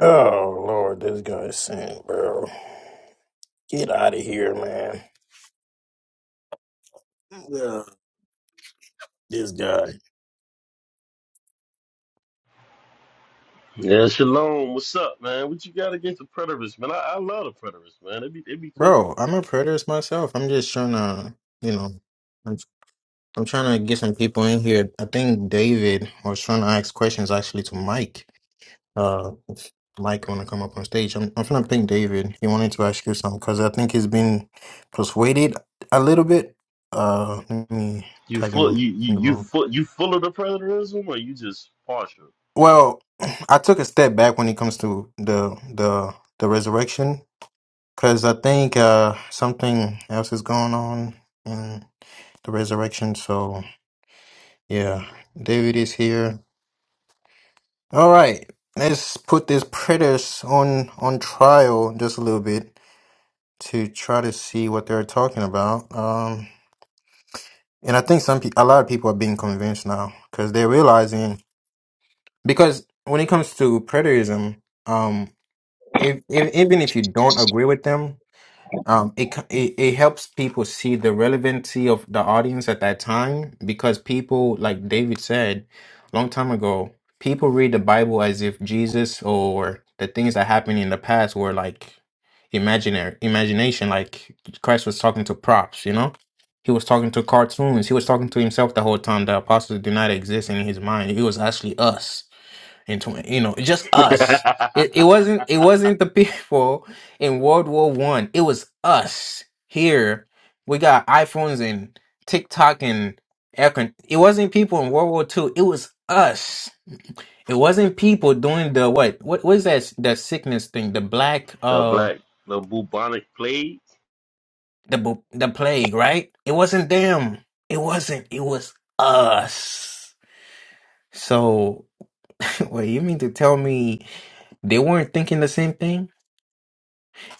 Oh Lord, this guy's sick, bro. Get out of here, man. Ugh, this guy, Yeah, Shalom. What's up, man? What you got against the preterists, man? I, I love the preterists, man. They be they be cooking. bro. I'm a preterist myself. I'm just trying to, you know, I'm, I'm trying to get some people in here. I think David was trying to ask questions actually to Mike. Uh, if Mike want to come up on stage? I'm, I'm trying to think David. He wanted to ask you something because I think he's been persuaded a little bit. Uh, let me You tag full him you you in the you room. full you full of the preterism or you just partial? Well, I took a step back when it comes to the the the resurrection because I think uh something else is going on in the resurrection. So yeah, David is here. All right, let's put these predators on on trial just a little bit to try to see what they're talking about. Um, and I think some pe- a lot of people are being convinced now because they're realizing because when it comes to preterism. if, if even if you don't agree with them, um, it, c- it it helps people see the relevancy of the audience at that time because people, like David said, a long time ago, people read the Bible as if Jesus or the things that happened in the past were like imaginary imagination. Like Christ was talking to props, you know. He was talking to cartoons. He was talking to himself the whole time. The apostles did not exist in his mind. It was actually us and tw- you know just us it, it the wasn't it wasn't the people in world war one it was us here we got iphones and tiktok and air con- it wasn't people in world war two it was us it wasn't people doing the what what was that that sickness thing the black uh black the bubonic plague. the bu- the plague right it wasn't them it wasn't it was us so wait you mean to tell me they weren't thinking the same thing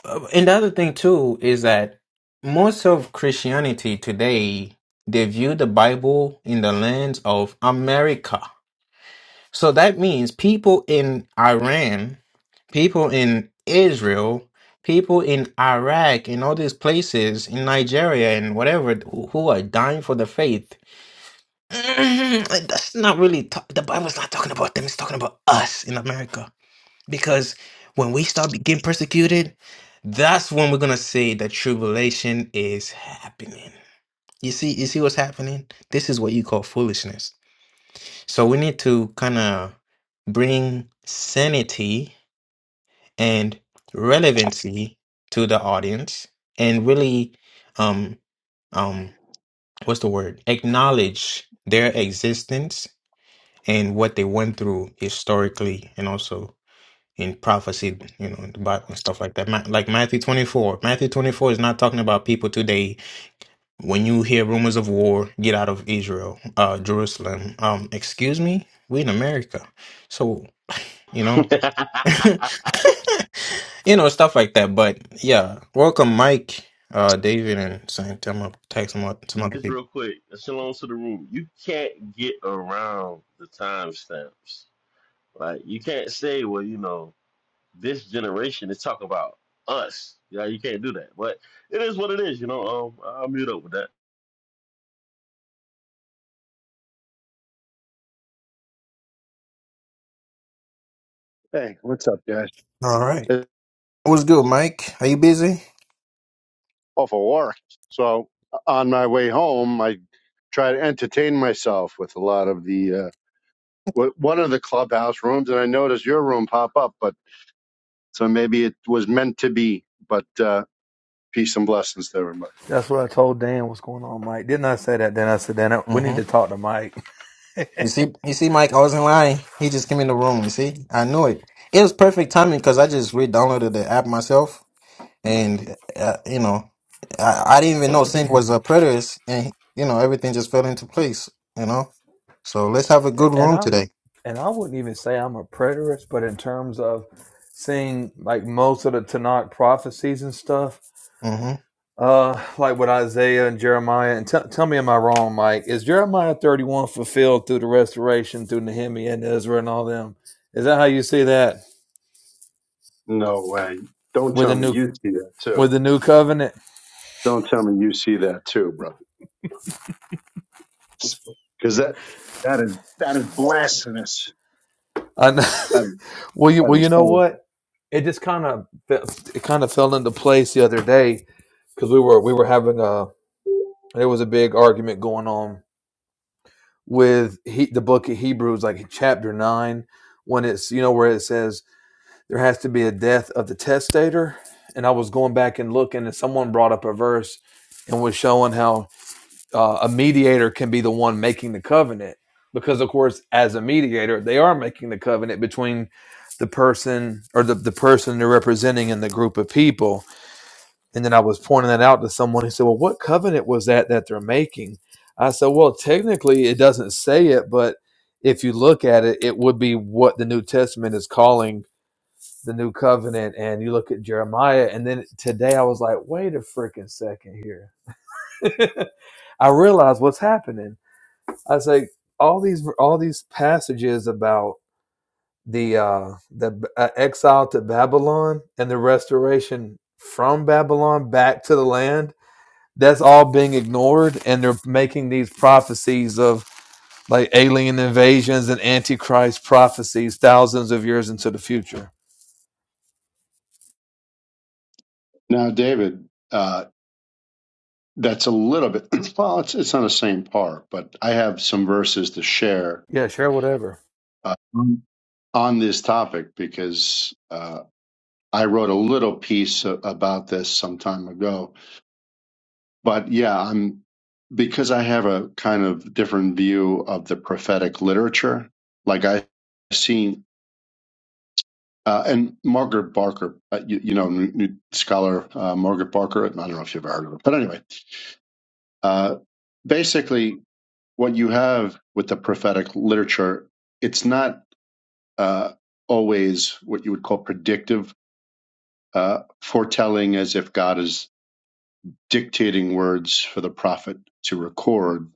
Uh, And the other thing too is that most of Christianity today they view the Bible in the lens of America. So that means people in Iran, people in Israel, people in Iraq, in all these places, in Nigeria and whatever, who who are dying for the faith. That's not really, ta- the Bible's not talking about them, it's talking about us in America. Because when we start be- getting persecuted, that's when we're gonna say that tribulation is happening. You see, you see what's happening? This is what you call foolishness. So we need to kind of bring sanity and relevancy to the audience and really um um what's the word? Acknowledge their existence and what they went through historically and also in prophecy, you know, in the Bible and stuff like that. Ma- Like Matthew 24. Matthew 24 is not talking about people today. When you hear rumors of war, get out of Israel, uh, Jerusalem. Um, excuse me, we in America, so you know, you know, stuff like that. But yeah, welcome, Mike, uh, David, and Saint. I'm gonna tag some oth- some other Just people. real quick, shalom to the room. You can't get around the timestamps. Like you can't say, well, you know, this generation is talking about us. Yeah, you can't do that. But it is what it is, you know. Um, I'll mute up with that. Hey, what's up, guys? All right, It's what's good, Mike? Are you busy? off of work. So on my way home, I try to entertain myself with a lot of the uh, w- one of the clubhouse rooms, and I noticed your room pop up. But so maybe it was meant to be. But uh, peace and blessings to everybody. That's what I told Dan what's going on, Mike. Didn't I say that? Then I said, Dan, I- we need hmm to talk to Mike. You see, you see, Mike, I wasn't lying. He just came in the room. You see, I knew it. It was perfect timing because I just re-downloaded the app myself, and uh, you know, I, I didn't even know Sync was a preterist, and you know, everything just fell into place. You know, so let's have a good And room I today. and I wouldn't even say I'm a preterist, but in terms of seeing like most of the Tanakh prophecies and stuff, hmm uh, like with Isaiah and Jeremiah. And tell tell me, am I wrong, Mike? Is Jeremiah 31 fulfilled through the restoration through Nehemiah and Ezra and all them? Is that how you see that No way. Don't with tell the me new you see that too. with the new covenant? Don't tell me you see that too, bro. Because that that is that is blasphemous. I know. That is, Well, you that well, you is know terrible. what? it just kind of it kind of fell into place the other day because we were we were having a there was a big argument going on with he, the book of Hebrews, like chapter nine, when it's you know where it says there has to be a death of the testator, and I was going back and looking, and someone brought up a verse and was showing how uh, a mediator can be the one making the covenant because of course as a mediator they are making the covenant between the person or the, the person they're representing and the group of people And then I was pointing that out to someone. He said, Well, what covenant was that that they're making? I said, Well, technically, it doesn't say it, but if you look at it, it would be what the New Testament is calling the new covenant. And you look at Jeremiah. And then today I was like, Wait a freaking second here. I realized what's happening. I was like, all these all these passages about the uh the uh, exile to Babylon and the restoration from Babylon back to the land that's all being ignored and they're making these prophecies of like alien invasions and antichrist prophecies thousands of years into the future now, David. uh, That's a little bit. Well, it's it's on the same par, but I have some verses to share yeah sure whatever uh, Mm. on this topic because uh, I wrote a little piece a- about this some time ago. But yeah, I'm because I have a kind of different view of the prophetic literature. Like I've seen, uh, and Margaret Barker, uh, you, you know, new, new scholar uh, Margaret Barker. I don't know if you've ever heard of her, but anyway, uh, basically what you have with the prophetic literature, it's not uh, always what you would call predictive uh, foretelling, as if God is dictating words for the prophet to record.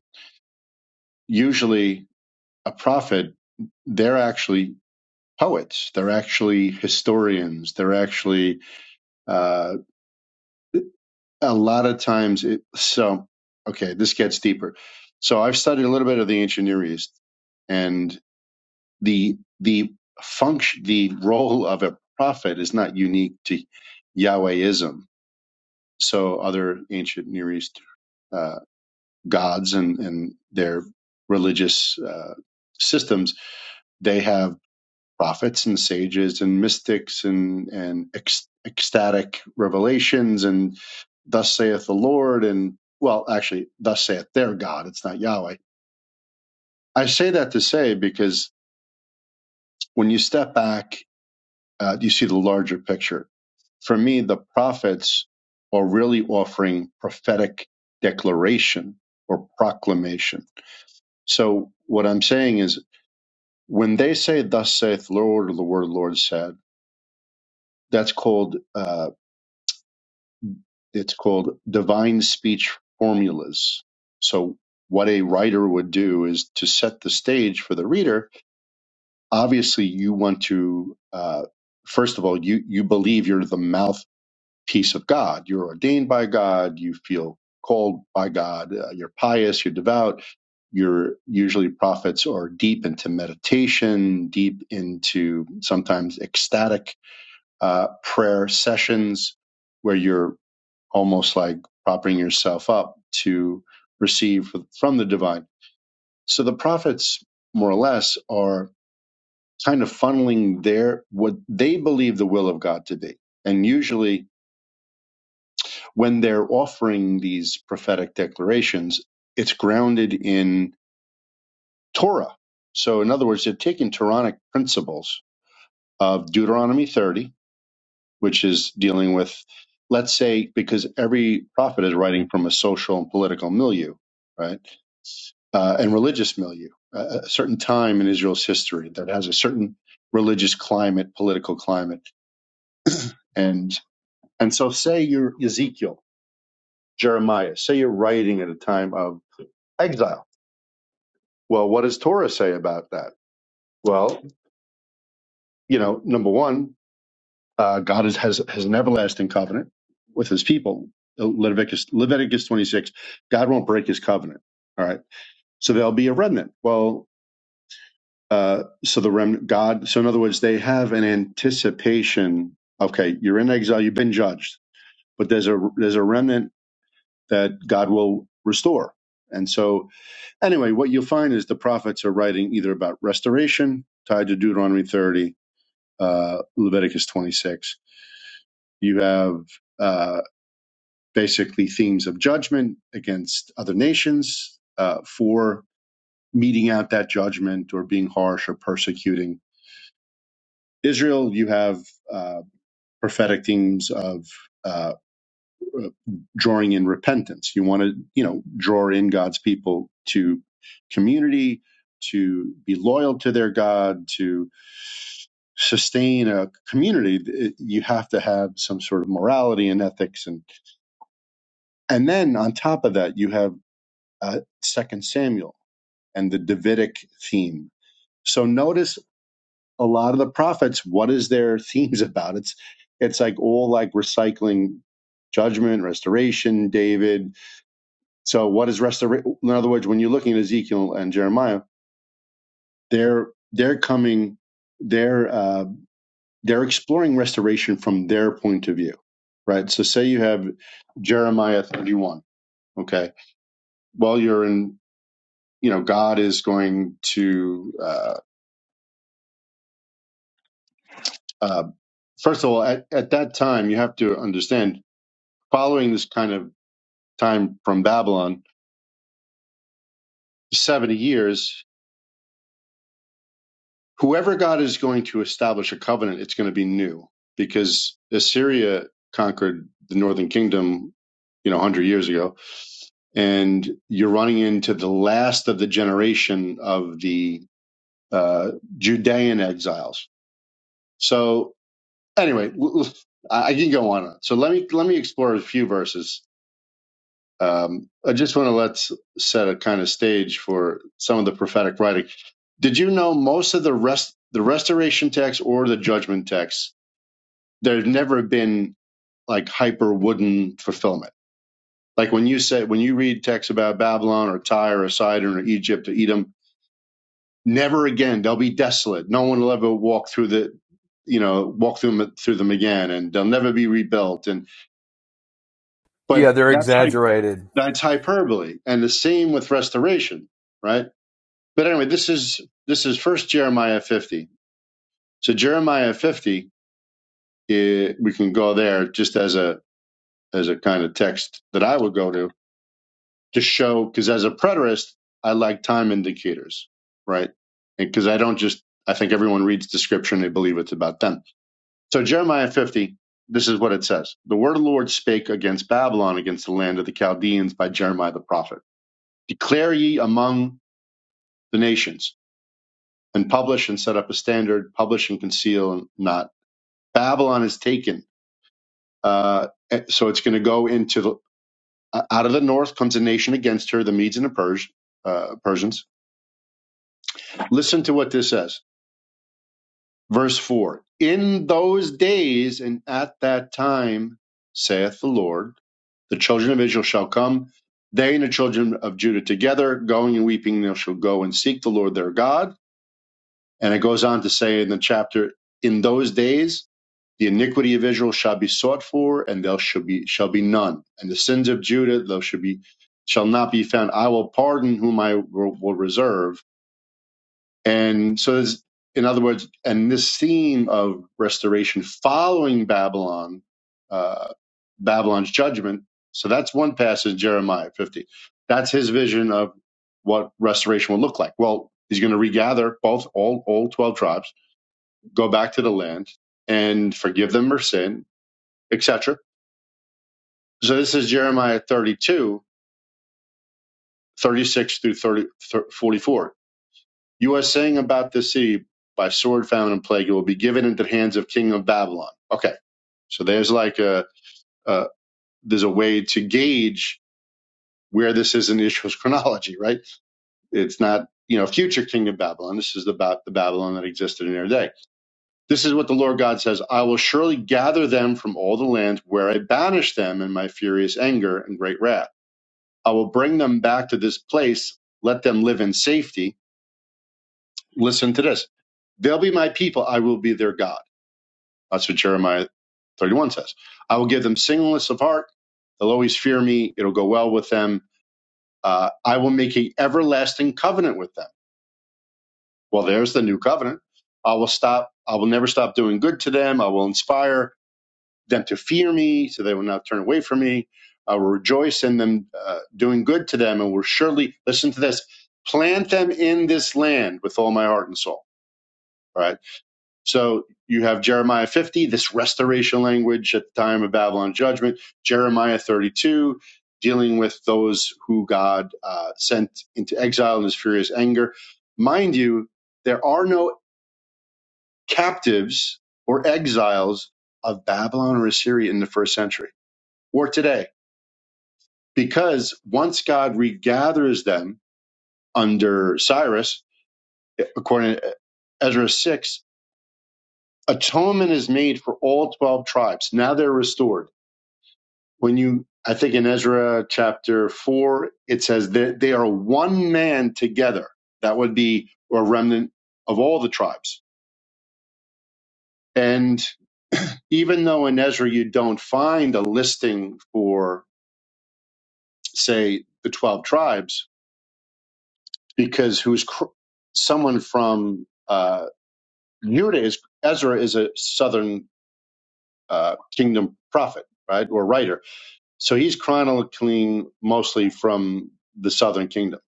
Usually, a prophet, they're actually poets, they're actually historians, they're actually uh, a lot of times. It, so, okay, this gets deeper. So, I've studied a little bit of the ancient Near East, and the the function the role of a prophet is not unique to Yahwehism. So other ancient Near East uh, gods and and their religious uh, systems they have prophets and sages and mystics and and ec- ecstatic revelations and thus saith the Lord and well actually thus saith their God it's not Yahweh. I say that to say because when you step back uh, you see the larger picture. For me, the prophets are really offering prophetic declaration or proclamation. So what I'm saying is, when they say "Thus saith the Lord" or "The word Lord said," that's called uh, it's called divine speech formulas. So what a writer would do is to set the stage for the reader. Obviously, you want to uh, first of all you you believe you're the mouth. Piece of God. You're ordained by God. You feel called by God. Uh, you're pious. You're devout. You're usually prophets are deep into meditation, deep into sometimes ecstatic uh, prayer sessions where you're almost like propping yourself up to receive from the divine. So the prophets, more or less, are kind of funneling their what they believe the will of God to be. And usually when they're offering these prophetic declarations, it's grounded in Torah. So, in other words, they're taking Quranic principles of Deuteronomy 30, which is dealing with, let's say, because every prophet is writing from a social and political milieu, right? Uh, and religious milieu, a a certain time in Israel's history that has a certain religious climate, political climate. And, and so, say you're Ezekiel, Jeremiah, say you're writing at a time of exile Well, what does Torah say about that? Well, you know, number one, uh, God is, has has an everlasting covenant with His people. Leviticus Leviticus twenty six, God won't break His covenant. All right, so there'll be a remnant. Well, uh, so the remnant, God. So in other words, they have an anticipation. Okay, you're in exile, you've been judged, but there's a there's a remnant that God will restore. And so, anyway, what you'll find is the prophets are writing either about restoration tied to Deuteronomy 30 uh, Leviticus 26. You have uh, basically themes of judgment against other nations uh, for meeting out that judgment or being harsh or persecuting Israel. You have uh, prophetic themes of uh, drawing in repentance. You want to, you know, draw in God's people to community, to be loyal to their God, to sustain a community. You have to have some sort of morality and ethics and. And then on top of that, you have uh, Second Samuel and the Davidic theme. So notice a lot of the prophets. What is their themes about? It's it's like all like recycling judgment, restoration, David. So what is restoration? In other words, when you're looking at Ezekiel and Jeremiah, they're they're coming, they're uh, they're exploring restoration from their point of view, right? So say you have Jeremiah 31. Okay, well you're in you know, God is going to, uh, uh, first of all, at, at that time, you have to understand following this kind of time from Babylon, 70 years, whoever God is going to establish a covenant, it's going to be new because Assyria conquered the northern kingdom, you know, 100 years ago. And you're running into the last of the generation of the uh, Judean exiles. So anyway, w- w- I I can go on. So let me let me explore a few verses. Um, I just want to let's set a kind of stage for some of the prophetic writing. Did you know most of the rest the restoration text or the judgment text? There's never been like hyper wooden fulfillment. Like when you say when you read texts about Babylon or Tyre or Sidon or Egypt or Edom, never again they'll be desolate. No one will ever walk through the you know walk through them, through them again, and they'll never be rebuilt. And but yeah they're that's hy- exaggerated that's hyperbole and the same with restoration right but anyway this is this is first jeremiah 50 so jeremiah 50 eh, we can go there just as a as a kind of text that i would go to to show because as a preterist i like time indicators right And because i don't just i think everyone reads the scripture and they believe it's about them so jeremiah 50 this is what it says the word of the lord spake against babylon against the land of the chaldeans by jeremiah the prophet Declare ye among the nations, and publish and set up a standard, publish and conceal and not. Babylon is taken. Uh, eh, so it's going to go into the, uh, out of the north comes a nation against her, the Medes and the Pers- uh, Persians. Listen to what this says. Verse 4 In those days and at that time, saith the Lord, the children of Israel shall come, they and the children of Judah together, going and weeping, they shall go and seek the Lord their God And it goes on to say in the chapter, in those days, the iniquity of Israel shall be sought for, and there shall be shall be none. And the sins of Judah there shall be shall not be found. I will pardon whom I will reserve. And so, there's, in other words, and this theme of restoration following Babylon, uh, Babylon's judgment. So that's one passage, Jeremiah 50. That's his vision of what restoration will look like. Well, he's going to regather both all all 12 tribes go back to the land and forgive them their sin, etc. So this is Jeremiah 32, 36 through 30, 44. You are saying about the city by sword, famine, and plague, it will be given into the hands of king of Babylon. Okay, so there's like a, a there's a way to gauge where this is in Israel's chronology, right? It's not you know future king of Babylon. This is about the Babylon that existed in their day. This is what the Lord God says I will surely gather them from all the lands where I banished them in my furious anger and great wrath. I will bring them back to this place, let them live in safety. Listen to this They'll be my people, I will be their God. That's what Jeremiah 31 says. I will give them singleness of heart. They'll always fear me. It'll go well with them. Uh, I will make an everlasting covenant with them. Well, there's the new covenant. I will stop. I will never stop doing good to them. I will inspire. them to fear me, so they will not turn away from me. I will rejoice in them uh, doing good to them, and will surely listen to this. Plant them in this land with all my heart and soul. All right. So you have Jeremiah 50, this restoration language at the time of Babylon judgment. Jeremiah 32, dealing with those who God uh, sent into exile in His furious anger. Mind you, there are no captives or exiles of Babylon or Assyria in the first century or today. Because once God regathers them under Cyrus, according to Ezra 6, atonement is made for all 12 tribes. Now they're restored. When you, I think in Ezra chapter 4, it says that they are one man together. That would be a remnant of all the tribes. And even though in Ezra you don't find a listing for, say, the 12 tribes, because who's cr- someone from uh. Judah is Ezra is a southern uh, kingdom prophet, right, or writer. So he's chronicling mostly from the southern kingdom.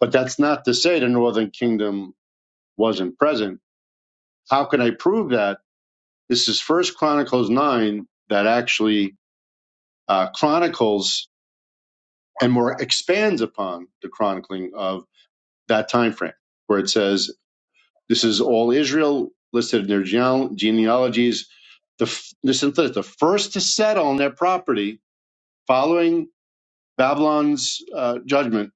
But that's not to say the northern kingdom wasn't present. How can I prove that? This is First Chronicles nine that actually uh, chronicles and more expands upon the chronicling of that time frame, where it says This is all Israel listed in their geneal- genealogies. The, f- listen to this, the first to settle on their property following Babylon's uh, judgment,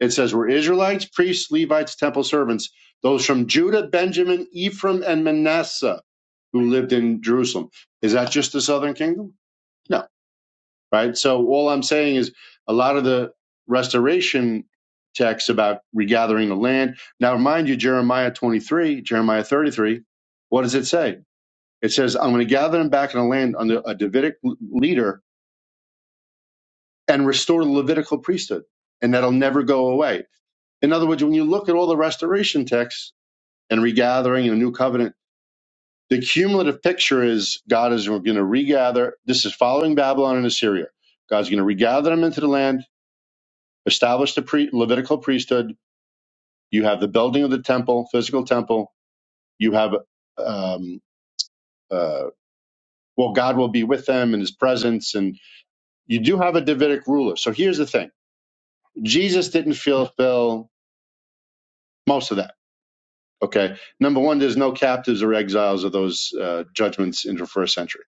it says, were Israelites, priests, Levites, temple servants, those from Judah, Benjamin, Ephraim, and Manasseh who lived in Jerusalem. Is that just the southern kingdom? No right? So all I'm saying is a lot of the restoration texts about regathering the land. Now, mind you, Jeremiah 23, Jeremiah 33, what does it say? It says, I'm going to gather them back in the land under a Davidic l- leader and restore the Levitical priesthood, and that'll never go away. In other words, when you look at all the restoration texts and regathering and the new covenant, the cumulative picture is God is going to regather. This is following Babylon and Assyria. God's going to regather them into the land established the pre- Levitical priesthood. You have the building of the temple, physical temple. You have, um, uh, well, God will be with them in his presence. And you do have a Davidic ruler. So here's the thing Jesus didn't fulfill most of that. Okay. Number one, there's no captives or exiles of those uh, judgments in the first century.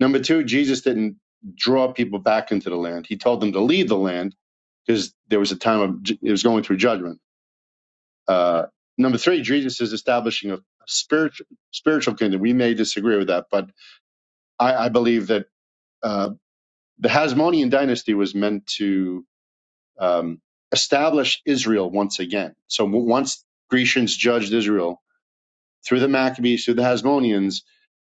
Number two, Jesus didn't draw people back into the land. He told them to leave the land because there was a time of, it was going through judgment. Uh, number three, Jesus is establishing a spiritual spiritual kingdom. We may disagree with that, but I, I believe that uh, the Hasmonean dynasty was meant to um, establish Israel once again. So w- once Grecians judged Israel through the Maccabees, through the Hasmoneans,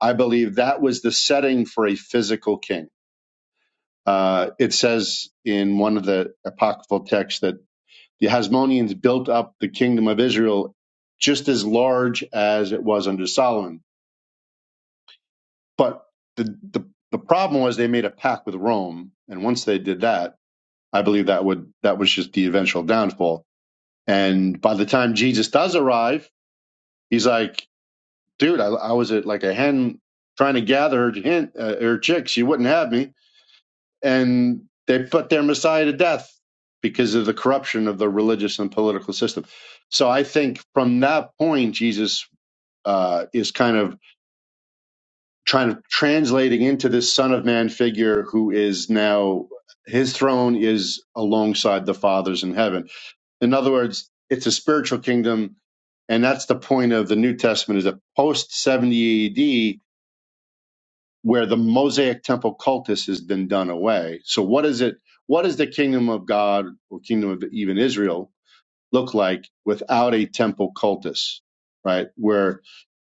I believe that was the setting for a physical king. Uh, it says in one of the apocryphal texts that the Hasmoneans built up the kingdom of Israel just as large as it was under Solomon But the, the the problem was they made a pact with Rome, and once they did that, I believe that would that was just the eventual downfall. And by the time Jesus does arrive, he's like, "Dude, I, I was at like a hen trying to gather her hen, uh, her chicks. She wouldn't have me, and they put their Messiah to death because of the corruption of the religious and political system." So I think from that point, Jesus uh, is kind of trying to translating into this son of man figure who is now his throne is alongside the father's in heaven in other words it's a spiritual kingdom and that's the point of the new testament is a post 70 ad where the mosaic temple cultus has been done away so what is it what does the kingdom of god or kingdom of even israel look like without a temple cultus right where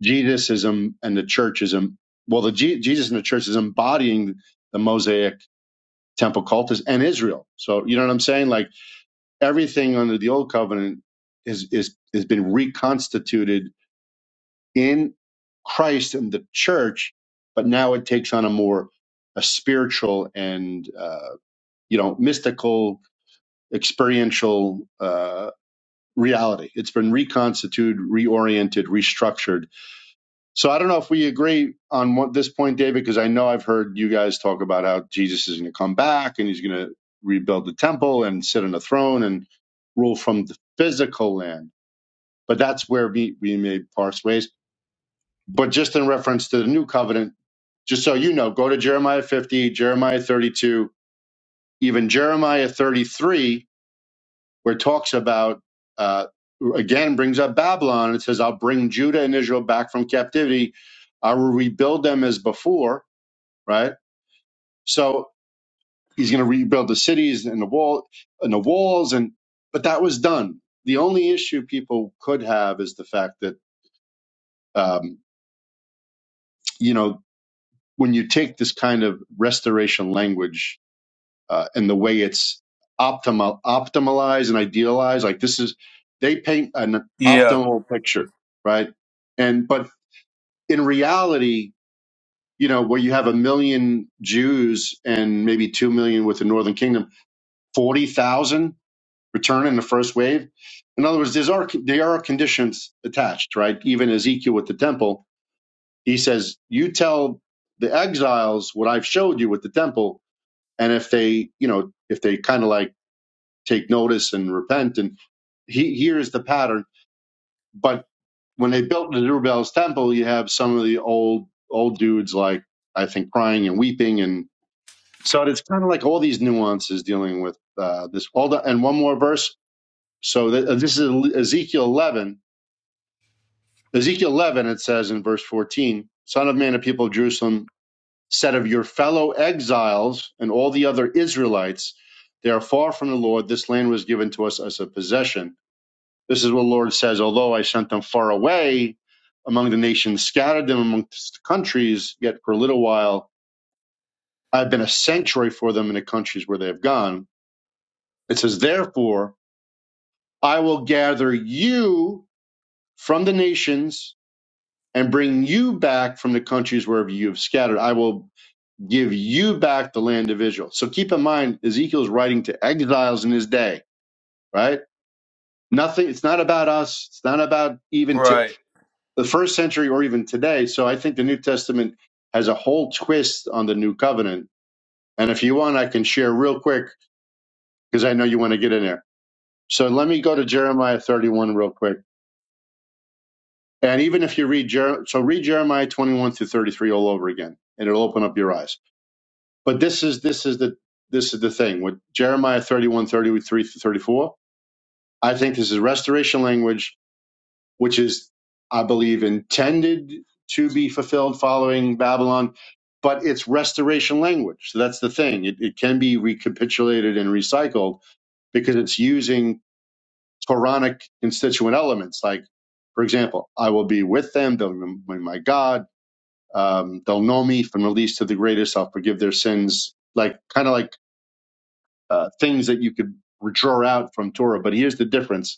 Jesusism and the church is em- well, the Je- Jesus and the church is embodying the Mosaic temple cultus and Israel. So you know what I'm saying? Like everything under the old covenant is is has been reconstituted in Christ and the church, but now it takes on a more a spiritual and uh, you know mystical experiential uh, reality. It's been reconstituted, reoriented, restructured So I don't know if we agree on what, this point, David, because I know I've heard you guys talk about how Jesus is going to come back and he's going to rebuild the temple and sit on a throne and rule from the physical land. But that's where we, we may parse ways. But just in reference to the new covenant, just so you know, go to Jeremiah 50, Jeremiah 32, even Jeremiah 33 where it talks about uh, again brings up Babylon. It says, "I'll bring Judah and Israel back from captivity. I will rebuild them as before." Right. So he's going to rebuild the cities and the wall and the walls, and but that was done. The only issue people could have is the fact that um, you know when you take this kind of restoration language uh, and the way it's optimal, optimalized and idealized. Like this is, they paint an Yeah, optimal picture, right? And but in reality, you know, where you have a million Jews and maybe two million with the Northern Kingdom, forty thousand return in the first wave. In other words, there's are there are conditions attached, right? Even Ezekiel with the temple, he says, "You tell the exiles what I've showed you with the temple, and if they, you know, if they kind of like." take notice and repent. And he, here is the pattern. But when they built the Zerubbabel's temple, you have some of the old old dudes like I think crying and weeping, and so it's kind of like all these nuances dealing with uh, this. All the and one more verse. So th- uh, this is E, Ezekiel eleven. Ezekiel eleven. It says in verse fourteen, "Son of man, of people of Jerusalem, said of your fellow exiles and all the other Israelites." They are far from the Lord. This land was given to us as a possession This is what the Lord says, although I sent them far away among the nations, scattered them amongst the countries, yet for a little while I've been a sanctuary for them in the countries where they have gone. It says, Therefore, I will gather you from the nations and bring you back from the countries wherever you have scattered. I will give you back the land of Israel. So keep in mind, Ezekiel's writing to exiles in his day, right? Nothing, it's not about us. It's not about even t- right. the first century or even today. So I think the New Testament has a whole twist on the new covenant. And if you want, I can share real quick because I know you want to get in there. So let me go to Jeremiah 31 real quick. And even if you read Jer- so read Jeremiah 21 through 33 all over again, and it'll open up your eyes. But this is this is the this is the thing with Jeremiah thirty-one thirty-three 33 through 34. I think this is restoration language which is, I believe, intended to be fulfilled following Babylon, but it's restoration language. So that's the thing. It, it can be recapitulated and recycled because it's using Quranic constituent elements. Like, for example, I will be with them, they'll be my God, um, they'll know me from the least to the greatest, I'll forgive their sins, like kind of like uh, things that you could draw out from Torah. But here's the difference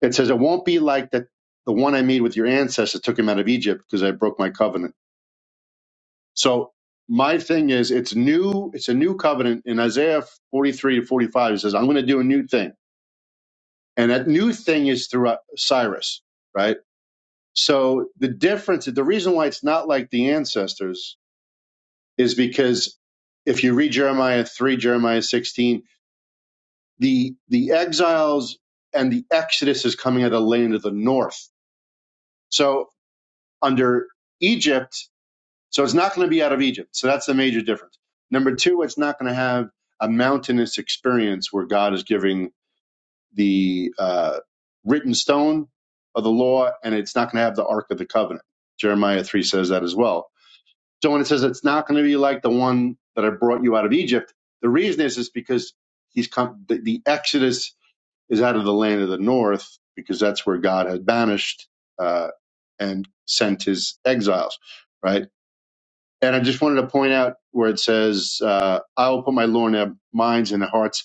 It says, It won't be like that the one I made with your ancestors took him out of Egypt because I broke my covenant. So my thing is it's new, it's a new covenant. In Isaiah 43 to 45, it says, I'm going to do a new thing. And that new thing is through uh, Cyrus, right? So the difference, the reason why it's not like the ancestors is because if you read Jeremiah 3, Jeremiah 16, the the exiles and the exodus is coming out of the land of the north. So under Egypt, So it's not going to be out of Egypt. So that's the major difference. Number two, it's not going to have a mountainous experience where God is giving the uh, written stone of the law, and it's not going to have the Ark of the Covenant. Jeremiah 3 says that as well. So when it says it's not going to be like the one that I brought you out of Egypt, the reason is is because he's come, the, the Exodus is out of the land of the north because that's where God had banished uh, and sent his exiles, right? And I just wanted to point out where it says, uh, I will put my law in their minds and their hearts.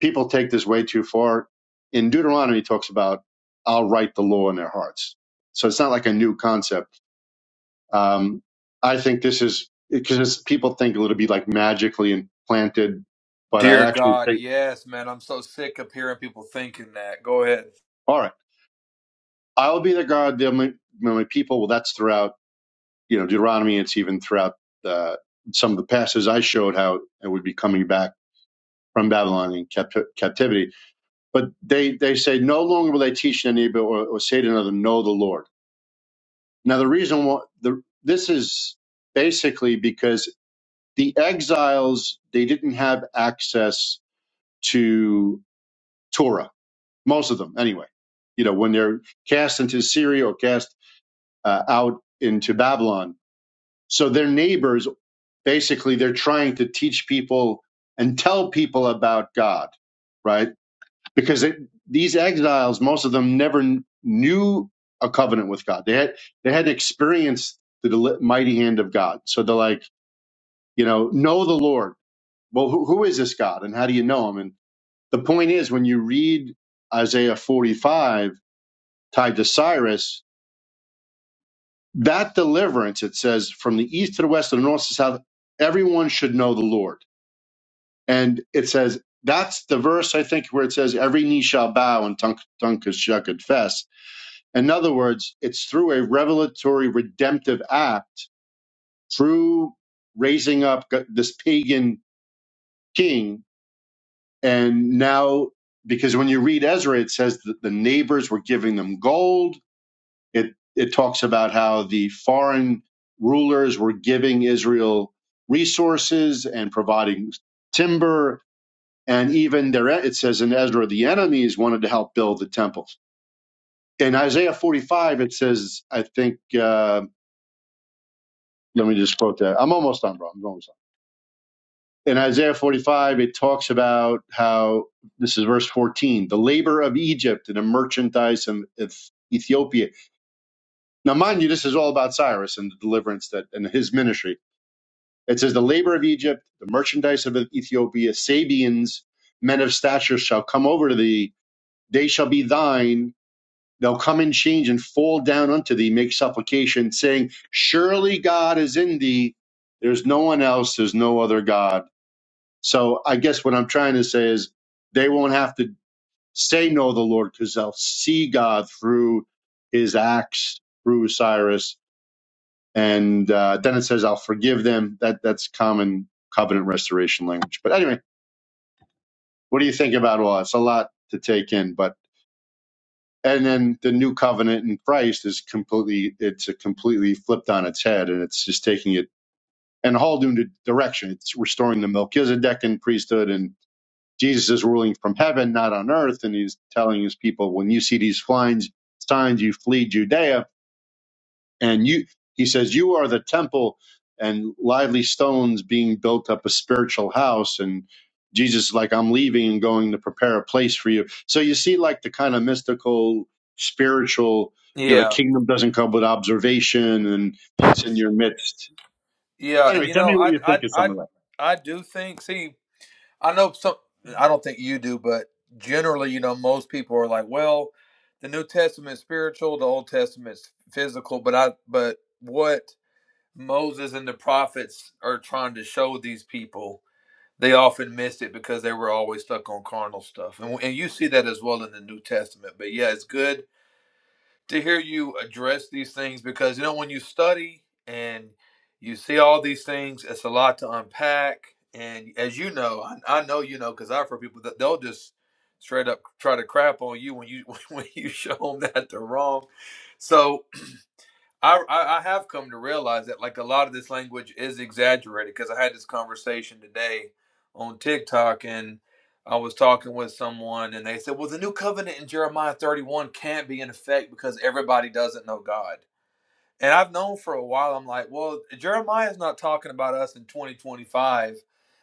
People take this way too far. In Deuteronomy, it talks about, I'll write the law in their hearts. So it's not like a new concept. Um, I think this is because people think it'll be like magically implanted, but Dear I actually God, think, yes, man. I'm so sick of hearing people thinking that. Go ahead. all right, I will be their God, they're my, they're my people. Well, that's throughout, you know, Deuteronomy. It's even throughout uh, some of the passages I showed how it would be coming back from Babylon in capt- captivity But they, they say no longer will they teach in any or, or say to another, know the Lord. Now, the reason why the, this is basically because the exiles, they didn't have access to Torah, most of them anyway. You know, when they're cast into Syria or cast uh, out into Babylon. So their neighbors, basically, they're trying to teach people and tell people about God right? because it, these exiles, most of them never kn- knew a covenant with God. They had they had experienced the deli- mighty hand of God. So they're like, you know, know the Lord. Well, who, who is this God, and how do you know him? And the point is, when you read Isaiah 45 tied to Cyrus, that deliverance it says from the east to the west, to the north to the south, everyone should know the Lord. And it says that's the verse I think where it says every knee shall bow and tongue tongue shall confess In other words, it's through a revelatory redemptive act, through raising up this pagan king. And now, because when you read Ezra, it says that the neighbors were giving them gold. It, it talks about how the foreign rulers were giving Israel resources and providing timber. And even there it says in Ezra, the enemies wanted to help build the temple in Isaiah 45, it says, I think, uh, let me just quote that. I'm almost done, bro. I'm almost done. In Isaiah 45, it talks about how this is verse 14 the labor of Egypt and the merchandise of Ethiopia. Now, mind you, this is all about Cyrus and the deliverance that and his ministry. It says, The labor of Egypt, the merchandise of Ethiopia, Sabians, men of stature shall come over to thee. They shall be thine. They'll come in change and fall down unto thee, make supplication, saying, Surely God is in thee. There's no one else. There's no other God So I guess what I'm trying to say is they won't have to say no the Lord because they'll see God through his acts, through Cyrus. And uh, then it says, I'll forgive them. That That's common covenant restoration language. But anyway, what do you think about all that? It's a lot to take in. But and then the new covenant in Christ is completely it's a completely flipped on its head and it's just taking it in a whole new direction. It's restoring the Melchizedekan priesthood and Jesus is ruling from heaven, not on earth, and he's telling his people, when you see these signs, signs, you flee Judea, and you, he says, you are the temple and lively stones being built up a spiritual house, and Jesus is like, I'm leaving and going to prepare a place for you. So you see, like the kind of mystical, spiritual, you know, the Yeah, kingdom doesn't come with observation, and it's in your midst. yeah. And Anyway, you tell know, me what I, you I, think of some I, of that. I do think. See. I know some. I don't think you do, but generally, you know, most people are like, "Well, the New Testament is spiritual, the Old Testament is physical." But I, but what Moses and the prophets are trying to show these people, they often missed it because they were always stuck on carnal stuff, and and you see that as well in the New Testament. But yeah, it's good to hear you address these things because you know when you study and you see all these things, it's a lot to unpack. And as you know, I, I know you know because I've heard people that they'll just straight up try to crap on you when you when you show them that they're wrong. So I, I have come to realize that like a lot of this language is exaggerated because I had this conversation today on TikTok and I was talking with someone and they said, "Well, the new covenant in Jeremiah 31 can't be in effect because everybody doesn't know God." And I've known for a while I'm like, "Well, Jeremiah's not talking about us in 2025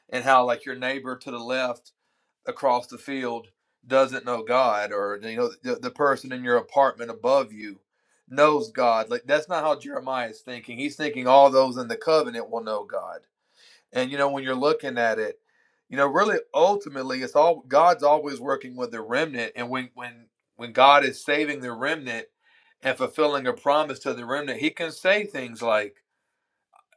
and how like your neighbor to the left across the field doesn't know God, or you know the, the person in your apartment above you knows God. Like that's not how Jeremiah is thinking. He's thinking all those in the covenant will know God. And you know when you're looking at it, you know really ultimately it's all God's always working with the remnant. And when when when God is saving the remnant and fulfilling a promise to the remnant, He can say things like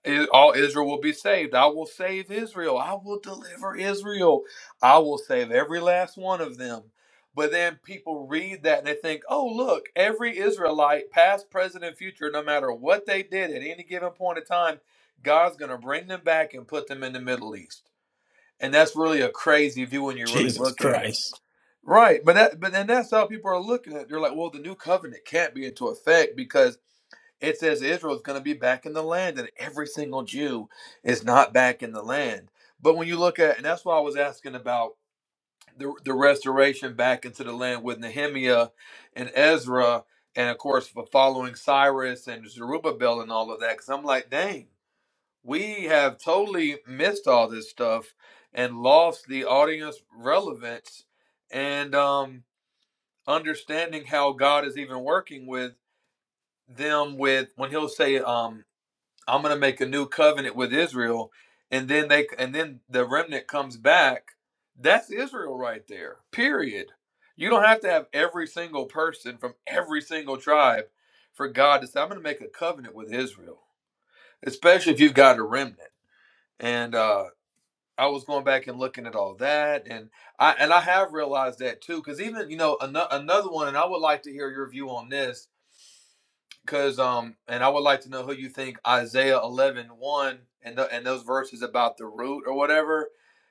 I- all Israel will be saved. I will save Israel. I will deliver Israel. I will save every last one of them. But then people read that and they think, oh, look, every Israelite, past, present, and future, no matter what they did at any given point in time, God's going to bring them back and put them in the Middle East. And that's really a crazy view when you really Jesus look at it. Christ. Right. But that, but then that's how people are looking at it. They're like, well, the new covenant can't be into effect because it says Israel is going to be back in the land, and every single Jew is not back in the land. But when you look at, and that's why I was asking about the, the restoration back into the land with Nehemiah and Ezra, and of course, for following Cyrus and Zerubbabel and all of that, because I'm like, dang, we have totally missed all this stuff and lost the audience relevance and um, understanding how God is even working with them with when he'll say um I'm going to make a new covenant with Israel and then they and then the remnant comes back that's Israel right there period you don't have to have every single person from every single tribe for God to say I'm going to make a covenant with Israel especially if you've got a remnant and uh I was going back and looking at all that and I and I have realized that too cuz even you know ano- another one and I would like to hear your view on this because um and I would like to know who you think Isaiah eleven one and the, and those verses about the root or whatever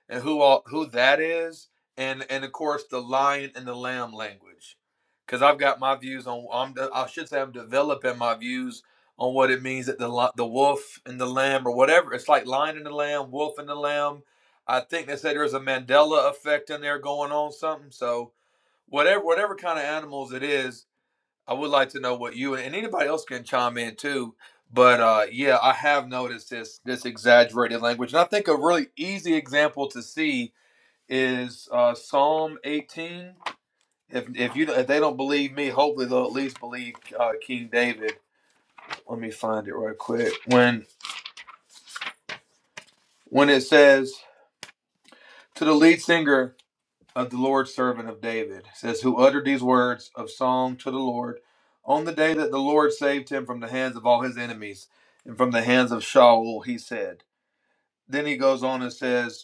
and who all who that is and and of course the lion and the lamb language because I've got my views on I'm de- I should say I'm developing my views on what it means that the the wolf and the lamb or whatever it's like lion and the lamb wolf and the lamb I think they said there's a Mandela effect in there going on something so whatever whatever kind of animals it is I would like to know what you and anybody else can chime in too. But uh, yeah, I have noticed this this exaggerated language, and I think a really easy example to see is uh, Psalm 18. If if you if they don't believe me, hopefully they'll at least believe uh, King David. Let me find it right quick. When when it says to the lead singer, of the Lord's servant of David, It says, who uttered these words of song to the Lord on the day that the Lord saved him from the hands of all his enemies and from the hands of Shaul, he said. Then he goes on and says,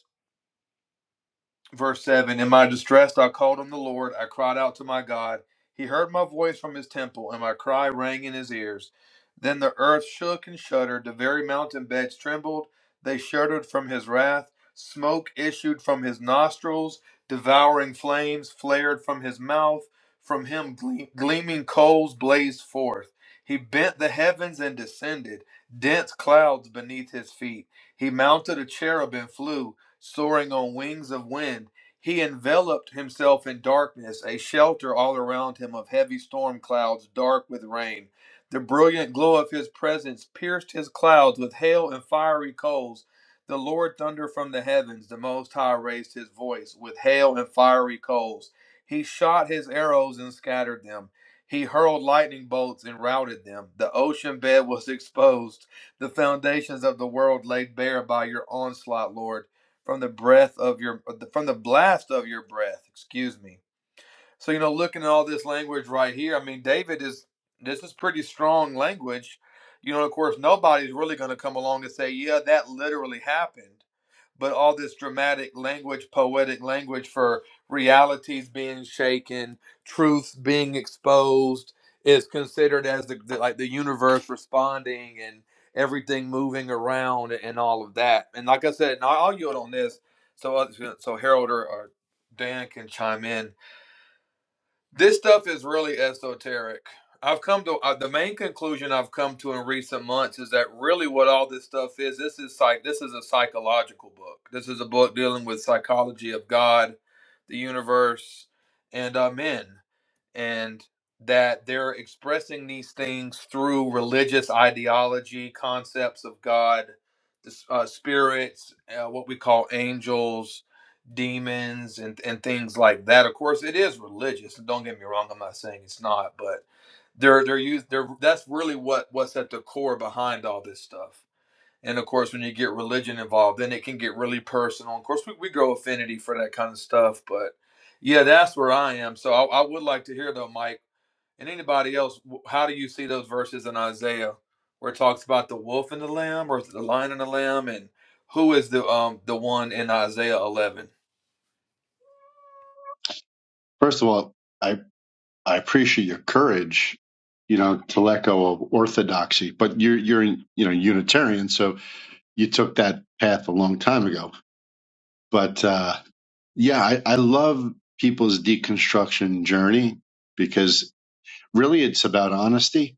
Verse 7 In my distress I called on the Lord. I cried out to my God. He heard my voice from his temple, and my cry rang in his ears. Then the earth shook and shuddered. The very mountain beds trembled. They shuddered from his wrath. Smoke issued from his nostrils. Devouring flames flared from his mouth. From him gle- gleaming coals blazed forth. He bent the heavens and descended, dense clouds beneath his feet. He mounted a cherub and flew soaring on wings of wind. He enveloped himself in darkness, a shelter all around him of heavy storm clouds, dark with rain. The brilliant glow of his presence pierced his clouds with hail and fiery coals. The Lord thundered from the heavens. The Most High raised his voice with hail and fiery coals. He shot his arrows and scattered them. He hurled lightning bolts and routed them. The ocean bed was exposed, the foundations of the world laid bare by your onslaught, Lord from the breath of your from the blast of your breath excuse me so you know looking at all this language right here i mean david is this is pretty strong language you know of course nobody's really going to come along and say yeah that literally happened but all this dramatic language, poetic language for realities being shaken, truths being exposed is considered as the, the like the universe responding and everything moving around and all of that. And like I said, and I'll yield on this so others, so Harold or, or Dan can chime in this stuff is really esoteric. I've come to uh, the main conclusion I've come to in recent months is that really what all this stuff is this is psych this is a psychological book. This is a book dealing with psychology of God, the universe, and uh, men and that they're expressing these things through religious ideology, concepts of God, the uh, spirits, uh, what we call angels, demons, and, and things like that. Of course, it is religious. Don't get me wrong. I'm not saying it's not, but they're they're used. They're that's really what what's at the core behind all this stuff. And of course, when you get religion involved, then it can get really personal. Of course, we, we grow affinity for that kind of stuff. But yeah, that's where I am. So I, I would like to hear, though, Mike, and anybody else, w- how do you see those verses in Isaiah where it talks about the wolf and the lamb or is it the lion and the lamb? And who is the um the one in Isaiah 11? First of all, I I appreciate your courage, you know, to let go of orthodoxy. But you're you're you know Unitarian, so you took that path a long time ago. But uh, yeah, I, I love people's deconstruction journey because really it's about honesty.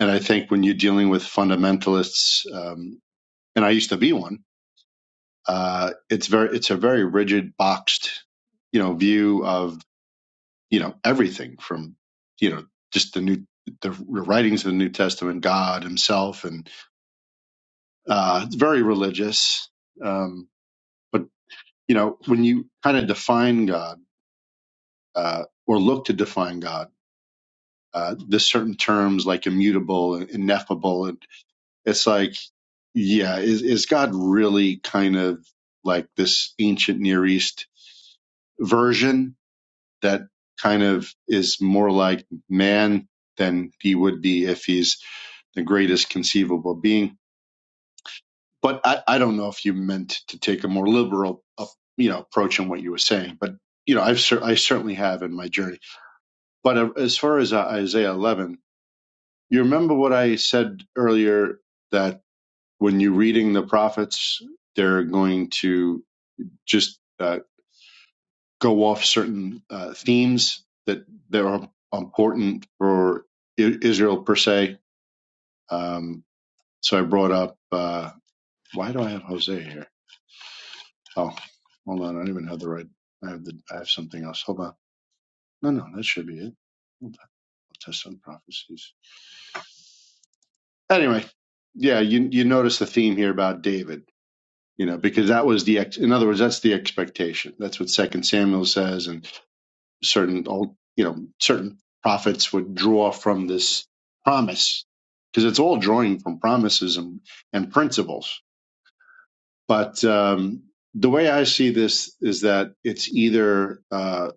And I think when you're dealing with fundamentalists, um, and I used to be one, uh, it's very it's a very rigid, boxed, you know, view of. you know everything from you know just the new the writings of the New Testament, God Himself, and uh, it's very religious. Um, but you know when you kind of define God uh, or look to define God, uh, there's certain terms like immutable and ineffable, and it's like yeah, is is God really kind of like this ancient Near East version that kind of is more like man than he would be if he's the greatest conceivable being. But I, I don't know if you meant to take a more liberal, uh, you know, approach on what you were saying. But you know, I've cer- I certainly have in my journey. But uh, as far as uh, Isaiah 11, you remember what I said earlier that when you're reading the prophets, they're going to just uh, go off certain uh, themes that that are important for I- Israel per se. Um, so I brought up uh, why do I have Jose here? Oh, hold on, I don't even have the right. I have the I have something else. Hold on. No, no, that should be it. Hold on. I'll test on prophecies. Anyway, yeah, you you notice the theme here about David. You know, because that was the ex- in other words, that's the expectation. That's what Second Samuel says, and certain you know, certain prophets would draw from this promise because it's all drawing from promises and, and principles. But um, the way I see this is that it's either uh,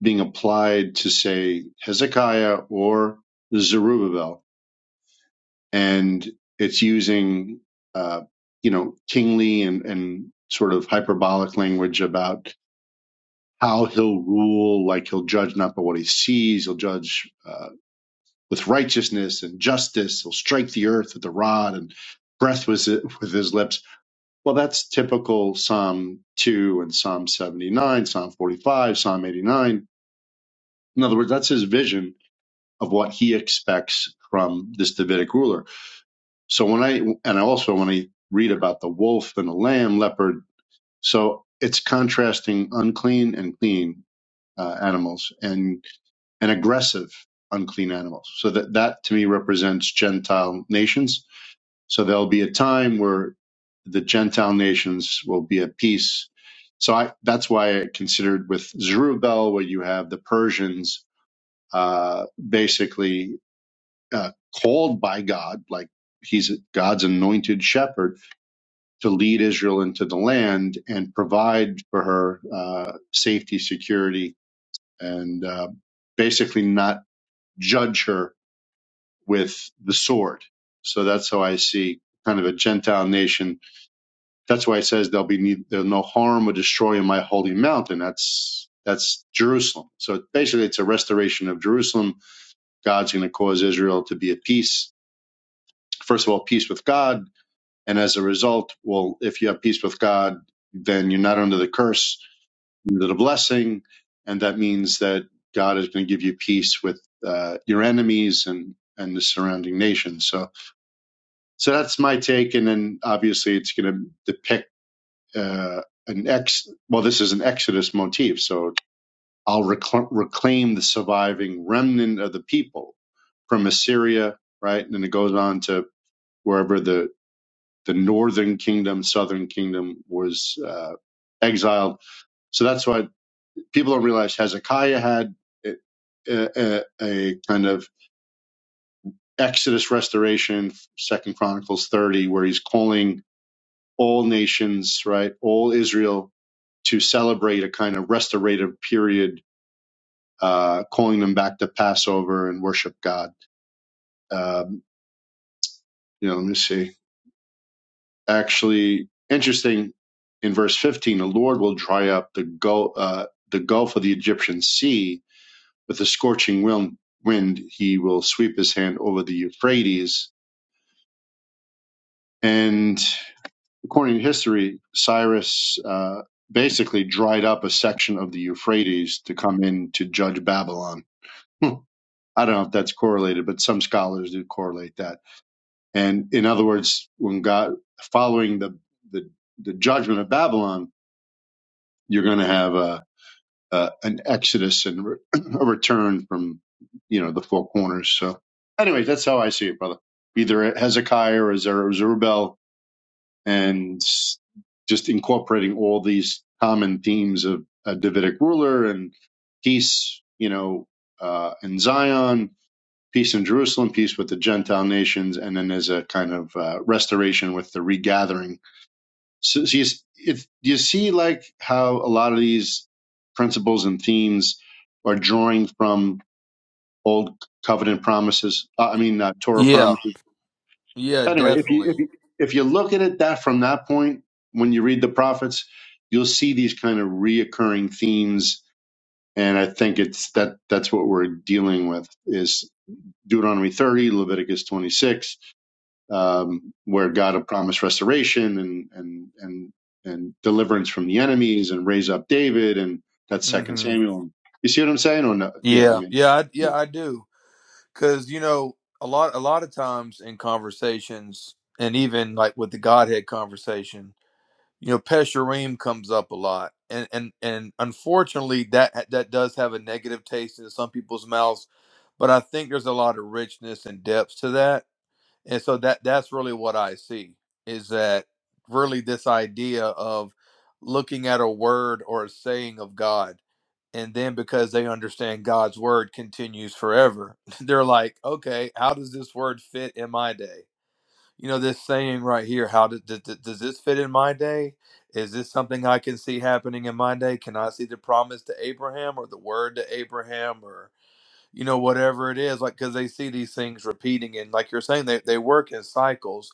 being applied to, say, Hezekiah or Zerubbabel, and it's using, uh, you know, kingly and, and sort of hyperbolic language about how he'll rule, like he'll judge not by what he sees, he'll judge. uh, with righteousness and justice. He'll strike the earth with the rod and breath was with his lips. Well, that's typical Psalm 2 and Psalm 79, Psalm 45, Psalm 89. In other words, that's his vision of what he expects from this Davidic ruler. So when I, and I also when I read about the wolf and the lamb, leopard, so it's contrasting unclean and clean uh, animals and and aggressive unclean animals. So that that to me represents Gentile nations. So there'll be a time where the Gentile nations will be at peace. So I, that's why I considered with Zerubbabel, where you have the Persians uh, basically uh, called by God, like he's God's anointed shepherd, to lead Israel into the land and provide for her uh, safety, security, and uh, basically not judge her with the sword. So that's how I see kind of a Gentile nation. That's why it says there'll be need, there'll no harm or destroy in my holy mountain. That's that's Jerusalem. So basically, it's a restoration of Jerusalem. God's going to cause Israel to be at peace. First of all, peace with God, and as a result, well, if you have peace with God, then you're not under the curse that a blessing, and that means that God is going to give you peace with uh, your enemies and and the surrounding nations. So so that's my take, and then obviously it's going to depict uh, an ex. Well, this is an Exodus motif, so I'll recl- reclaim the surviving remnant of the people from Assyria, right? And then it goes on to wherever the the northern kingdom, southern kingdom was uh, exiled. So that's why. people don't realize Hezekiah had a, a, a kind of Exodus restoration, Second Chronicles 30, where he's calling all nations, right, all Israel to celebrate a kind of restorative period, uh, calling them back to Passover and worship God. Um, you know, let me see. Actually, interesting. In verse 15, the Lord will dry up the gulf, uh, the gulf of the Egyptian sea With a scorching wil- wind, he will sweep his hand over the Euphrates. And according to history, Cyrus uh, basically dried up a section of the Euphrates to come in to judge Babylon. Hmm. I don't know if that's correlated, but some scholars do correlate that. And in other words, when God, following the, the, the judgment of Babylon, you're going to have a uh, an exodus and re- a return from you know the four corners. So, anyway, that's how I see it, brother. Either Hezekiah or Zer- Zerubbabel, and s- just incorporating all these common themes of a Davidic ruler and peace, you know, uh, in Zion, peace in Jerusalem, peace with the Gentile nations, and then as a kind of uh, restoration with the regathering so, so you, if you see like how a lot of these principles and themes are drawing from old covenant promises uh, i mean uh, torah Yeah, promises yeah, anyway if you if definitely. you if you look at it that from that point when you read the prophets you'll see these kind of reoccurring themes and i think it's that that's what we're dealing with is deuteronomy 30 leviticus 26 um, where God had promised restoration and and and and deliverance from the enemies and raise up David and that's Second hmm Samuel. You see what I'm saying? Or no? Yeah, I Yeah, mean, yeah, I, yeah. I do. Because you know, a lot a lot of times in conversations, and even like with the Godhead conversation, you know, Pesherim comes up a lot, and and and unfortunately, that that does have a negative taste in some people's mouths. But I think there's a lot of richness and depth to that and so that that's really what i see is that really this idea of looking at a word or a saying of god and then because they understand god's word continues forever they're like okay how does this word fit in my day you know this saying right here how does, does, does this fit in my day is this something i can see happening in my day can i see the promise to abraham or the word to abraham or?" you know whatever it is like because they see these things repeating and like you're saying they, they work in cycles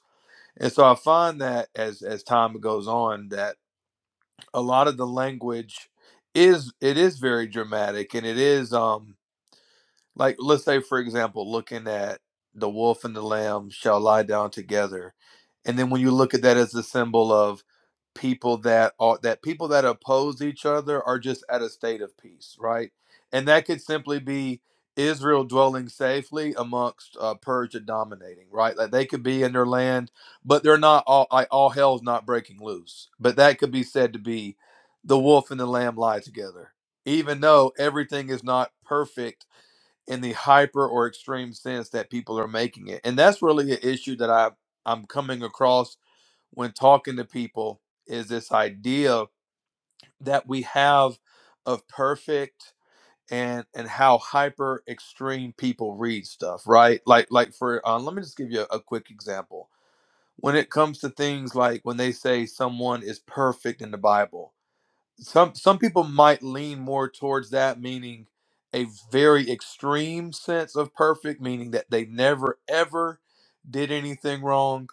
and so i find that as as time goes on that a lot of the language is it is very dramatic and it is um like let's say for example looking at the wolf and the lamb shall lie down together and then when you look at that as a symbol of people that are that people that oppose each other are just at a state of peace right and that could simply be israel dwelling safely amongst uh, persia dominating right like they could be in their land but they're not all like all hell's not breaking loose but that could be said to be the wolf and the lamb lie together even though everything is not perfect in the hyper or extreme sense that people are making it. And that's really an issue that I I'm coming across when talking to people is this idea that we have of perfect and and how hyper extreme people read stuff, right? Like like for uh, let me just give you a, a quick example. When it comes to things like when they say someone is perfect in the Bible, some some people might lean more towards that meaning a very extreme sense of perfect meaning that they never ever did anything wrong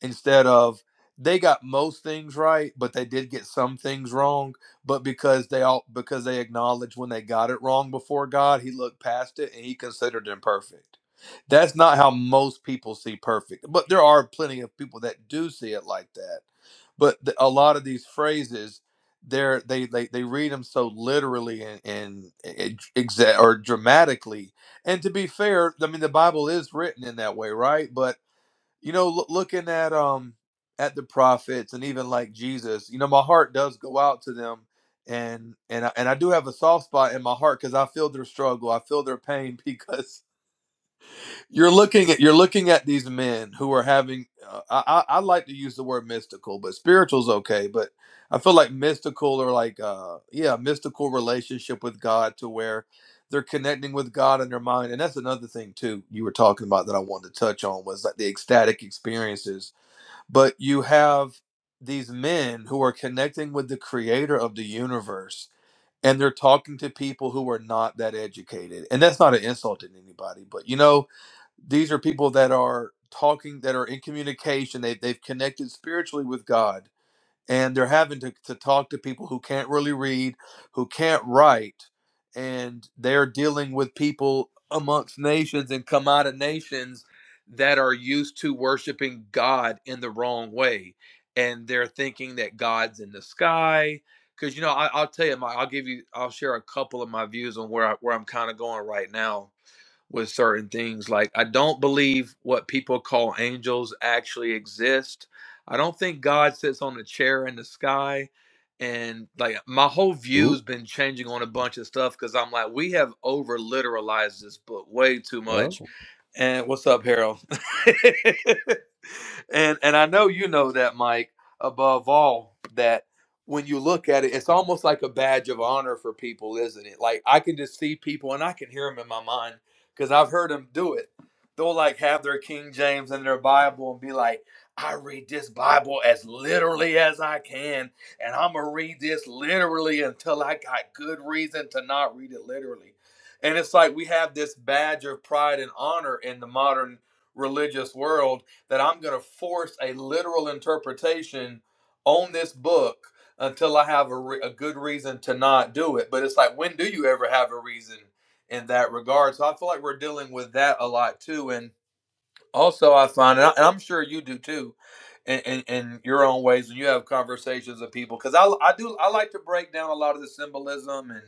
instead of they got most things right, but they did get some things wrong. But because they all because they acknowledged when they got it wrong before God, he looked past it and he considered them perfect. That's not how most people see perfect, but there are plenty of people that do see it like that. But the, a lot of these phrases, they're they they they read them so literally and and ex- exa- or dramatically. And to be fair, I mean the Bible is written in that way, right? But you know loo- looking at um at the prophets and even like jesus you know my heart does go out to them and and I, and I do have a soft spot in my heart because i feel their struggle i feel their pain because you're looking at you're looking at these men who are having uh, I, I i like to use the word mystical but spiritual's okay but i feel like mystical or like uh yeah mystical relationship with god to where they're connecting with God in their mind. And that's another thing too you were talking about that I wanted to touch on was like the ecstatic experiences but you have these men who are connecting with the creator of the universe and they're talking to people who are not that educated and that's not an insult to anybody but you know these are people that are talking that are in communication they, they've connected spiritually with god and they're having to, to talk to people who can't really read, who can't write, and they're dealing with people amongst nations and come out of nations that are used to worshiping God in the wrong way. And they're thinking that God's in the sky. Because you know, I, I'll tell you, my, I'll give you, I'll share a couple of my views on where I, where I'm kind of going right now with certain things. Like, I don't believe what people call angels actually exist. I don't think God sits on a chair in the sky. And like, my whole view's Ooh, been changing on a bunch of stuff because I'm like, we have over literalized this book way too oh, much. And what's up, Harold? and and I know you know that, Mike. Above all, that when you look at it, it's almost like a badge of honor for people, isn't it? Like I can just see people, and I can hear them in my mind because I've heard them do it. They'll like have their King James in their Bible and be like, I read this Bible as literally as I can, and I'm gonna read this literally until I got good reason to not read it literally. And it's like we have this badge of pride and honor in the modern religious world that I'm gonna force a literal interpretation on this book until I have a, re- a good reason to not do it. But it's like, when do you ever have a reason? in that regard. So I feel like we're dealing with that a lot too. And also, I find, and, I, and I'm sure you do too, in, in, in your own ways, when you have conversations with people, because I, I do, I like to break down a lot of the symbolism and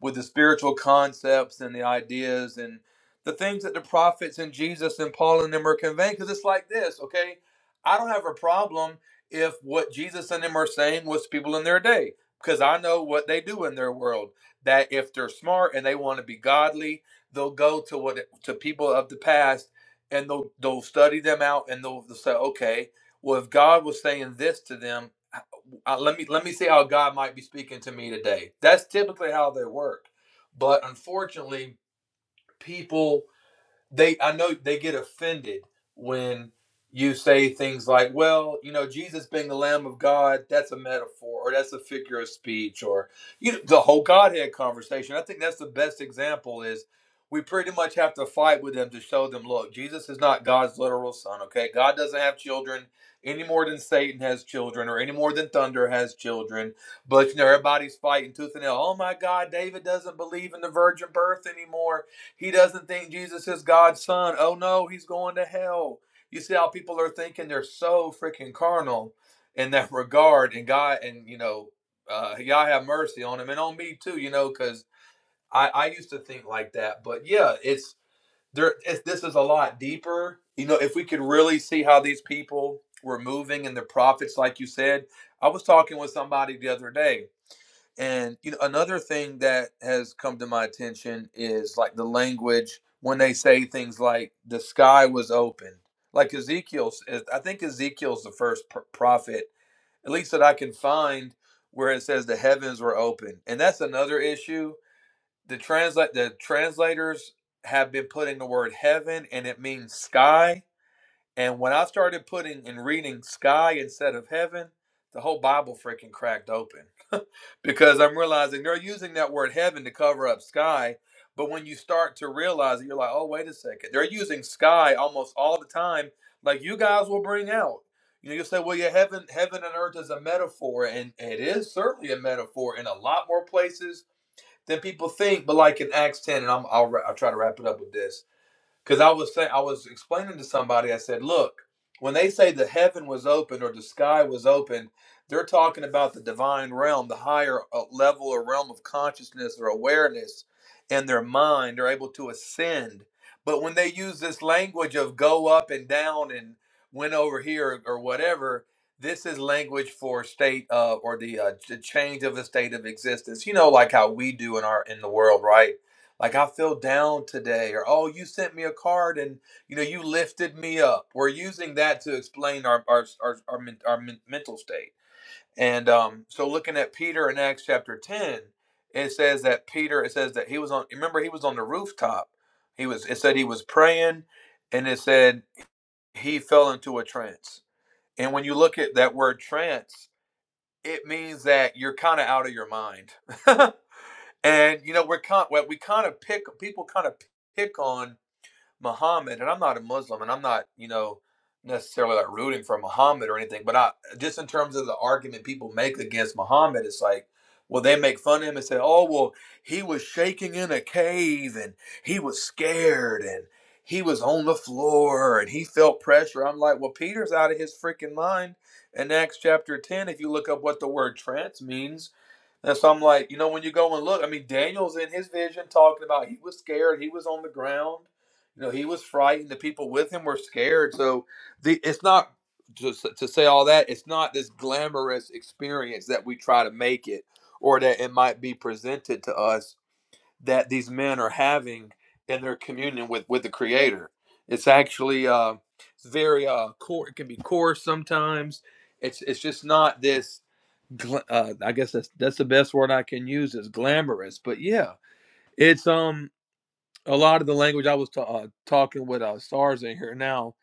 with the spiritual concepts and the ideas and the things that the prophets and Jesus and Paul and them are conveying, because it's like this, okay? I don't have a problem if what Jesus and them are saying was people in their day, because I know what they do in their world. That if they're smart and they want to be godly, they'll go to what to people of the past and they'll they'll study them out and they'll, they'll say, okay, well, if God was saying this to them, uh, let me let me see how God might be speaking to me today. That's typically how they work, but unfortunately, people they I know they get offended when you say things like, well, you know, Jesus being the Lamb of God, that's a metaphor or that's a figure of speech or you know, the whole Godhead conversation. I think that's the best example is we pretty much have to fight with them to show them, look, Jesus is not God's literal son, okay? God doesn't have children any more than Satan has children or any more than thunder has children. But you know, everybody's fighting tooth and nail. Oh my God, David doesn't believe in the virgin birth anymore he doesn't think Jesus is God's son. Oh no, he's going to hell. You see how people are thinking they're so freaking carnal in that regard. And God, and you know, uh, y'all have mercy on him and on me too, you know, because I, I used to think like that. But yeah, it's there. It's, this is a lot deeper. You know, if we could really see how these people were moving and the prophets, like you said, I was talking with somebody the other day and you know, another thing that has come to my attention is like the language when they say things like the sky was open. Like Ezekiel, s- I think Ezekiel's the first pr- prophet, at least that I can find, where it says the heavens were open. And that's another issue. The translate the translators have been putting the word heaven and it means sky. And when I started putting and reading sky instead of heaven, the whole Bible freaking cracked open because I'm realizing they're using that word heaven to cover up sky. But when you start to realize it, you're like, oh, wait a second. They're using sky almost all the time, like you guys will bring out. You know, you'll say, well, yeah, heaven, heaven and earth is a metaphor, and it is certainly a metaphor in a lot more places than people think. But like in Acts 10, and I'm, I'll, I'll try to wrap it up with this because I was saying, I was explaining to somebody, I said, look, when they say the heaven was open or the sky was open, they're talking about the divine realm, the higher uh, level or realm of consciousness or awareness in their mind. They're able to ascend. But when they use this language of go up and down and went over here or whatever, this is language for state uh, or the, uh, the change of a state of existence. You know, like how we do in our in the world, right? Like I feel down today, or oh, you sent me a card and you know you lifted me up. We're using that to explain our our our our, men- our men- mental state. And um, so looking at Peter in Acts chapter ten, it says that Peter it says that he was on. Remember he was on the rooftop. He was. It said he was praying, and it said he fell into a trance. And when you look at that word trance, it means that you're kind of out of your mind. And you know, we're kind well, we kind of pick people kind of pick on Muhammad, and I'm not a Muslim, and I'm not you know necessarily like rooting for Muhammad or anything, but I just in terms of the argument people make against Muhammad, it's like. Well, they make fun of him and say, "Oh, well, he was shaking in a cave, and he was scared, and he was on the floor, and he felt pressure." I'm like, "Well, Peter's out of his freaking mind." In Acts chapter ten, if you look up what the word "trance" means, and so I'm like, you know, when you go and look, I mean, Daniel's in his vision talking about he was scared, he was on the ground, you know, he was frightened. The people with him were scared. So the it's not just to say all that. It's not this glamorous experience that we try to make it, or that it might be presented to us that these men are having in their communion with with the Creator. It's actually uh, it's very uh, core. It can be coarse sometimes. It's it's just not this gla- uh, I guess that's that's the best word I can use is glamorous. But yeah, it's um a lot of the language I was ta- uh, talking with uh, stars in here now.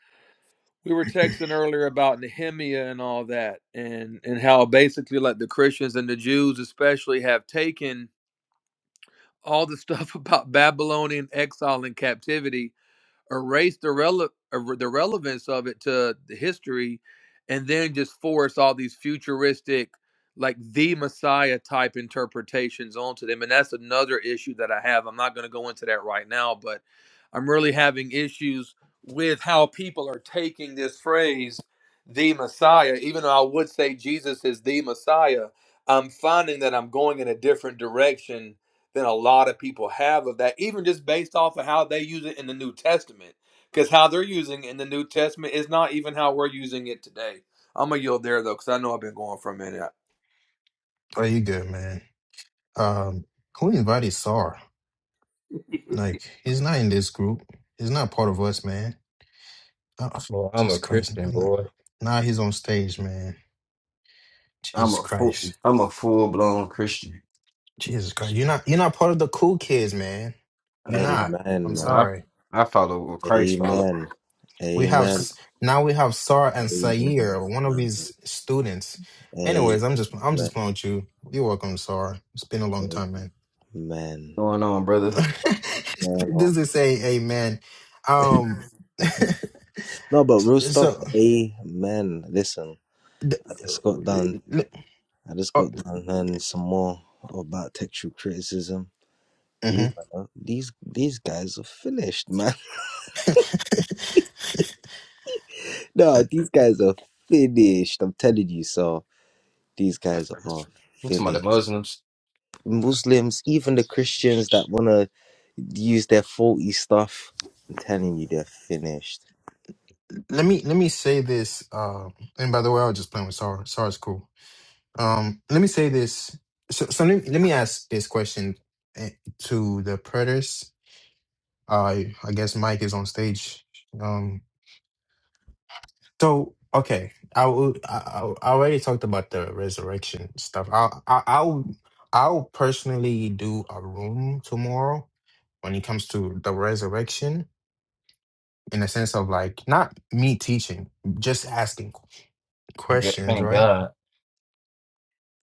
We were texting earlier about Nehemiah and all that, and and how basically like the Christians and the Jews especially have taken all the stuff about Babylonian exile and captivity erase the, rele- er- the relevance of it to the history, and then just force all these futuristic, like the Messiah type interpretations onto them. And that's another issue that I have. I'm not going to go into that right now, but I'm really having issues with how people are taking this phrase, the Messiah, even though I would say Jesus is the Messiah. I'm finding that I'm going in a different direction than a lot of people have of that, even just based off of how they use it in the New Testament. Because how they're using it in the New Testament is not even how we're using it today. I'm going to yield there, though, because I know I've been going for a minute. Oh, you good, man. Um, who invited Sar? Like he's not in this group. He's not part of us, man. Uh, Well, I'm Jesus a Christ. Christian Nah. boy. Now he's on stage, man. I'm Jesus a full, Christ. I'm a full blown Christian. Jesus Christ. You're not you're not part of the cool kids, man. You're Amen, I, not. I'm man. I sorry. I follow what Christ follow. What's Amen. We have Amen. S- now we have Sar and Amen, Sayer, one of man. his students. Anyways, I'm just I'm Amen. just playing with you. You're welcome, Sar. It's been a long time, man. Amen. going on, brother? Man, oh. this is a amen. Um No, but real stuff. so Amen. Listen, th- I just l- got done. l- l- I just oh, got done learning some more about textual criticism. mhm. These these these guys are finished, man. No, these guys are finished. I'm telling you. So these I'm guys are talking about finished. the Muslims. Muslims, even the Christians that want to use their faulty stuff, I'm telling you, they're finished. Let me let me say this. Uh, and by the way, I was just playing with Sar. Sar's cool. Um, let me say this. So, so let, me, let me ask this question eh, to the predators. Uh, I guess Mike is on stage. Um, so okay, I will. I, I I already talked about the resurrection stuff. I I I'll I'll personally do a room tomorrow when it comes to the resurrection in the sense of like not me teaching, just asking Yeah, questions, Thank right? God.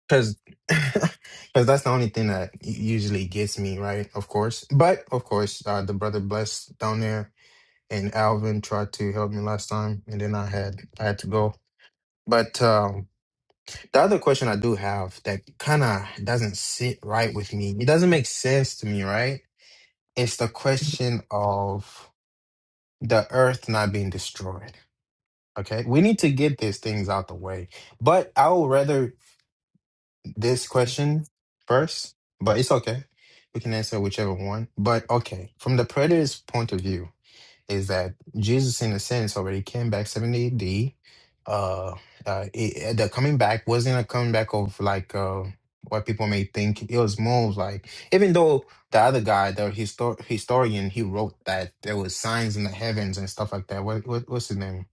because because that's the only thing that u- usually gets me right of course but of course uh the brother blessed down there and alvin tried to help me last time and then i had i had to go but um the other question i do have that kind of doesn't sit right with me it doesn't make sense to me right it's the question of the earth not being destroyed okay we need to get these things out the way but i would rather this question first, but it's okay. We can answer whichever one. But okay, from the predator's point of view, is that Jesus, in a sense, already came back 70 AD. Uh, uh, it, uh, the coming back wasn't a coming back of like uh, what people may think. It was more of like, even though the other guy, the histor- historian, he wrote that there was signs in the heavens and stuff like that. What, what what's his name?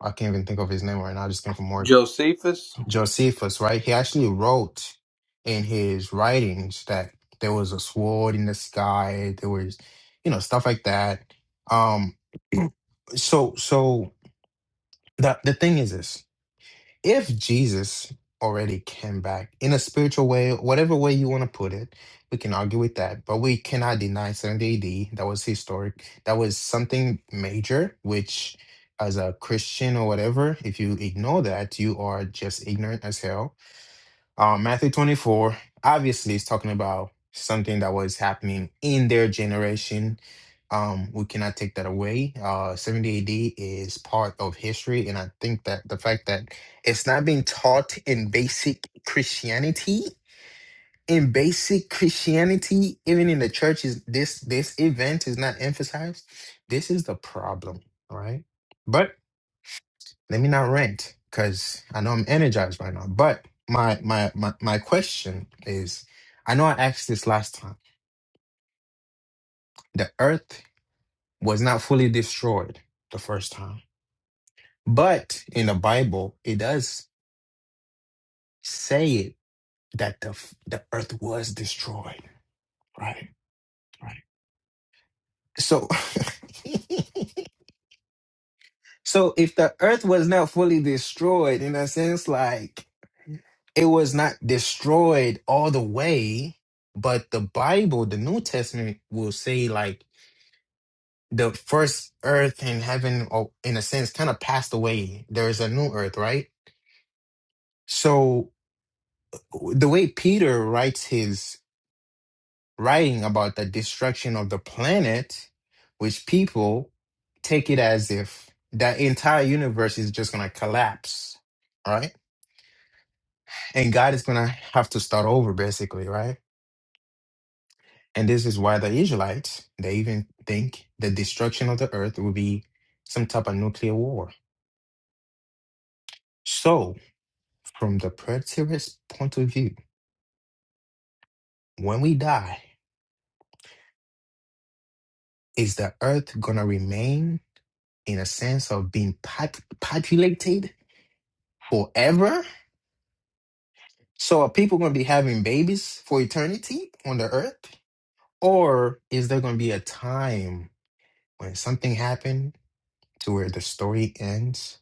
I can't even think of his name right now. I just came from work. Josephus? Josephus, right? He actually wrote in his writings that there was a sword in the sky, there was, you know, stuff like that. Um, so so the the thing is this if Jesus already came back in a spiritual way, whatever way you want to put it, we can argue with that, but we cannot deny 70 AD. That was historic, that was something major, which as a Christian or whatever, if you ignore that, you are just ignorant as hell um, Matthew 24 obviously is talking about something that was happening in their generation. Um, we cannot take that away. Uh, 70 AD is part of history. And I think that the fact that it's not being taught in basic Christianity, in basic Christianity, even in the churches, this this event is not emphasized. This is the problem, right? But. Let me not rant because I know I'm energized right now. But my my my my question is, I know I asked this last time. The earth was not fully destroyed the first time, but in the Bible, it does say it that the f- the earth was destroyed. Right. Right. So. So if the earth was not fully destroyed, in a sense, like it was not destroyed all the way, but the Bible, the New Testament, will say like the first earth and heaven, or in a sense, kind of passed away. There is a new earth, right? So the way Peter writes his writing about the destruction of the planet, which people take it as if the entire universe is just going to collapse, right? And God is going to have to start over, basically, right? And this is why the Israelites, they even think the destruction of the earth will be some type of nuclear war. So, from the preterist point of view, when we die, is the earth going to remain in a sense of being pop- populated forever? So, are people going to be having babies for eternity on the earth? Or is there going to be a time when something happened to where the story ends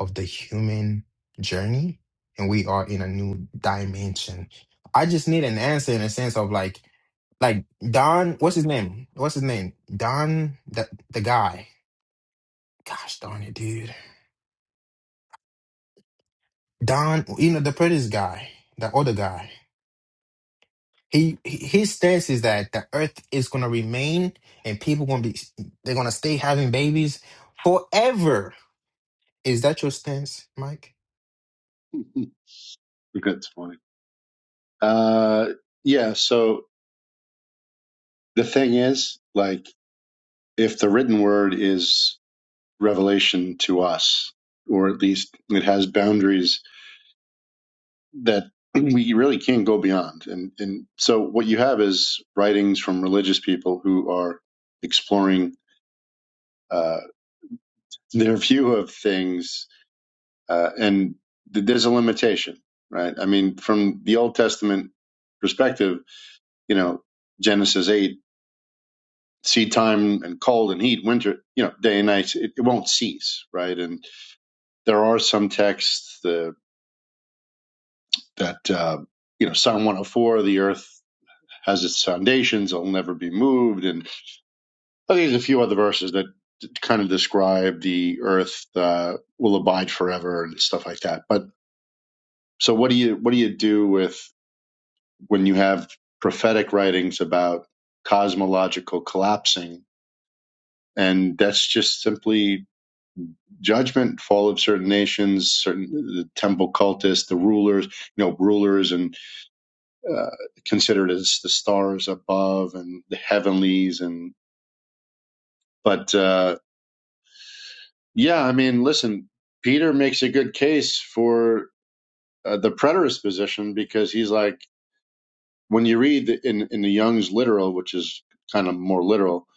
of the human journey and we are in a new dimension. I just need an answer in a sense of like like Don what's his name? What's his name? Don the the guy. Gosh darn it, dude. Don you know the previous guy, the other guy. He he- his stance is that the earth is gonna remain and people gonna be they're gonna stay having babies forever. Is that your stance, Mike? that's funny. Uh, yeah. So the thing is, like, if the written word is revelation to us, or at least it has boundaries that we really can't go beyond. And and so what you have is writings from religious people who are exploring uh, their view of things, uh, and th- there's a limitation, right? I mean, from the Old Testament perspective, you know, Genesis eight, seed time and cold and heat, winter, you know, day and night, it, it won't cease, right? And there are some texts uh, that, uh, you know, Psalm 104, the earth has its foundations, it'll never be moved, and I think there's a few other verses that kind of describe the earth uh, will abide forever and stuff like that, but So what do you what do you do with when you have prophetic writings about cosmological collapsing and that's just simply judgment fall of certain nations certain the temple cultists the rulers you know rulers and uh, considered as the stars above and the heavenlies and but uh yeah i mean listen peter makes a good case for uh, the preterist position because he's like when you read in in the Young's literal, which is kind of more literal,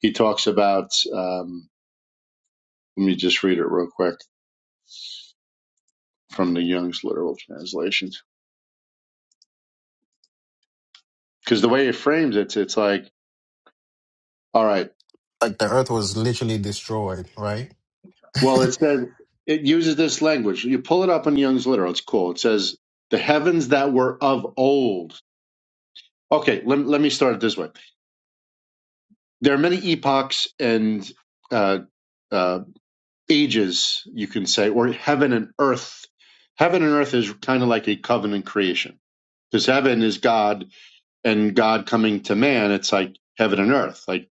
he talks about. Um, let me just read it real quick from the Young's literal translations, because the way it frames it, it's like, all right, Like the earth was literally destroyed, right? well, it says it uses this language. You pull it up in Young's literal; it's cool. It says the heavens that were of old. Okay, let, let me start it this way. There are many epochs and uh, uh, ages, you can say, or heaven and earth. Heaven and earth is kind of like a covenant creation because heaven is God and God coming to man. It's like heaven and earth. Like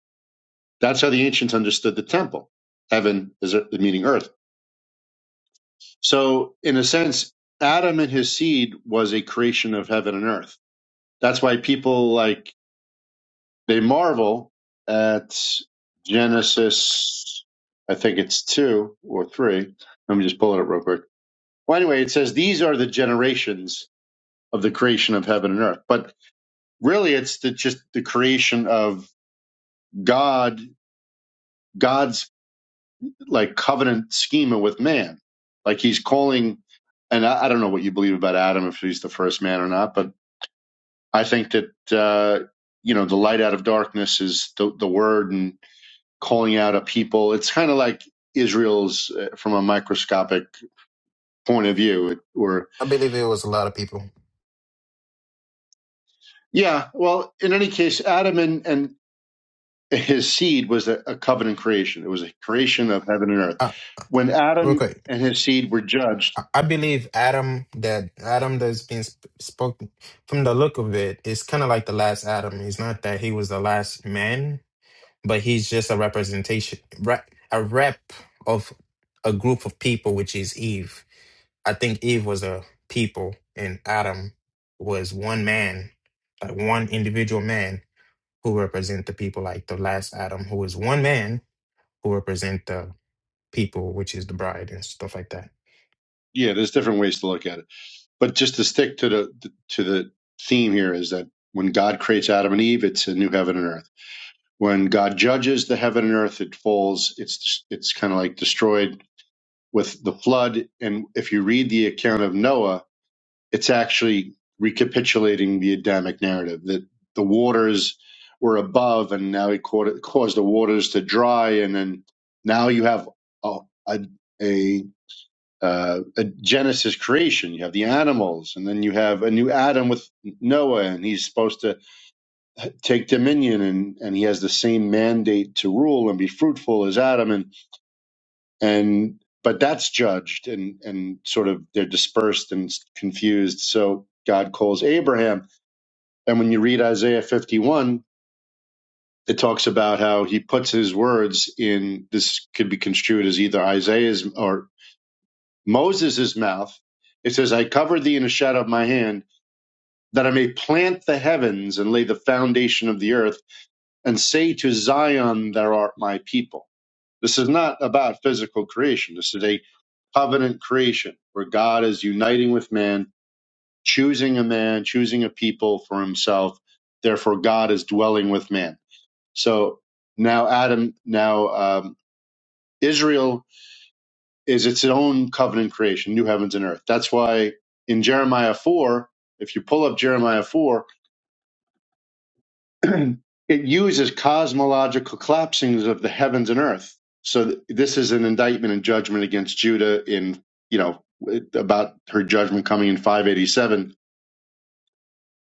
that's how the ancients understood the temple. Heaven is ear- meaning earth. So in a sense, Adam and his seed was a creation of heaven and earth. That's why people like they marvel at Genesis. I think it's two or three. Let me just pull it up real quick Well, anyway, it says these are the generations of the creation of heaven and earth, but really it's the, just the creation of God, God's like covenant schema with man. Like he's calling, and I, I don't know what you believe about Adam, if he's the first man or not, but I think that, uh, you know, the light out of darkness is the, the word and calling out a people. It's kind of like Israel's uh, from a microscopic point of view, It, or I believe it was a lot of people. yeah, well, in any case, Adam and, and his seed was a, a covenant creation. It was a creation of heaven and earth. Uh, When real Adam quick, and his seed were judged, I, I believe Adam that Adam that's being sp- spoken from the look of it is kind of like the last Adam. It's not that he was the last man, but he's just a representation, re- a rep of a group of people, which is Eve. I think Eve was a people, and Adam was one man, like one individual man who represent the people, like the last Adam, who is one man who represent the people, which is the bride and stuff like that. yeah, there's different ways to look at it, but just to stick to the to the theme here is that when God creates Adam and Eve, it's a new heaven and earth. When God judges the heaven and earth, it falls. It's it's kind of like destroyed with the flood. And if you read the account of Noah, it's actually recapitulating the Adamic narrative that the waters were above and now he caused the waters to dry. And then now you have a, a, a, uh, a Genesis creation. You have the animals, and then you have a new Adam with Noah, and he's supposed to take dominion, and, and he has the same mandate to rule and be fruitful as Adam. And and but that's judged and and sort of they're dispersed and confused so god calls abraham and when you read isaiah 51 it talks about how he puts his words in this could be construed as either isaiah's or moses' mouth it says i covered thee in the shadow of my hand that i may plant the heavens and lay the foundation of the earth and say to zion thou art my people this is not about physical creation this is a covenant creation where God is uniting with man, choosing a man, choosing a people for himself. Therefore, God is dwelling with man. So now Adam, now um, Israel is its own covenant creation, new heavens and earth. That's why in Jeremiah 4, if you pull up Jeremiah 4, it uses cosmological collapsings of the heavens and earth. So th- this is an indictment and judgment against Judah in you know it- about her judgment coming in 587.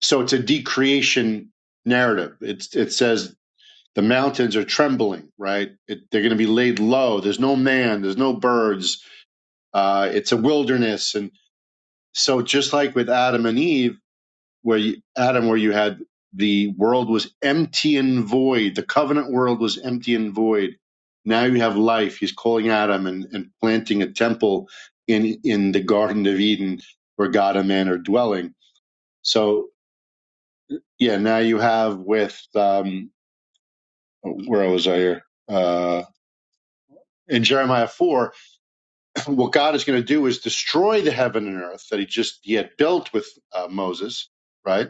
So it's a decreation narrative. It's it says the mountains are trembling, right? It, they're going to be laid low. There's no man. There's no birds. Uh, it's a wilderness, and so just like with Adam and Eve where you, Adam, where you had the world was empty and void. The covenant world was empty and void. Now you have life. He's calling Adam and, and planting a temple in in the Garden of Eden, where God and man are dwelling. So yeah, now you have with um, where was I here? Uh, in Jeremiah four, what God is going to do is destroy the heaven and earth that He just He had built with uh, Moses, right?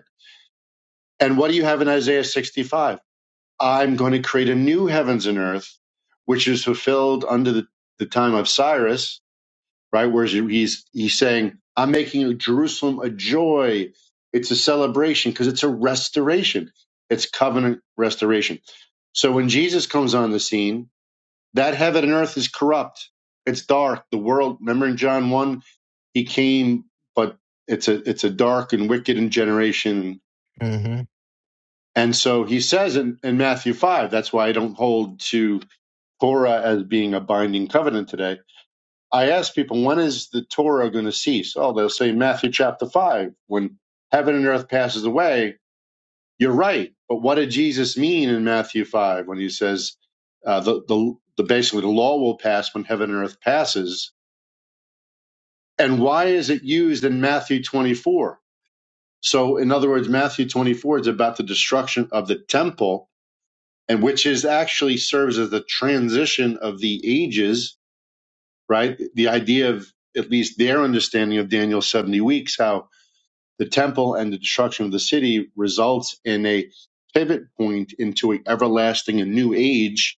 And what do you have in Isaiah 65? I'm going to create a new heavens and earth, which is fulfilled under the, the time of Cyrus, right? Whereas he's he's saying, I'm making Jerusalem a joy. It's a celebration because it's a restoration. It's covenant restoration. So when Jesus comes on the scene, that heaven and earth is corrupt. It's dark. The world. Remember in John one, he came, but it's a it's a dark and wicked generation. hmm And so he says in, in Matthew five, that's why I don't hold to Torah as being a binding covenant today. I ask people, when is the Torah going to cease? Oh, they'll say Matthew chapter 5, when heaven and earth passes away. You're right. But what did Jesus mean in Matthew 5 when he says uh, the, the, the basically the law will pass when heaven and earth passes? And why is it used in Matthew 24? So, in other words, Matthew 24 is about the destruction of the temple, and which is actually serves as the transition of the ages right? The idea of at least their understanding of Daniel's 70 weeks, how the temple and the destruction of the city results in a pivot point into an everlasting and new age,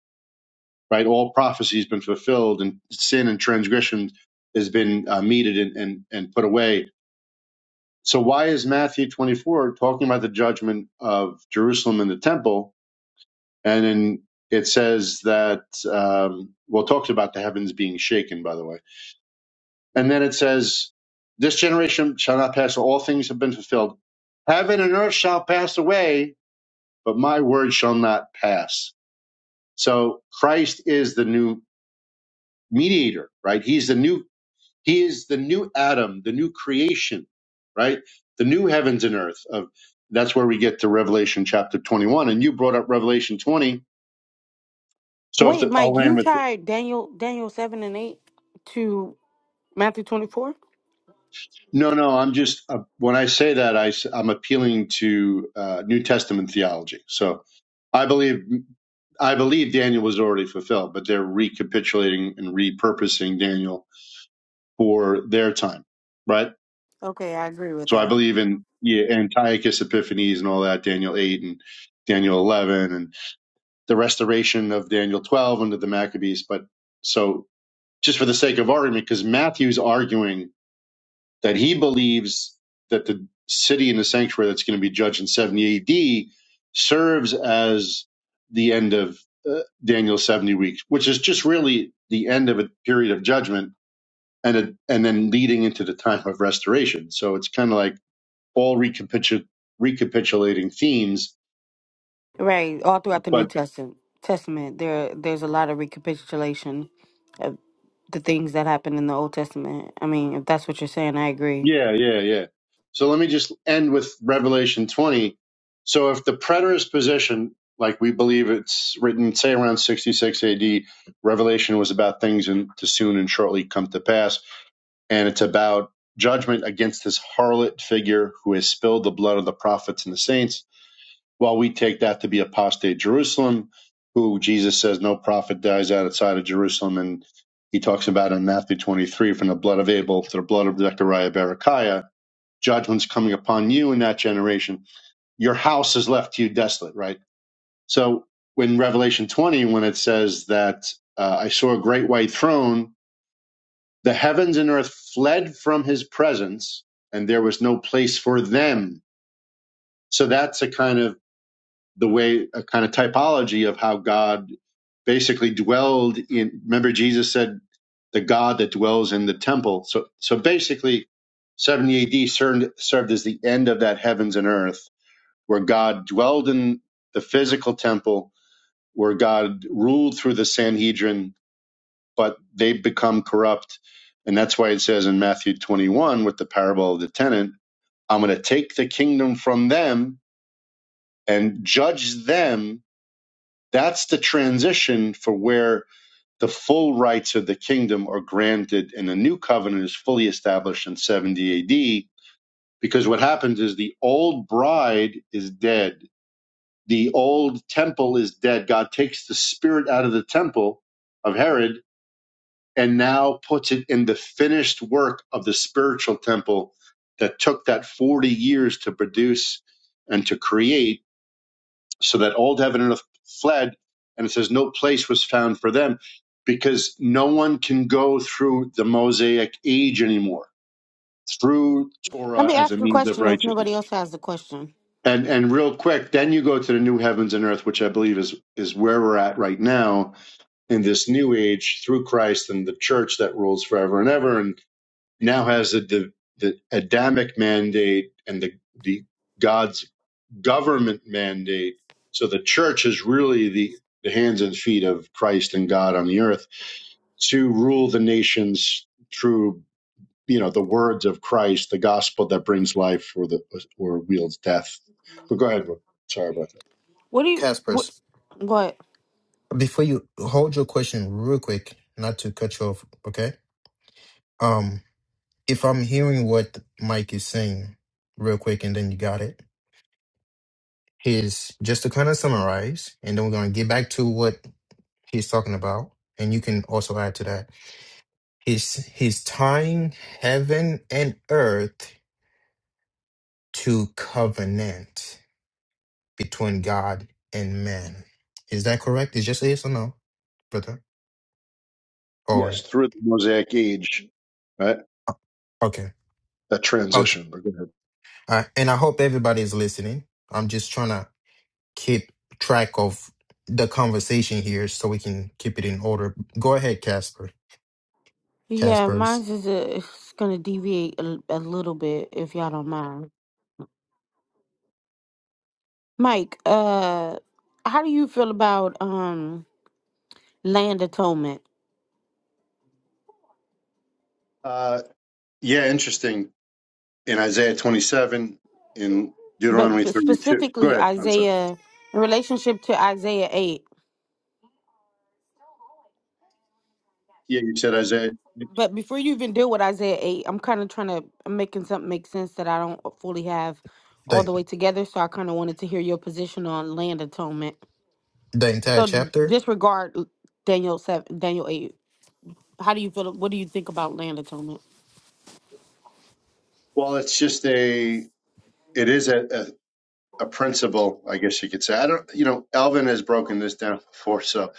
right? All prophecy has been fulfilled and sin and transgression has been uh, meted and, and, and put away. So why is Matthew 24 talking about the judgment of Jerusalem and the temple? And then it says that, um, well, it talks about the heavens being shaken, by the way And then it says, This generation shall not pass, all things have been fulfilled. Heaven and earth shall pass away, but my word shall not pass. So Christ is the new mediator, right? He's the new, he is the new Adam, the new creation, right? The new heavens and earth of that's where we get to Revelation chapter 21. And you brought up Revelation 20. So if Wait, the, I'll Mike, land you with it. tied Daniel Daniel seven and eight to Matthew twenty four? No, no, I'm just, uh, when I say that, I, am appealing to uh, New Testament theology. So I believe I believe Daniel was already fulfilled, but they're recapitulating and repurposing Daniel for their time, right? Okay, I agree with So I that. believe in yeah, Antiochus Epiphanes and all that, Daniel eight and Daniel eleven, and the restoration of Daniel twelve under the Maccabees. But so just for the sake of argument, because Matthew's arguing that he believes that the city and the sanctuary that's going to be judged in 70 AD serves as the end of uh, Daniel's 70 weeks, which is just really the end of a period of judgment and a, and then leading into the time of restoration. So it's kind of like all recapitu- recapitulating themes, Right, all throughout the New but Testament, Testament there there's a lot of recapitulation of the things that happened in the Old Testament. I mean, if that's what you're saying, I agree. Yeah, yeah, yeah. So let me just end with Revelation 20. So if the preterist position, like we believe it's written, say around 66 AD, Revelation was about things in, to soon and shortly come to pass, and it's about judgment against this harlot figure who has spilled the blood of the prophets and the saints, while we take that to be apostate Jerusalem, who Jesus says no prophet dies outside of Jerusalem, and he talks about in Matthew 23 from the blood of Abel to the blood of Zechariah Berechiah judgment's coming upon you in that generation. Your house is left to you desolate, right? So in Revelation 20, when it says that uh, I saw a great white throne, the heavens and earth fled from his presence, and there was no place for them. So that's a kind of the way, a kind of typology of how God basically dwelled in. Remember, Jesus said, the God that dwells in the temple. So, so basically, 70 AD served, served as the end of that heavens and earth where God dwelled in the physical temple, where God ruled through the Sanhedrin, but they become corrupt. And that's why it says in Matthew 21 with the parable of the tenant, I'm going to take the kingdom from them and judge them. That's the transition for where the full rights of the kingdom are granted and the new covenant is fully established in 70 AD. Because what happens is the old bride is dead the old temple is dead. God takes the spirit out of the temple of Herod and now puts it in the finished work of the spiritual temple that took that 40 years to produce and to create so that old heaven and earth fled. And it says no place was found for them because no one can go through the Mosaic age anymore through Let Torah me as a ask a means of question if righteousness. nobody else has the question. And and real quick, then you go to the new heavens and earth, which I believe is is where we're at right now in this new age through Christ and the church that rules forever and ever, and now has the the, the Adamic mandate and the the God's government mandate. So the church is really the the hands and feet of Christ and God on the earth to rule the nations through you know, the words of Christ, the gospel that brings life or the or wields death. But go ahead. Sorry about that. What do you what Caspers. what? Before you hold your question real quick, not to cut you off, okay? Um, if I'm hearing what Mike is saying real quick and then you got it, is just to kind of summarize, and then we're gonna get back to what he's talking about, and you can also add to that. He's he's tying heaven and earth to covenant. between God and man. Is that correct? It's just yes or no, brother? Or Yes, through the Mosaic age, right? uh, okay, That okay. transition. But go ahead. Uh, and I hope everybody is listening. I'm just trying to keep track of the conversation here so we can keep it in order. Go ahead, Casper. Yeah, Casper's mine's is a, it's gonna deviate a, a little bit if y'all don't mind. Mike, uh, how do you feel about um land atonement, Uh, yeah, interesting. In Isaiah 27, in but Deuteronomy p- 32. Go specifically ahead. I'm sorry. Isaiah in relationship to Isaiah eight? Yeah, you said Isaiah. but before you even deal with Isaiah 8, I'm kind of trying to, I'm making something make sense that I don't fully have all the the way together. So I kind of wanted to hear your position on land atonement. the entire So d- chapter. disregard l- Daniel 7, Daniel 8. How do you feel? What do you think about land atonement? Well, it's just a. It is a. a a principle, I guess you could say. I don't, you know, Alvin has broken this down before, so.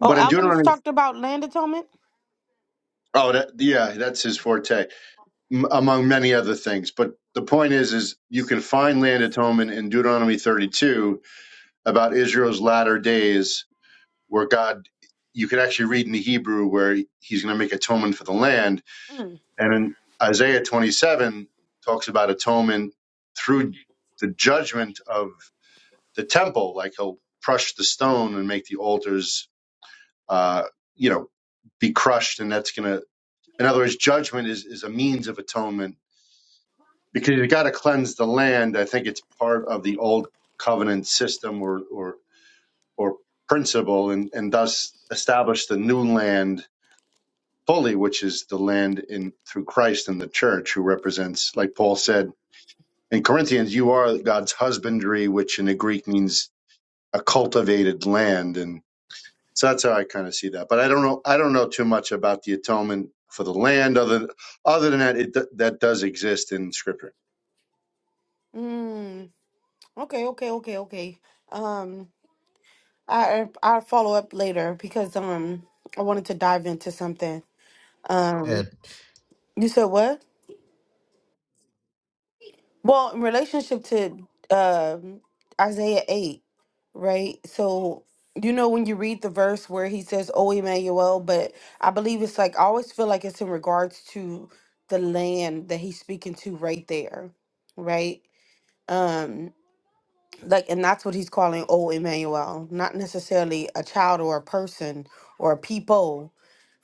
Oh, But in Alvin's Deuteronomy, talked about land atonement? oh, that, yeah, that's his forte m- among many other things. But the point is, is you can find land atonement in Deuteronomy 32 about Israel's latter days, where God, you can actually read in the Hebrew where He's going to make atonement for the land, Mm. and in Isaiah 27 talks about atonement through the judgment of the temple, like He'll crush the stone and make the altars, uh, you know, be crushed, and that's going to, in other words, judgment is is a means of atonement because you got to cleanse the land. I think it's part of the old covenant system or or or principle, and and thus establish the new land fully, which is the land in through Christ and the church, who represents, like Paul said in Corinthians, you are God's husbandry, which in the Greek means a cultivated land, and so that's how I kind of see that. But I don't know. I don't know too much about the atonement for the land, other other than that, it that does exist in Scripture. Mm. Okay, okay, okay, okay. Um, I, I'll follow up later because, um, I wanted to dive into something. Uh, Um, you said what? Well, in relationship to um Isaiah 8, right? So, you know, when you read the verse where he says, Oh, Emmanuel, but I believe it's like, I always feel like it's in regards to the land that he's speaking to right there, right? Um, like and that's what he's calling old Emmanuel, not necessarily a child or a person or a people,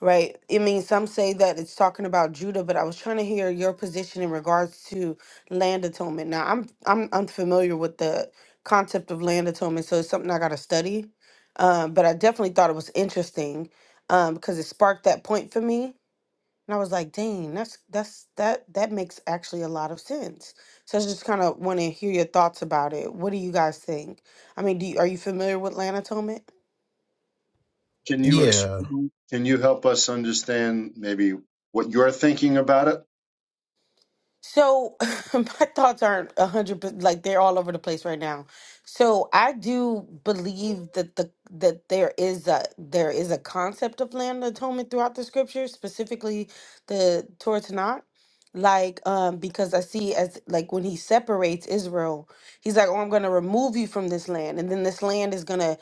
right? I mean, some say that it's talking about Judah, but I was trying to hear your position in regards to land atonement. Now, I'm I'm unfamiliar with the concept of land atonement, so it's something I got to study. Um, but I definitely thought it was interesting um, because it sparked that point for me and I was like, dang, that's that's that that makes actually a lot of sense. So I just kind of want to hear your thoughts about it. What do you guys think? I mean, do you, are you familiar with lanatomic? Can you yeah, explain, can you help us understand maybe what you're thinking about it? So my thoughts aren't a hundred, per- like they're all over the place right now. So I do believe that the that there is a there is a concept of land atonement throughout the scriptures, specifically the Torah Tanakh. Like, um, because I see as like when he separates Israel, he's like, "Oh, I'm gonna remove you from this land, and then this land is gonna,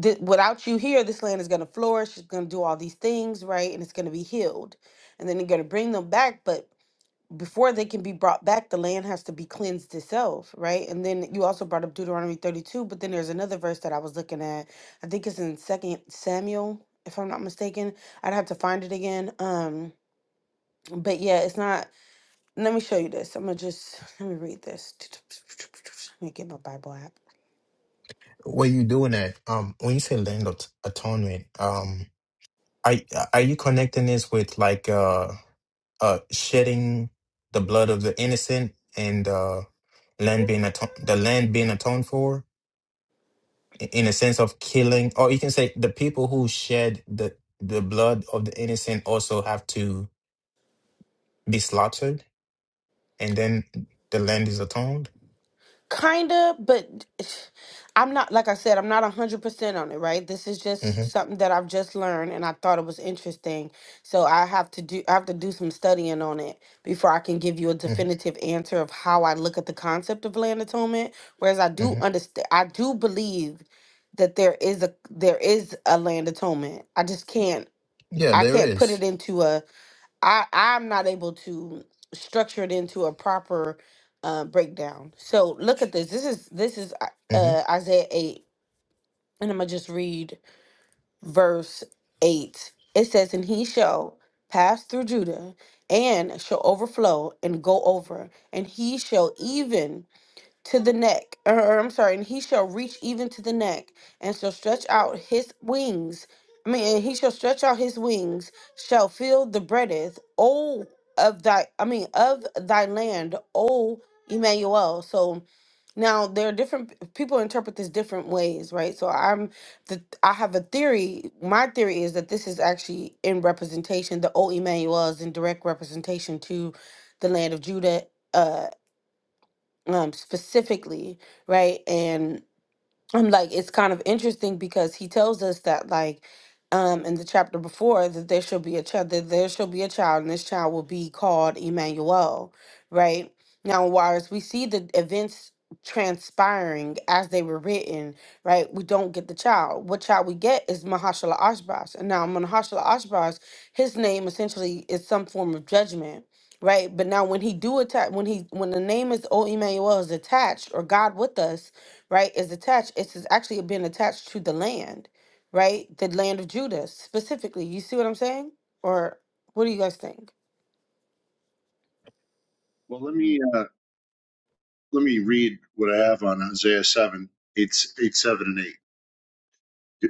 th- without you here, this land is gonna flourish. It's gonna do all these things, right? And it's gonna be healed, and then you're gonna bring them back, but." before they can be brought back, the land has to be cleansed itself, right? And then you also brought up Deuteronomy 32, but then there's another verse that I was looking at. I think it's in Second Samuel, if I'm not mistaken. I'd have to find it again. Um, but yeah, it's not. Let me show you this. I'm gonna just let me read this. Let me get my Bible app. what you doing at? Um, when you say land of atonement, um, are are you connecting this with like uh? uh, shedding the blood of the innocent and uh, land being aton- the land being atoned for i- in a sense of killing, or you can say the people who shed the the blood of the innocent also have to be slaughtered, and then the land is atoned. Kinda, but I'm not, like I said, I'm not 100% on it, right? This is just hmm something that I've just learned and I thought it was interesting. So I have to do I have to do some studying on it before I can give you a hmm definitive answer of how I look at the concept of land atonement. Whereas I do hmm understand I do believe that there is a there is a land atonement. I just can't Yeah, I there can't put is. it into a I I'm not able to structure it into a proper uh, breakdown. So look at this. This is this is uh, Mm-hmm. uh, Isaiah eight, and I'm gonna just read verse eight. It says, "And he shall pass through Judah, and shall overflow and go over, and he shall even." to the neck, or or, I'm sorry, and he shall reach even to the neck, and shall stretch out his wings. I mean, and he shall stretch out his wings, shall feel the breadth, oh of thy, I mean, of thy land, oh Emmanuel. So now there are different people interpret this different ways, right? So I'm the I have a theory. My theory is that this is actually in representation. The O Emmanuel is in direct representation to the land of Judah uh um, specifically, right? And I'm like, it's kind of interesting because he tells us that, like, um, in the chapter before, that there shall be a child, that there shall be a child, and this child will be called Emmanuel, right? Now, whereas we see the events transpiring as they were written, right? We don't get the child. What child we get is Mahashala Ashbaz. And now Mahashala Ashbaz, his name essentially is some form of judgment. Right, but now when he do attack, when he when the name is O Emmanuel is attached or God with us, right, is attached. It's is actually been attached to the land, right? The land of Judah specifically. You see what I'm saying? Or what do you guys think? Well, let me uh, let me read what I have on Isaiah seven, eight, eight, seven, and eight.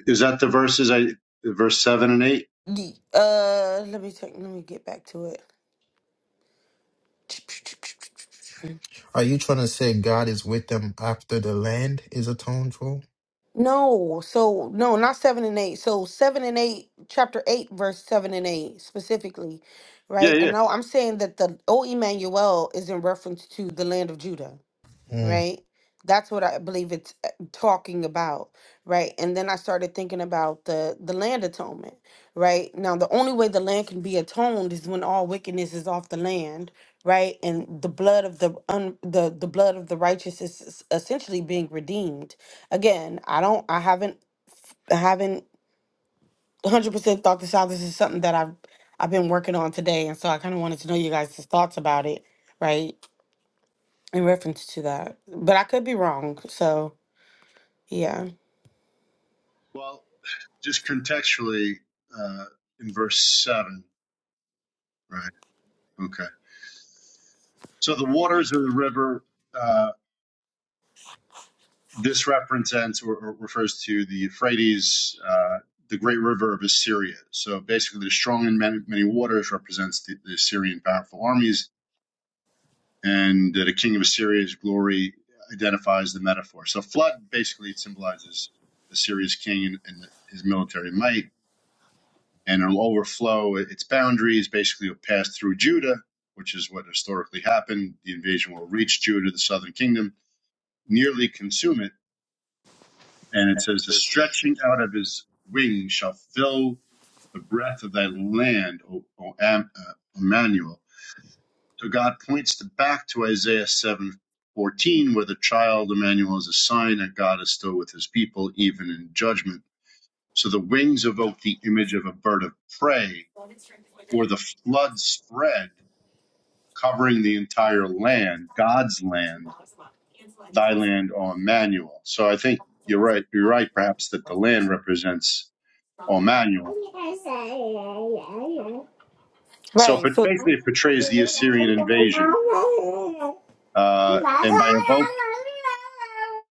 Is that the verses? I verse seven and eight. The, uh, let me take, let me get back to it. Are you trying to say God is with them after the land is atoned for? No, so no, not seven and eight. So seven and eight, chapter eight, verse seven and eight specifically, Yeah, right? yeah. And now I'm saying that the O Emmanuel is in reference to the land of Judah Mm, right? That's what I believe it's uh, talking about, right? And then I started thinking about the the land atonement, right? Now the only way the land can be atoned is when all wickedness is off the land, right? And the blood of the un, the the blood of the righteous is s- essentially being redeemed. Again, I don't, I haven't, I haven't one hundred percent thought this out. This is something that I've I've been working on today, and so I kind of wanted to know you guys' thoughts about it, right? In reference to that, but I could be wrong, so. Yeah. Well, just contextually, uh, in verse seven, right? Okay. So the waters of the river. uh, This represents or, or refers to the Euphrates, uh, the great river of Assyria. So basically, the strong and many, many waters represents the, the Assyrian powerful armies, and the king of Assyria's glory identifies the metaphor. So flood basically symbolizes Assyria's king and, and his military might, and it'll overflow its boundaries. Basically, it'll pass through Judah, which is what historically happened. The invasion will reach Judah, the southern kingdom, nearly consume it And it says, The stretching out of his wings shall fill the breadth of thy land, O, o Am, uh, Emmanuel. So God points to, back to Isaiah seven fourteen, where the child Emmanuel is a sign that God is still with his people, even in judgment. So the wings evoke the image of a bird of prey, or the flood spread, covering the entire land, God's land, thy land, O Emmanuel. So I think you're right. You're right, perhaps, that the land represents or manual. So, Right. but So basically, it portrays the Assyrian invasion, uh, and by evoke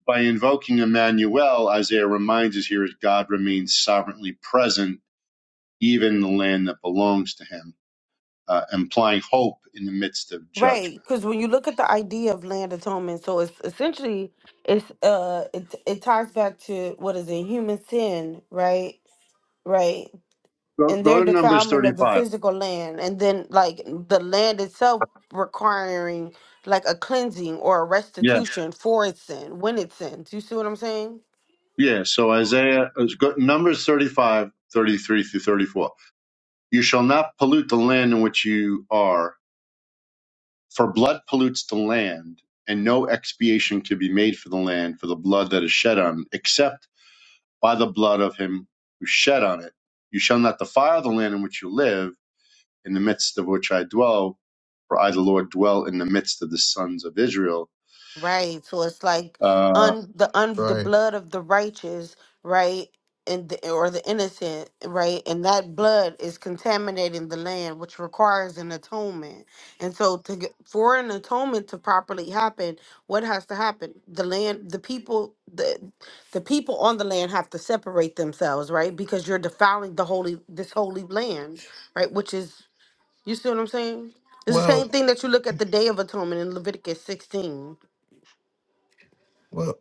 by invoking Emmanuel, Isaiah reminds us here that God remains sovereignly present even in the land that belongs to Him, uh, implying hope in the midst of right, judgment. because when you look at the idea of land atonement, so it's essentially it's uh it it ties back to what is it, human sin, right? Right. Go, And go their to Numbers defilement of the thirty-five. physical land, and then like the land itself requiring like a cleansing or a Yeah, restitution for its sin when it sins. You see what I'm saying? yeah. So Isaiah, uh, go, Numbers 35, 33 through thirty-four. You shall not pollute the land in which you are For blood pollutes the land, and no expiation can be made for the land for the blood that is shed on it, except by the blood of him who shed on it. You shall not defile the land in which you live, in the midst of which I dwell, for I, the Lord, dwell in the midst of the sons of Israel. Right. So it's like Uh, un the un the right. blood of the righteous, right? And the, or the innocent, right? And that blood is contaminating the land, which requires an atonement. And so, to get, for an atonement to properly happen, what has to happen? The land, the people, the the people on the land have to separate themselves, right? Because you're defiling the holy this holy land, right? Which is, you see what I'm saying? It's the Well, same thing that you look at the Day of Atonement in Leviticus 16 Well,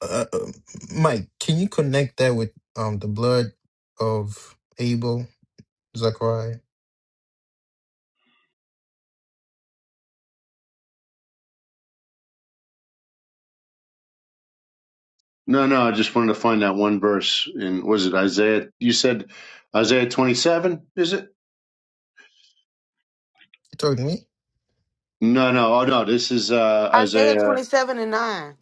uh, uh, Mike, can you connect that with um the blood of Abel, Zechariah? no, no, I just wanted to find that one verse in, was it Isaiah? You said Isaiah 27, is it? You talking to me? No, no, oh no, this is uh, Isaiah Isaiah. 27 and 9.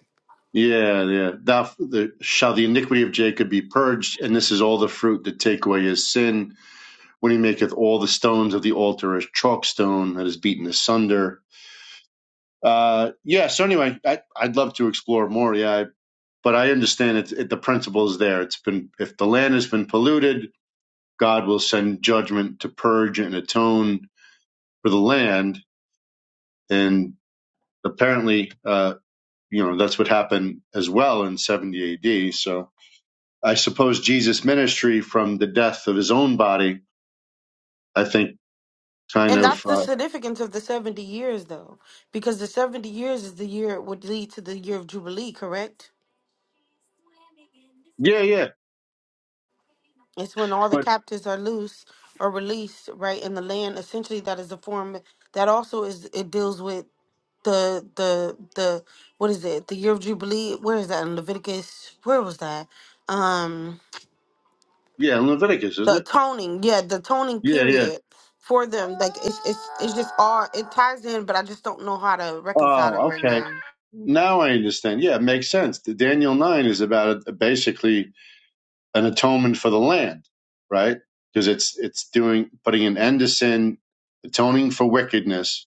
Yeah, yeah. Thou, the, shall the iniquity of Jacob be purged, and this is all the fruit that take away his sin, when he maketh all the stones of the altar as chalk stone that is beaten asunder. Uh, yeah. So anyway, I, I'd love to explore more. Yeah, I, but I understand it, it. The principle is there. It's been if the land has been polluted, God will send judgment to purge and atone for the land, and apparently, uh, you know, that's what happened as well in 70 AD. So I suppose Jesus' ministry from the death of his own body, I think, kind And that's of, the uh, significance of the 70 years, though, because the 70 years is the year it would lead to the year of Jubilee, correct? yeah, yeah. It's when all the But captives are loose or released, right, in the land. Essentially, that is a form that also is, it deals with the, the, the, what is it? The year of Jubilee. Where is that in Leviticus? Where was that? Um, yeah, in Leviticus, the isn't it? atoning yeah the atoning Yeah, yeah. period for them like it's it's it's just all it ties in but i just don't know how to reconcile it Oh, right okay. now Now I understand. Yeah, it makes sense. The Daniel 9 is about a, basically an atonement for the land, right? Because it's it's doing putting an end to sin, atoning for wickedness,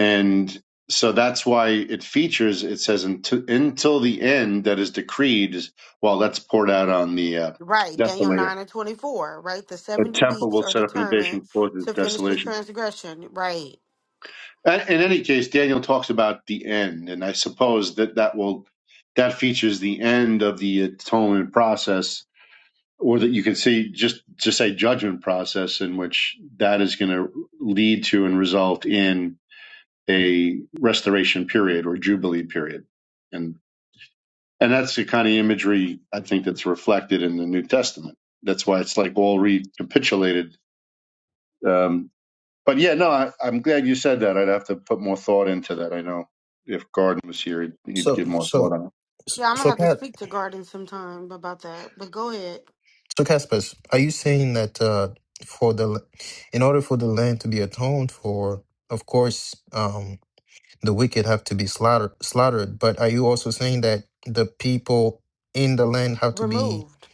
and so that's why it features it says until, until the end that is decreed is well that's poured out on the uh, right daniel desolator 9 and 24 right the A 70 temple weeks will are set up an determined invasion, cause its to finish the desolation. transgression right Uh, In any case, Daniel talks about the end, and I suppose that that will that features the end of the atonement process, or that you can see just just a judgment process, in which that is going to lead to and result in a restoration period or jubilee period, and and that's the kind of imagery I think that's reflected in the New Testament. That's why it's like all recapitulated Um, But yeah, no, I, I'm glad you said that. I'd have to put more thought into that. I know if Garden was here, he'd, he'd So, give more thought so, on it. yeah i'm gonna so, have to Ca- speak to garden sometime about that but go ahead so, Caspers, are you saying that uh for the in order for the land to be atoned for, of course, um the wicked have to be slaughtered, slaughtered. But are you also saying that the people in the land have to be removed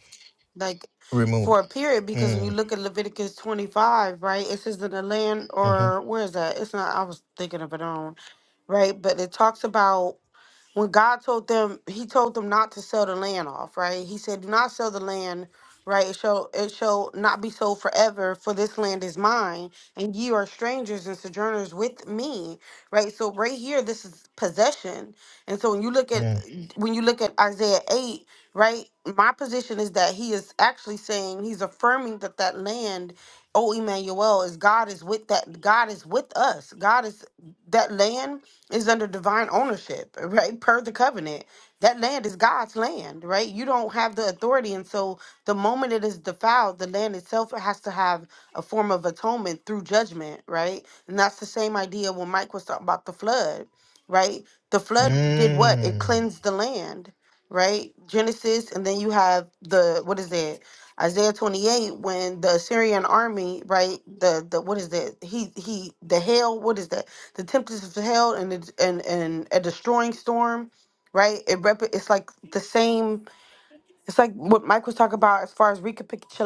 like removed? for a period because when you Mm, look at leviticus 25 right it says that the land mm-hmm, or where is that it's not i was thinking of it on right but it talks about when God told them, He told them not to sell the land off, right? He said, "Do not sell the land, right? It shall it shall not be sold forever, for this land is mine, and ye are strangers and sojourners with me, right?" So right here, this is possession, and so when you look at mm, when you look at Isaiah eight, right? My position is that he is actually saying he's affirming that that land. Oh, Emmanuel is God is with that God is with us. God is that land is under divine ownership, right? Per the covenant. That land is God's land, right? You don't have the authority. And so the moment it is defiled, the land itself has to have a form of atonement through judgment, right? And that's the same idea when Mike was talking about the flood, right? The flood did what? It mm, cleansed the land, right? Genesis, and then you have the what is it? Isaiah 28, when the Assyrian army, right? The the what is that? He he the hail, what is that? the tempest of hell and the, and and a destroying storm, right? It rep- it's like the same. It's like what Mike was talking about as far as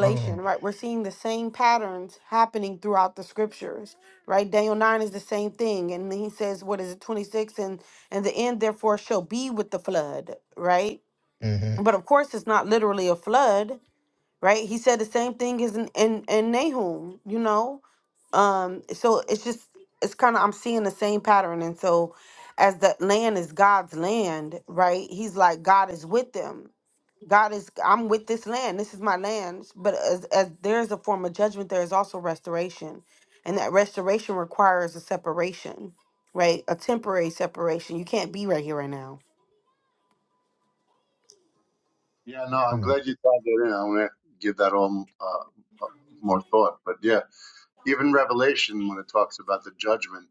oh, right? We're seeing the same patterns happening throughout the scriptures, right? Daniel nine is the same thing, and he says, "What is it, twenty six? And and the end therefore shall be with the flood, right? mm-hmm, But of course, it's not literally a flood right? He said the same thing as in in, in Nahum, you know. Um, so it's just it's kind of I'm seeing the same pattern, and so as the land is God's land, right? He's like God is with them. God is I'm with this land. This is my land. But as as there is a form of judgment, there is also restoration, and that restoration requires a separation, right? A temporary separation. You can't be right here right now. Yeah, no, I'm glad you tied that in. I want to give that all uh, uh, more thought. But yeah, even Revelation, when it talks about the judgment,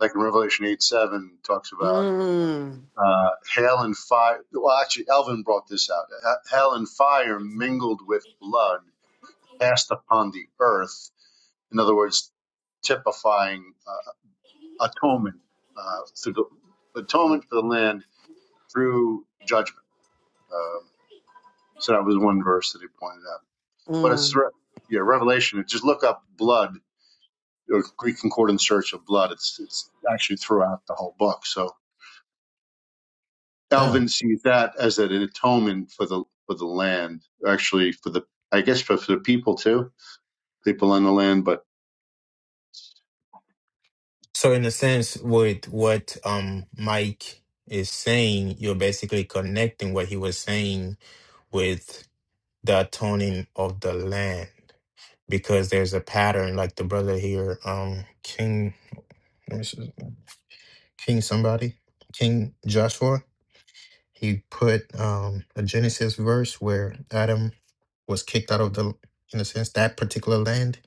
like in Revelation 8 7, talks about Mm, uh, hail and fire. Well, actually, Elvin brought this out. Uh, Hail and fire mingled with blood cast upon the earth. In other words, typifying. uh, atonement uh, through the atonement for the land through judgment. Um, so that was one verse that he pointed out. But it's mm. yeah, Revelation. Just look up blood or Greek concordance search of blood. It's it's actually throughout the whole book. So Yeah. Elvin sees that as an atonement for the for the land, actually for the I guess for, for the people too, people on the land. But So in a sense, with what um Mike is saying, you're basically connecting what he was saying with the atoning of the land. Because there's a pattern, like the brother here, um, King let me see, King somebody, King Joshua, he put um a Genesis verse where Adam was kicked out of the in a sense, that particular land,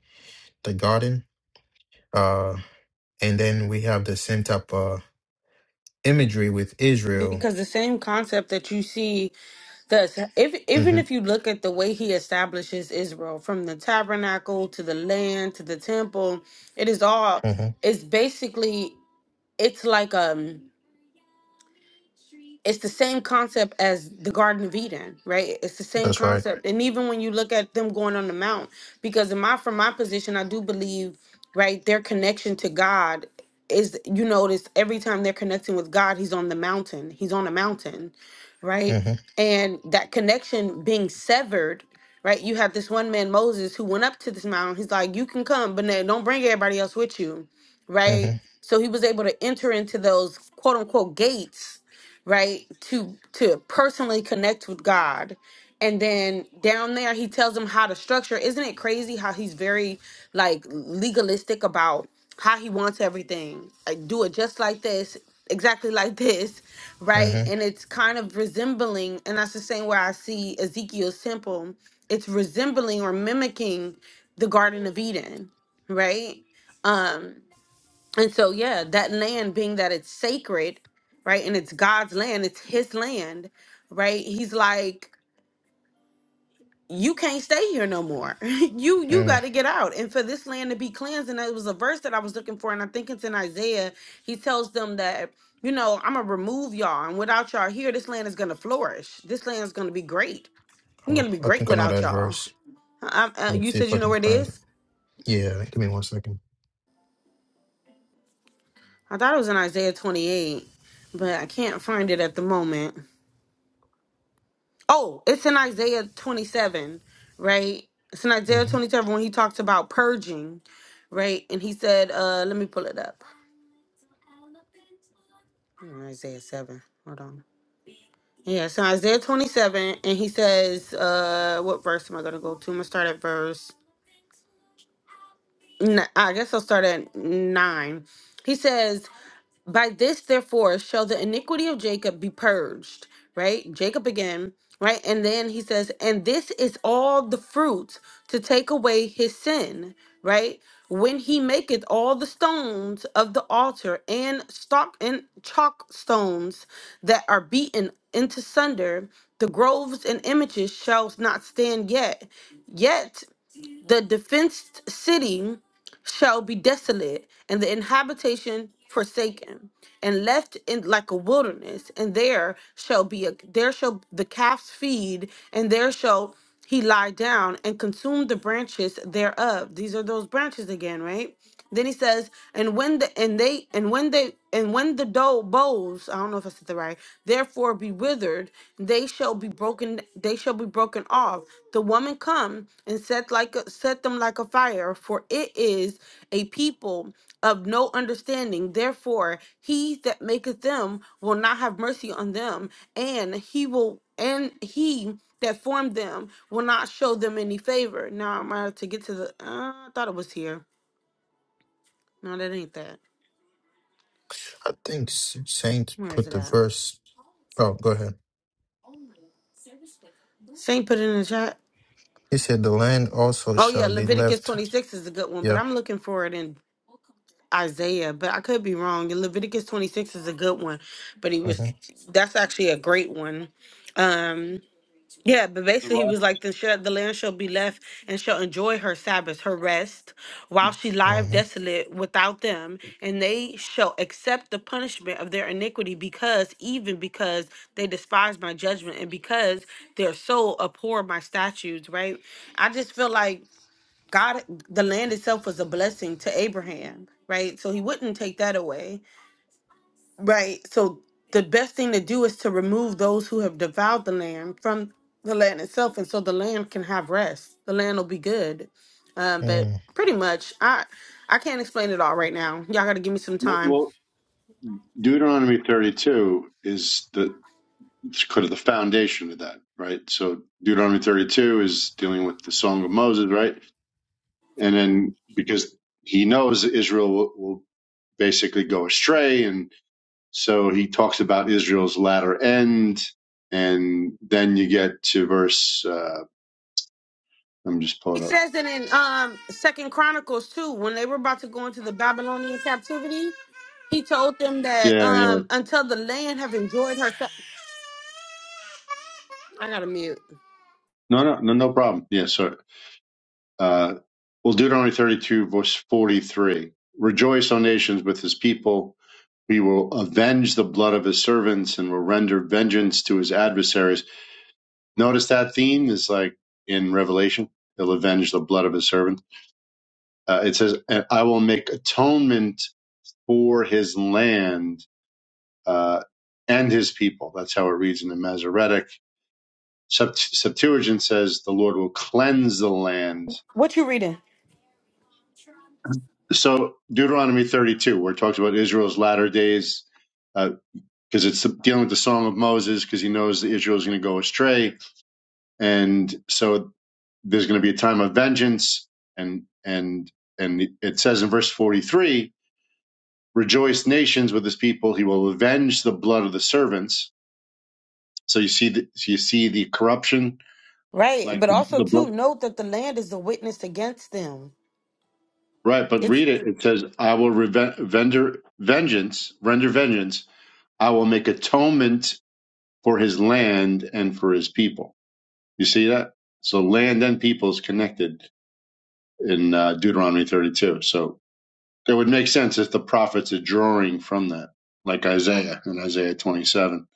the garden. Uh and then we have the same type of imagery with Israel Because the same concept that you see Thus, if, even Mhm. if you look at the way he establishes Israel, from the tabernacle to the land to the temple, it is all. Mhm. It's basically. It's like um it's the same concept as the Garden of Eden, right? It's the same That's right. concept. And even when you look at them going on the mount, because in my from my position, I do believe, right, their connection to God is you notice every time they're connecting with God, he's on the mountain. He's on a mountain, right? Mhm. And that connection being severed, right? You have this one man, Moses, who went up to this mountain. He's like, You can come, but now don't bring everybody else with you, right? Mhm. So he was able to enter into those quote unquote gates right to to personally connect with god and then down there he tells them how to structure isn't it crazy how he's very like legalistic about how he wants everything like do it just like this exactly like this right Mhm. and it's kind of resembling and that's the same way i see ezekiel's temple it's resembling or mimicking the garden of eden right um and so, yeah, that land being that it's sacred, right? And it's God's land, it's his land, right? He's like, you can't stay here no more. you you got Mhm. to get out. And for this land to be cleansed, and it was a verse that I was looking for, and I think it's in Isaiah. He tells them that, you know, I'm gonna remove y'all, and without y'all here, this land is gonna flourish. This land is gonna be great. It's Oh, gonna be I great think I know without that y'all. verse. I, I, Let me you see said if I you know can where it find it. is? Yeah. Give me one second. I thought it was in Isaiah 28, but I can't find it at the moment. Oh, it's in Isaiah 27, right? It's in Isaiah Mhm. 27 when he talks about purging, right? And he said, uh, let me pull it up. In Isaiah 7. Hold on. Yeah, so Isaiah 27, and he says, uh, what verse am I going to go to? I'm going to start at verse, n- I guess I'll start at 9. He says, By this, therefore, shall the iniquity of Jacob be purged, right? Jacob again, right? And then he says, and this is all the fruit to take away his sin, right? When he maketh all the stones of the altar and stock and chalk stones that are beaten into sunder, the groves and images shall not stand yet. Yet the defenced city shall be desolate, and the inhabitation forsaken, and left in like a wilderness, and there shall be a there shall the calves feed, and there shall he lie down and consume the branches thereof. These are those branches again, right? Then he says, and when the and they and when they and when the dough bowls, I don't know if I said that right, therefore be withered, they shall be broken, they shall be broken off. The woman come and set like a, set them like a fire, for it is a people of no understanding. Therefore, he that maketh them will not have mercy on them, and he will and he that formed them will not show them any favor. Now I'm gonna have to get to the uh, I thought it was here. No, that ain't that. I think S- Saint Where is put it the at? verse. Oh, go ahead. Saint put it in the chat. He said, "The land also Oh yeah, shall be Leviticus left." twenty six is a good one, but Yeah. I'm looking for it in Isaiah, but I could be wrong. Leviticus twenty six is a good one, but he was Mhm. that's actually a great one. Um, Yeah, but the basically he right, was like the shall, the land shall be left and shall enjoy her Sabbaths, her rest, while she lieth Mhm. desolate without them, and they shall accept the punishment of their iniquity because even because they despise my judgment and because their soul abhor my statutes, right? I just feel like God the land itself was a blessing to Abraham, right? So he wouldn't take that away Right. So the best thing to do is to remove those who have devoured the land from the land itself, and so the land can have rest. The land will be good. Um, but Mm. pretty much, I I can't explain it all right now. Y'all got to give me some well, time. well, Deuteronomy thirty two is the It's kind of the foundation of that, right? So Deuteronomy 32 is dealing with the Song of Moses, right? And then because he knows Israel will, will basically go astray. And so he talks about Israel's latter end. And then you get to verse, uh, I'm just He pulling up. says that in um Second Chronicles too, when they were about to go into the Babylonian captivity, he told them that Yeah, yeah. um until the land have enjoyed herself. I gotta mute. No, no, no, no problem. Yeah, sorry. Uh, well, Deuteronomy 32, verse 43 Rejoice, O nations, with his people. We will avenge the blood of his servants and will render vengeance to his adversaries. Notice that theme is like in Revelation. He'll avenge the blood of his servants. Uh, it says, "And I will make atonement for his land uh, and his people. That's how it reads in the Masoretic. Sept- Septuagint says, the Lord will cleanse the land What you reading? so Deuteronomy 32, where it talks about Israel's latter days, because it's dealing with the Song of Moses, because he knows that Israel is going to go astray, and so there's going to be a time of vengeance, and and and it says in verse 43, "Rejoice, nations, with his people; he will avenge the blood of the servants." So you see, the, so you see the corruption, Right, like but the, also the blood, too note that the land is a witness against them. right? But read It's it; it says, "I will reven- vender vengeance, render vengeance." I will make atonement for his land and for his people. You see that? So land and people is connected in uh, Deuteronomy 32. So it would make sense if the prophets are drawing from that, like Isaiah in Isaiah 27.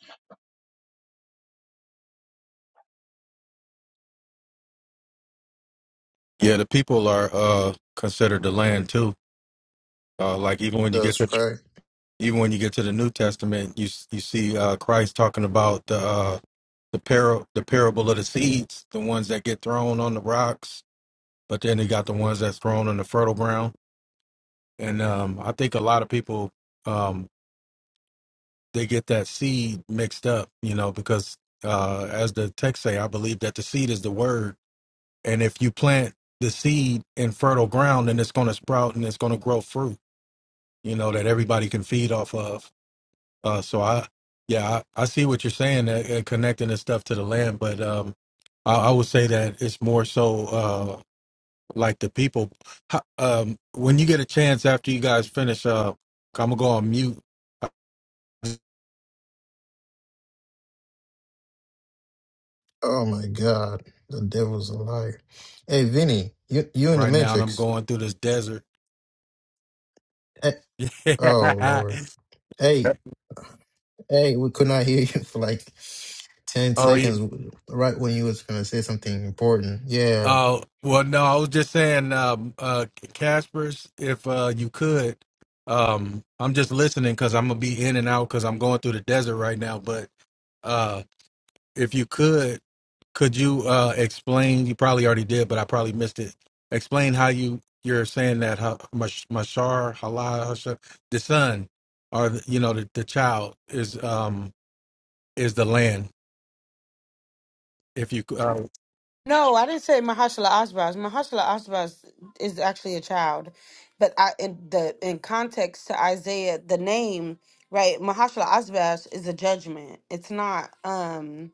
Yeah, the people are uh considered the land too. Uh like even when you get to, That's right. even when you get to the New Testament, you s- you see uh Christ talking about the uh the par the parable of the seeds, the ones that get thrown on the rocks, but then he got the ones that's thrown on the fertile ground. And um I think a lot of people um they get that seed mixed up, you know, because uh as the text say, I believe that the seed is the word. And if you plant the seed in fertile ground, then it's gonna sprout and it's gonna grow fruit you know, that everybody can feed off of. Uh, so I, yeah, I, I see what you're saying, uh, uh, connecting this stuff to the land, but um, I, I would say that it's more so uh, like the people. Ho- Um, when you get a chance after you guys finish, uh, I'm gonna go on mute Oh my God, the devil's a liar. Hey, Vinny, you you in the right now, and I'm Matrix? going through this desert. Hey, oh Lord. Hey. Hey, we could not hear you for like 10 oh yeah, seconds right when you was going to say something important. Yeah, Oh well, no, I was just saying, um, uh, Casper's, if uh, you could, um, I'm just listening because I'm gonna be in and out because I'm going through the desert right now. But uh, if you could, could you uh explain? You probably already did, but I probably missed it. Explain how you you're saying that ha- Mash- Mashar Halal Hashar- the son, or the, you know the, the child is um is the land. If you c- uh, No, I didn't say Mahershala Ashbaz. Mahershala Ashbaz is actually a child, but I in the in context to Isaiah, the name right, Mahershala Ashbaz is a judgment. It's not. um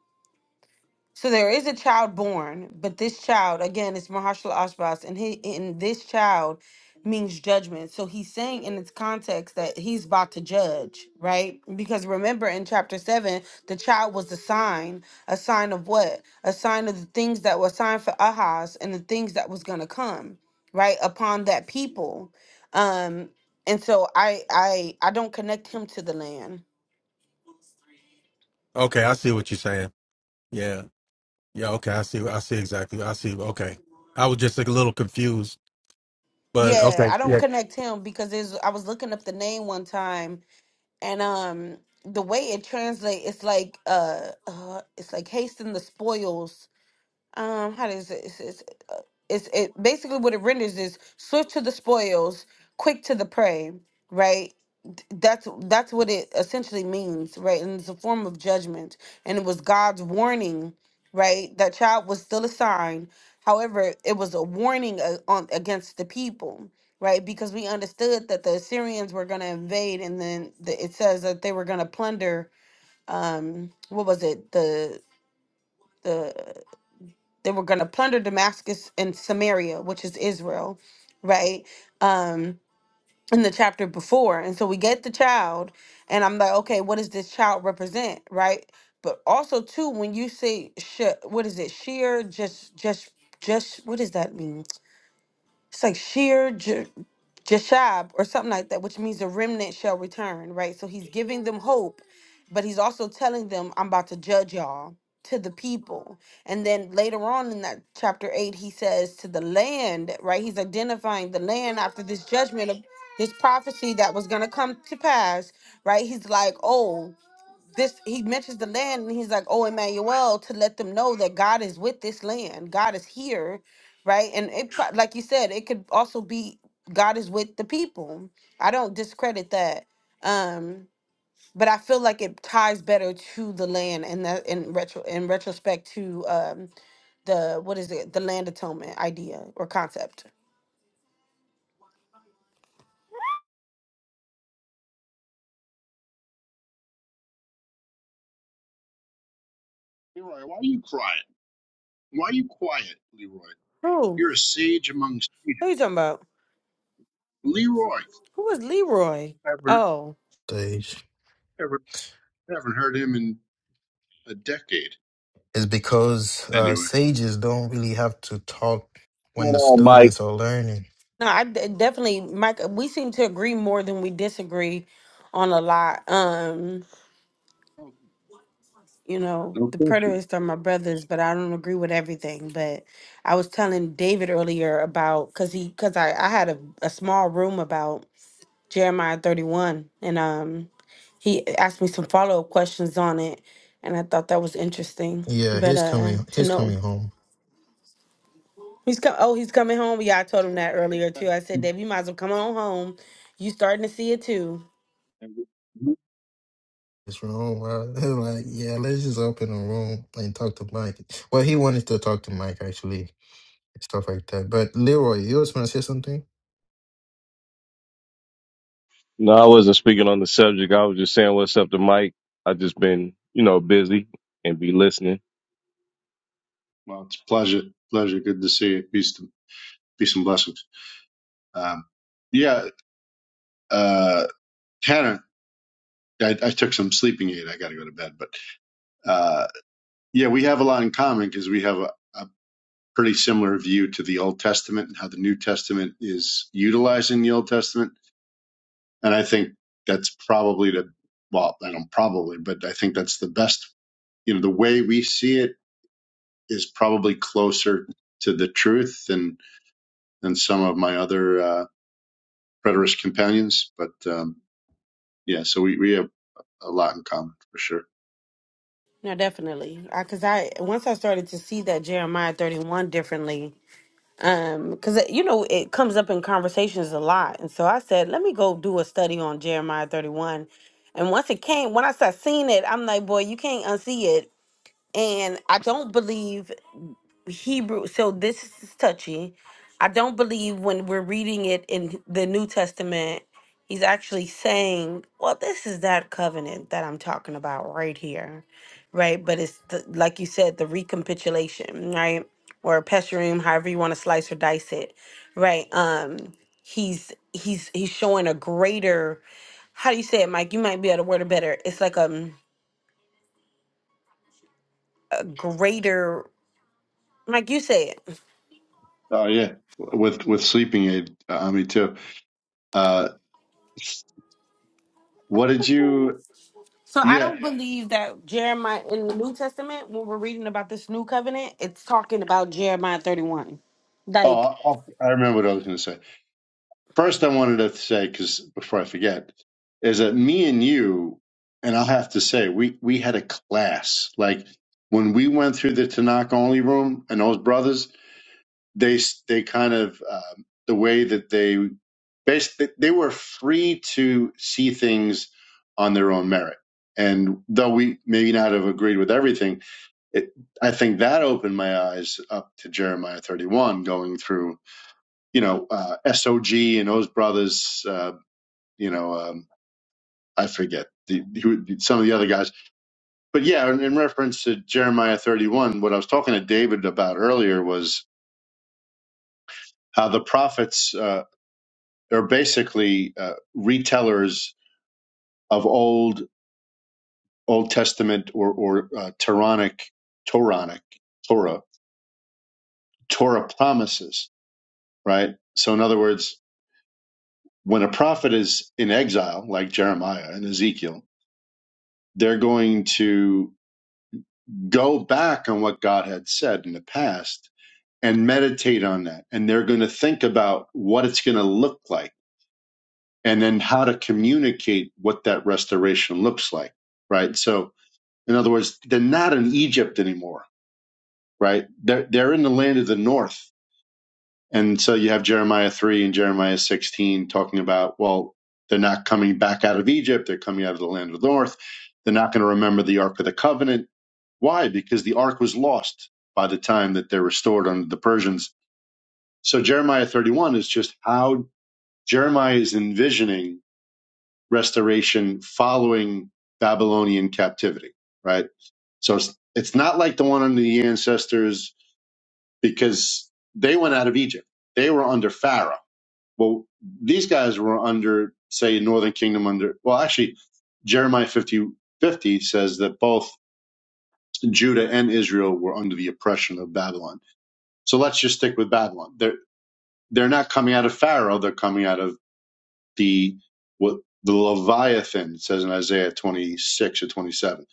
so there is a child born, but this child, again, it's Mahershala Ashbas, and he and this child means judgment. So he's saying in its context that he's about to judge, right? Because remember in chapter seven, the child was a sign, a sign of what? A sign of the things that were signed for Ahaz and the things that was gonna come, right, upon that people. Um, and so I I I don't connect him to the land. okay, I see what you're saying. Yeah. Yeah, okay. I see. I see exactly. I see. Okay. I was just like, a little confused, but Yeah, okay. I don't Yeah. connect him because there's I was looking up the name one time and um the way it translates it's like uh, uh it's like hasten the spoils um how does it it's, it's, uh, it's it basically what it renders is swift to the spoils quick to the prey right Th- that's that's what it essentially means right and it's a form of judgment and it was god's warning right that child was still a sign however it was a warning uh, on against the people right because we understood that the assyrians were going to invade and then the, it says that they were going to plunder um what was it the the they were going to plunder Damascus and Samaria, which is Israel, right? Um, in the chapter before. And so we get the child, and I'm like, okay, what does this child represent, right? But also too, when you say she, what is it, sheer, just, just, just, what does that mean? it's like sheer j- jashab or something like that, which means the remnant shall return, right? So he's giving them hope, but he's also telling them, I'm about to judge y'all to the people. And then later on in that chapter eight, he says to the land, right? He's identifying the land after this judgment of this prophecy that was gonna come to pass, right? He's like, Oh this he mentions the land and he's like oh emmanuel to let them know that god is with this land god is here right and it pro- like you said it could also be god is with the people i don't discredit that um but i feel like it ties better to the land and that in retro in retrospect to um the what is it the land atonement idea or concept Leroy, why are you quiet? Why are you quiet, Leroy? who You're a sage among who are you sages. talking about Leroy, who was leroy I haven't, Sage. ever, haven't heard him in a decade. It's because uh, Anyway, sages don't really have to talk when the Oh, Mike. students are learning. No, I d- definitely, Mike. uh, We seem to agree more than we disagree on a lot. Um, you know, no the question. preterists are my brothers, but I don't agree with everything. But I was telling David earlier about because he because I I had a, a small room about Jeremiah thirty one, and um he asked me some follow up questions on it, and I thought that was interesting. Yeah, But he's uh, coming to he's know coming home. he's come oh he's coming home. Yeah, I told him that earlier Yeah. too. I said, Dave, you might as well come on home. You starting to see it too. It's wrong, bro. like, yeah, let's just open a room and talk to Mike. Well, he wanted to talk to Mike actually, and stuff like that. But Leroy, you was gonna say something? No, I wasn't speaking on the subject. I was just saying what's up to Mike. I just been, you know, busy and be listening. Well, it's a pleasure. Pleasure. Good to see you. Peace, peace and blessings. Um, yeah, uh, Hannah, I, I took some sleeping aid. I got to go to bed, but uh, yeah, we have a lot in common because we have a, a pretty similar view to the Old Testament and how the New Testament is utilizing the Old Testament. And I think that's probably the well, I don't probably, but I think that's the best. You know, the way we see it is probably closer to the truth than than some of my other uh, preterist companions. But um, yeah, so we we have a lot in common for sure. No, definitely. I Because I, once I started to see that Jeremiah 31 differently, um, because, you know, it comes up in conversations a lot. And so I said, let me go do a study on Jeremiah 31. And once it came, when I started seeing it, I'm like, boy, you can't unsee it. And I don't believe Hebrew. So this is touchy. I don't believe when we're reading it in the New Testament, he's actually saying, "Well, this is that covenant that I'm talking about right here, right?" But it's the, like you said, the recapitulation, right, or pesherim, however you want to slice or dice it, right? Um, he's he's he's showing a greater. How do you say it, Mike? You might be able to word it better. It's like um, a greater. Mike, you say it. Oh yeah, with with sleeping aid, uh, me too. Uh, what did you? So I Yeah. don't believe that Jeremiah in the New Testament, when we're reading about this new covenant, it's talking about Jeremiah 31. Like, Oh, I'll, I remember what I was going to say. First, I wanted to say because before I forget, is that me and you, and I'll have to say we we had a class. Like when we went through the Tanakh only room, and those brothers, they s- they kind of uh, the way that they basically they were free to see things on their own merit. And though we maybe not have agreed with everything, it, I think that opened my eyes up to Jeremiah 31, going through, you know, uh, SOG and those brothers, uh, you know, um, I forget the, who, some of the other guys. But yeah, in, in reference to Jeremiah 31, what I was talking to David about earlier was how the prophets uh, are basically uh, retellers of old Old Testament or, or uh, Toranic, Toranic, Torah, Torah promises, right? So in other words, when a prophet is in exile, like Jeremiah and Ezekiel, they're going to go back on what God had said in the past and meditate on that. And they're going to think about what it's going to look like and then how to communicate what that restoration looks like. Right. So, in other words, they're not in Egypt anymore. Right. They're, they're in the land of the north And so you have Jeremiah 3 and Jeremiah 16 talking about, well, they're not coming back out of Egypt. They're coming out of the land of the north. They're not going to remember the Ark of the Covenant. Why? Because the Ark was lost by the time that they're restored under the Persians. So Jeremiah 31 is just how Jeremiah is envisioning restoration following Babylonian captivity, right? So it's, it's not like the one under the ancestors because they went out of Egypt. They were under Pharaoh Well, these guys were under, say, Northern Kingdom under, well, actually, Jeremiah 50 50 says that both Judah and Israel were under the oppression of Babylon. So let's just stick with Babylon. They're, they're not coming out of Pharaoh. They're coming out of the, what the Leviathan it says in Isaiah 26 or 27.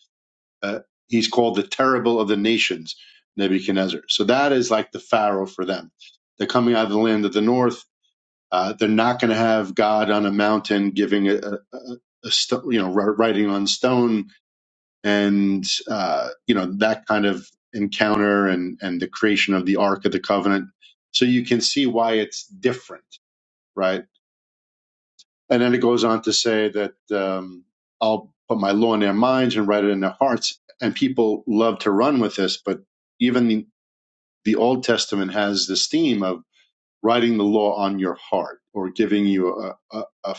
Uh, he's called the terrible of the nations, Nebuchadnezzar. So that is like the Pharaoh for them. They're coming out of the land of the north Uh, they're not going to have God on a mountain giving a, a, a a you know writing on stone and uh, you know that kind of encounter and and the creation of the Ark of the Covenant. So you can see why it's different, right? And then it goes on to say that um, I'll put my law in their minds and write it in their hearts. And people love to run with this, but even the, the Old Testament has this theme of writing the law on your heart or giving you a, a, a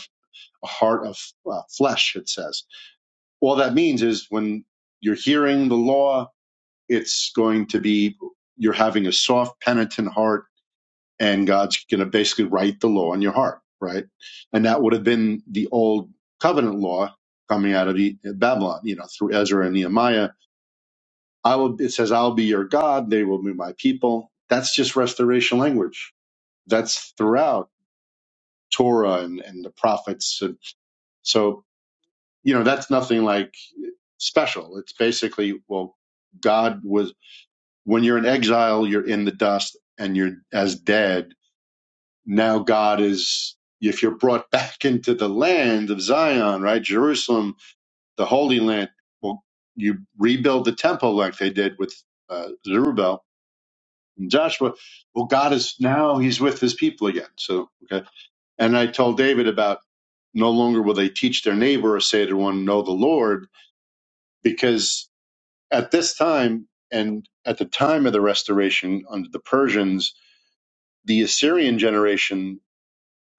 a heart of uh, flesh, it says. All that means is when you're hearing the law, it's going to be you're having a soft, penitent heart, and God's going to basically write the law on your heart, right? And that would have been the old covenant law coming out of E- Babylon, you know, through Ezra and Nehemiah. I will, it says, I'll be your God, they will be my people. That's just restoration language. That's throughout Torah and, and the prophets. And so, you know, that's nothing like special. It's basically, well, God was, when you're in exile, you're in the dust and you're as dead. Now God is, if you're brought back into the land of Zion, right? Jerusalem, the Holy Land, well, you rebuild the temple like they did with uh, Zerubbabel and Joshua. Well, God is now, he's with his people again. So, okay. And I told David about no longer will they teach their neighbor or say to one, know the Lord, because At this time, and at the time of the restoration under the Persians, the Assyrian generation,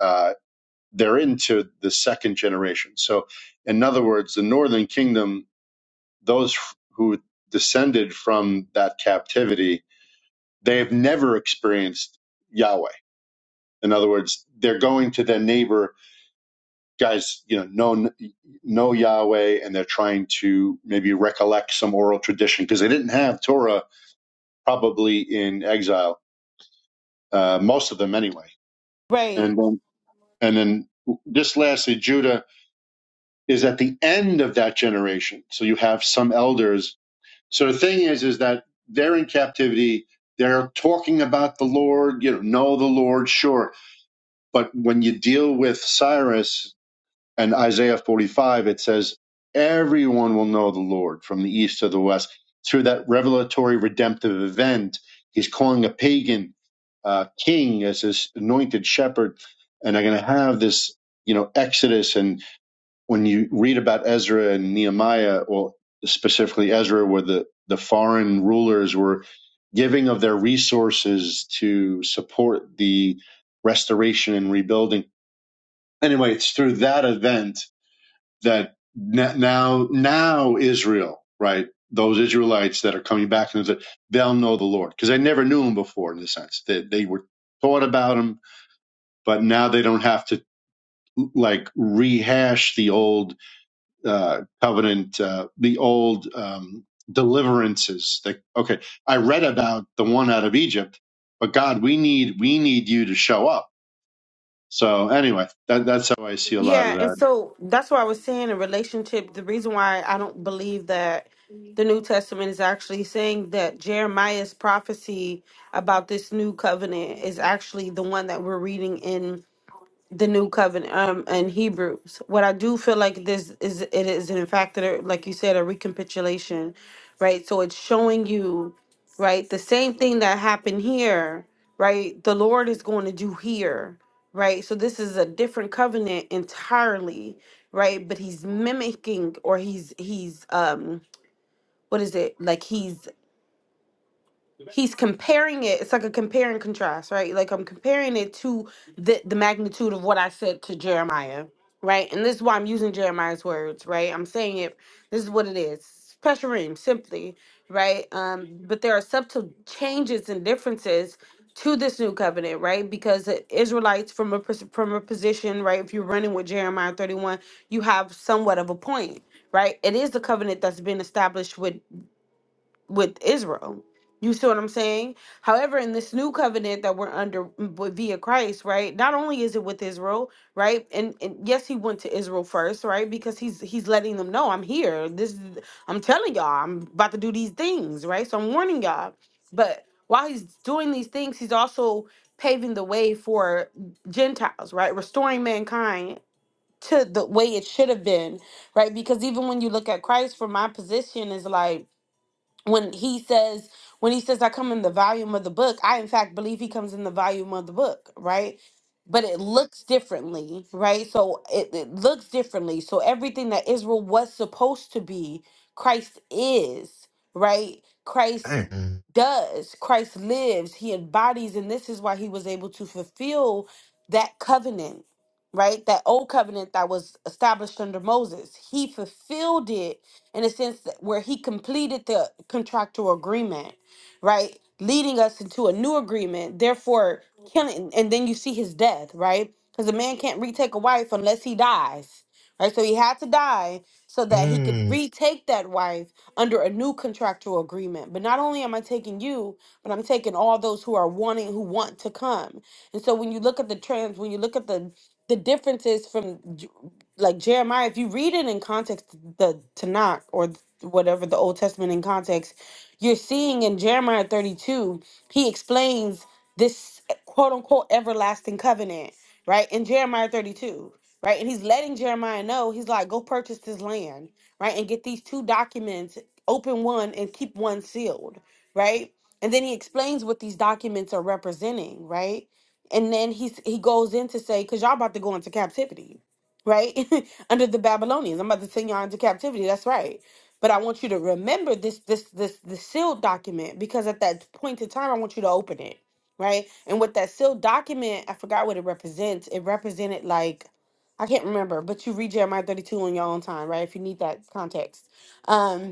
uh, they're into the second generation. So, in other words, the northern kingdom, those who descended from that captivity, they have never experienced Yahweh. In other words, they're going to their neighbor guys, you know, know know Yahweh, and they're trying to maybe recollect some oral tradition because they didn't have Torah probably in exile uh, most of them anyway. And right. then, and then just lastly, Judah is at the end of that generation. So you have some elders. So the thing is, is that they're in captivity. They're talking about the Lord, you know, know the Lord, sure. But when you deal with Cyrus, And Isaiah 45, it says, Everyone will know the Lord from the east to the west. Through that revelatory redemptive event, he's calling a pagan uh, king as his anointed shepherd. And they're going to have this, you know, exodus. And when you read about Ezra and Nehemiah, well, specifically Ezra, where the, the foreign rulers were giving of their resources to support the restoration and rebuilding. Anyway, it's through that event that now now Israel, right? Those Israelites that are coming back they'll know the Lord because they never knew him before in the sense that they, they were taught about him, but now they don't have to like rehash the old uh, covenant, uh, the old um, deliverances. That okay, I read about the one out of Egypt, but God, we need we need you to show up. So anyway, that, that's how I see a lot of Yeah. And that. so that's what I was saying in relationship. The reason why I don't believe that the New Testament is actually saying that Jeremiah's prophecy about this new covenant is actually the one that we're reading in the new covenant um and hebrews what i do feel like this is it is in fact that it- like you said a recapitulation right so it's showing you right the same thing that happened here right the lord is going to do here right so this is a different covenant entirely right but he's mimicking or he's he's um what is it like he's he's comparing it it's like a compare and contrast right like i'm comparing it to the the magnitude of what i said to jeremiah right and this is why i'm using jeremiah's words right i'm saying it this is what it is pressure simply right um but there are subtle changes and differences to this new covenant right because the israelites from a pers- from a position right if you're running with jeremiah 31 you have somewhat of a point right it is the covenant that's been established with with Israel. You see what I'm saying? However, in this new covenant that we're under m- b- via Christ, right? Not only is it with Israel, right? And, and yes, he went to Israel first, right? Because he's he's letting them know I'm here. This is, I'm telling y'all, I'm about to do these things, right? So I'm warning y'all. But while he's doing these things, he's also paving the way for Gentiles, right? Restoring mankind to the way it should have been, right? Because even when you look at Christ, from my position is like when he says when he says i come in the volume of the book i in fact believe he comes in the volume of the book right but it looks differently right so it, it looks differently so everything that israel was supposed to be christ is right christ Damn. does christ lives he embodies and this is why he was able to fulfill that covenant right that old covenant that was established under moses he fulfilled it in a sense that- where he completed the contractual agreement, right? Leading us into a new agreement, therefore killing, and then you see his death, right? Because a man can't retake a wife unless he dies, right? So he had to die so that he could Mm. retake that wife under a new contractual agreement. But not only am I taking you, but I'm taking all those who are wanting, who want to come. And so when you look at the trends, when you look at the the differences from like Jeremiah, if you read it in context, the Tanakh or th- whatever the Old Testament in context, you're seeing in Jeremiah 32, he explains this quote unquote everlasting covenant, right? In Jeremiah 32, right? And he's letting Jeremiah know, he's like, go purchase this land, right? And get these two documents, open one and keep one sealed, right? And then he explains what these documents are representing, right? And then he's he goes in to say, because y'all about to go into captivity, right? Under the Babylonians. I'm about to send y'all into captivity. That's right. But I want you to remember this this this the sealed document because at that point in time I want you to open it. Right? And with that sealed document, I forgot what it represents. It represented like I can't remember, but you read Jeremiah 32 on your own time, right? If you need that context. Um,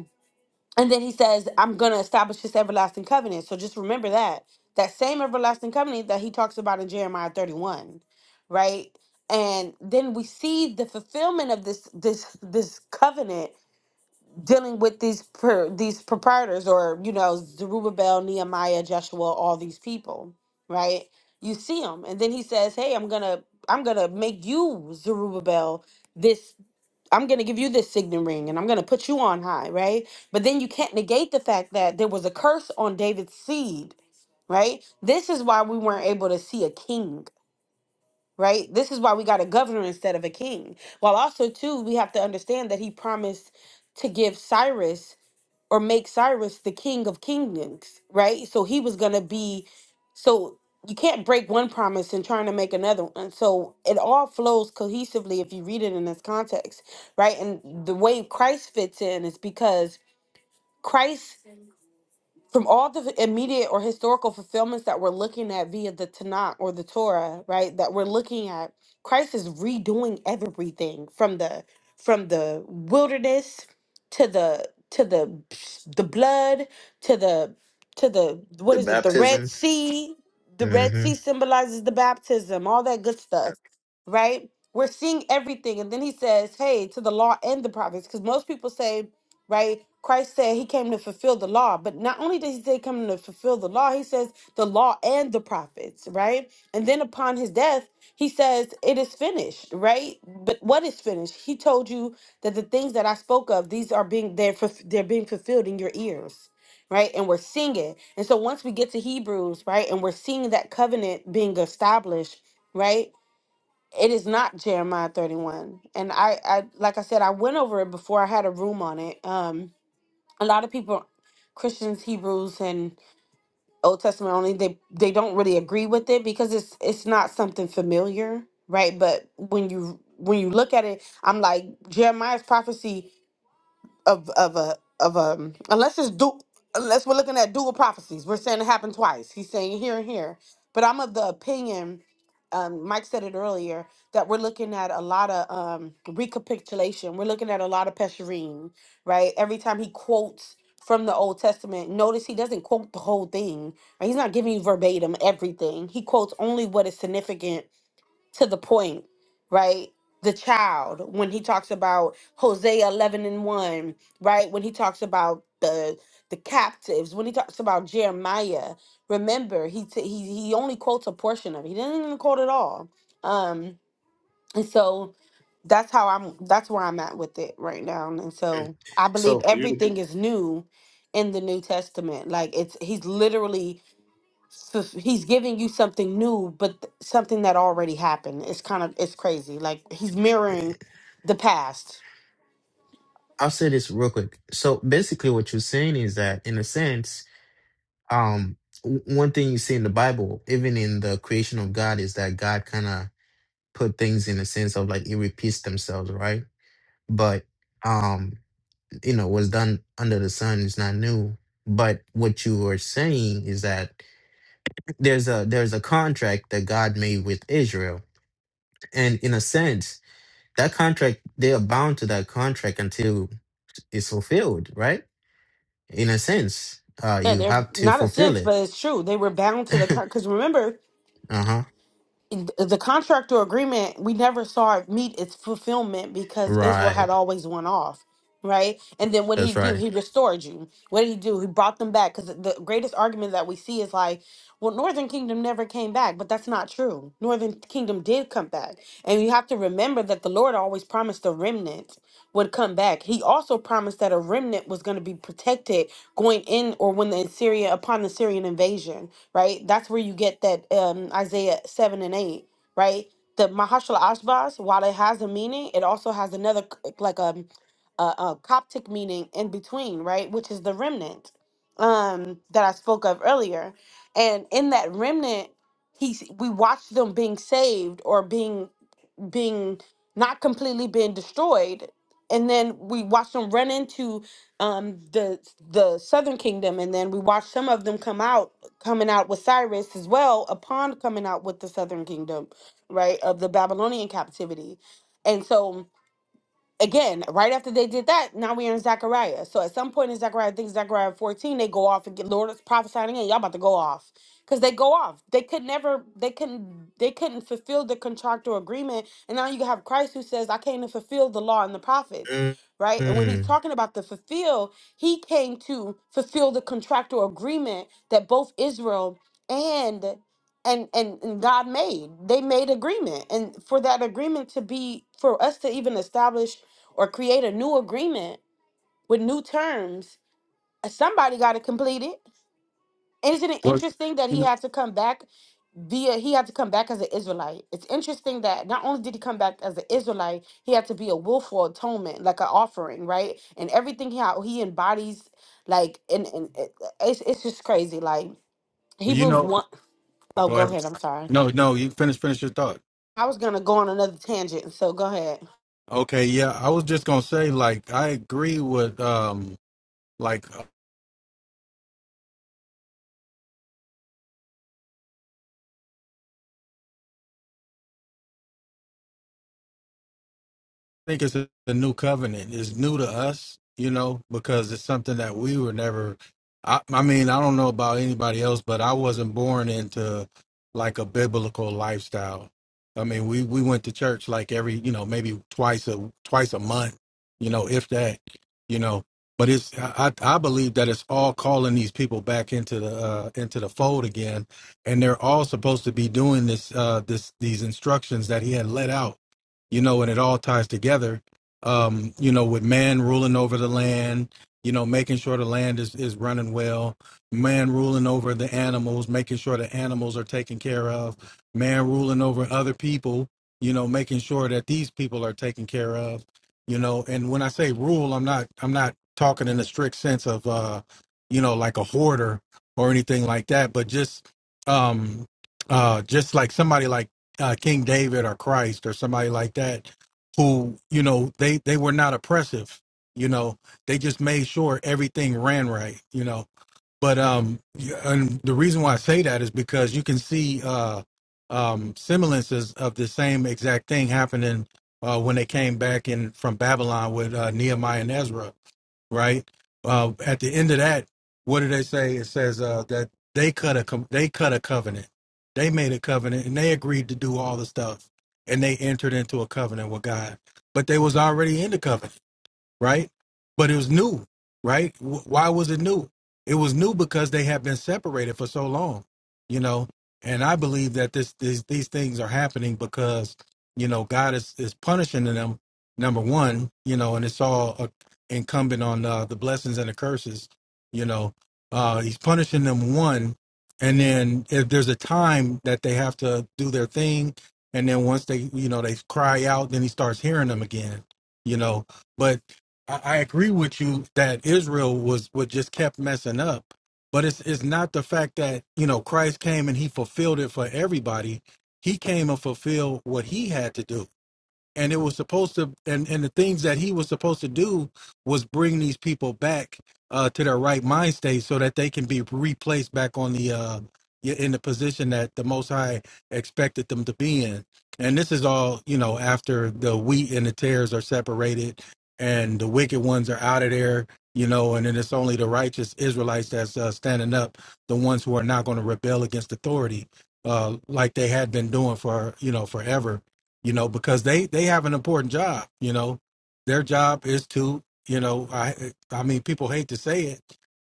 and then he says, I'm going to establish this everlasting covenant. So just remember that. That same everlasting covenant that he talks about in Jeremiah 31, right? And then we see the fulfillment of this this this covenant dealing with these per, these proprietors or you know Zerubbabel, Nehemiah, Joshua, all these people, right? You see them, and then he says, "Hey, I'm gonna I'm gonna make you Zerubbabel, this I'm going to give you this signet ring and I'm going to put you on high, right? But then you can't negate the fact that there was a curse on David's seed, right? This is why we weren't able to see a king, right? This is why we got a governor instead of a king. While also, too, we have to understand that he promised to give Cyrus or make Cyrus the king of kingdoms, right? So he was going to be so you can't break one promise and trying to make another one. So it all flows cohesively if you read it in this context, right? And the way Christ fits in is because Christ from all the immediate or historical fulfillments that we're looking at via the Tanakh or the Torah, right? That we're looking at, Christ is redoing everything from the from the wilderness to the to the the blood to the to the what The is it? The Red baptism. Sea. The Red hmm Sea symbolizes the baptism, all that good stuff, right? We're seeing everything, and then he says, "Hey, to the law and the prophets," because most people say right? Christ said he came to fulfill the law, but not only did he say come to fulfill the law, he says the law and the prophets, right? And then upon his death, he says it is finished, right? But what is finished? He told you that the things that I spoke of, these are being they're fulf- they're being fulfilled in your ears. Right, and we're seeing it. And so once we get to Hebrews, right, and we're seeing that covenant being established, right, it is not Jeremiah 31. And I, I like I said, I went over it before I had a room on it. Um, a lot of people christians hebrews and old testament only they they don't really agree with it because it's it's not something familiar right but when you when you look at it i'm like jeremiah's prophecy of of a of a unless it's du unless we're looking at dual prophecies. We're saying it happened twice. He's saying here and here. But I'm of the opinion, um, Mike said it earlier, that we're looking at a lot of um recapitulation. We're looking at a lot of Pesherim, right? Every time he quotes from the Old Testament, notice he doesn't quote the whole thing. Right? He's not giving you verbatim everything. He quotes only what is significant to the point, right? The child, when he talks about Hosea 11 and 1, right? When he talks about the the captives, when he talks about Jeremiah, remember he t- he he only quotes a portion of it. He didn't even quote it all. Um and so that's how I'm that's where I'm at with it right now. And so I believe So Beautiful. everything is new in the New Testament. Like it's he's literally fulf- he's giving you something new but th- something that already happened it's kind of it's crazy like he's mirroring the past I'll say this real quick. So basically, what you're saying is that, in a sense, um, w- one thing you see in the Bible, even in the creation of God, is that God kind of put things in a sense of like it repeats themselves, right? But um, you know, what's done under the sun is not new. But what you are saying is that there's a there's a contract that God made with Israel, and in a sense, that contract they are bound to that contract until it's fulfilled, right? in a sense. Uh, yeah you they're have to not a fulfill sense it. but it's true they were bound to the because remember Uh huh. the contract or agreement, we never saw it meet its fulfillment because Israel had Right. always won off, right? And then what did he That's do? right. He restored you. What did he do? He brought them back because the greatest argument that we see is like, well, Northern Kingdom never came back, but that's not true. Northern Kingdom did come back. And you have to remember that the Lord always promised a remnant would come back. He also promised that a remnant was going to be protected going in or when the Assyria upon the Syrian invasion right? That's where you get that um, Isaiah 7 and 8, right? The Mahashal Ashbaz, while it has a meaning, it also has another, c- like a, a, a Coptic meaning in between, right? Which is the remnant um, that I spoke of earlier. And in that remnant, he, we watch them being saved or being being not completely being destroyed and then we watched them run into um, the the southern kingdom and then we watched some of them come out coming out with cyrus as well upon coming out with the southern kingdom right of the babylonian captivity and so again, right after they did that, now we're in Zechariah. So at some point in Zechariah, I think Zechariah 14, they go off and get Lord is prophesying again. Y'all about to go off. Because they go off. They could never, they couldn't, they couldn't fulfill the contractual agreement. And now you have Christ who says, I came to fulfill the law and the prophets. Mm. Right? And when he's Mm. talking about the fulfill, he came to fulfill the contractual agreement that both Israel and and, and and God made. They made agreement. And for that agreement to be for us to even establish or create a new agreement with new terms, uh, somebody got to complete it. Isn't it Well, interesting that you he know, had to come back via he had to come back as an Israelite? It's interesting that not only did he come back as an Israelite, he had to be a willful atonement, like an offering, right? And everything he how he embodies, like and, and it- it's it's just crazy. Like well, you Hebrews know one. oh, Oh, go go ahead. ahead. I'm sorry. No, no, you finish, finish your thought. I was gonna go on another tangent, so go ahead. Okay. Yeah. I was just going to say, like, I agree with, um, like think it's a, a new covenant. It's new to us, you know, because it's something that we were never. I, I mean, I don't know about anybody else, but I wasn't born into like a biblical lifestyle. I mean, we we went to church like every, you know, maybe twice a twice a month, you know, if that, you know. But it's I, I I believe that it's all calling these people back into the uh, into the fold again, and they're all supposed to be doing this uh, this these instructions that he had let out you know, and it all ties together. Um, you know, with man ruling over the land, you know, making sure the land is, is running well, man ruling over the animals, making sure the animals are taken care of, man ruling over other people, you know, making sure that these people are taken care of, you know, and when I say rule, I'm not I'm not talking in the strict sense of uh, you know, like a hoarder or anything like that, but just um uh just like somebody like uh, King David or Christ or somebody like that, who you know they they were not oppressive. You know, they just made sure everything ran right. You know, but um, you- and the reason why I say that is because you can see uh, um, semblances of the same exact thing happening uh, when they came back in from Babylon with uh, Nehemiah and Ezra, right? Uh, at the end of that, what do they say? It says uh, that they cut a com- they cut a covenant, they made a covenant, and they agreed to do all the stuff, and they entered into a covenant with God, but they was already in the covenant right? But it was new, right? W- Why was it new? It was new because they had been separated for so long, you know. And I believe that this, these these things are happening because you know God is is punishing them. Number one, you know, and it's all uh, incumbent on uh, the blessings and the curses. You know, uh, He's punishing them one, and then if there's a time that they have to do their thing, and then once they you know they cry out, then He starts hearing them again. You know, but I, I agree with you that Israel was was just kept messing up, but it's it's not the fact that you know Christ came and he fulfilled it for everybody. He came and fulfilled what he had to do and it was supposed to and and the things that he was supposed to do was bring these people back uh to their right mind state so that they can be replaced back on the uh y- in the position that the most high expected them to be in and this is all you know after the wheat and the tares are separated and the wicked ones are out of there you know and then it's only the righteous israelites that's uh, standing up the ones who are not going to rebel against authority uh like they had been doing for you know forever you know, because they they have an important job. You know, their job is to, you know, I I mean, people hate to say it,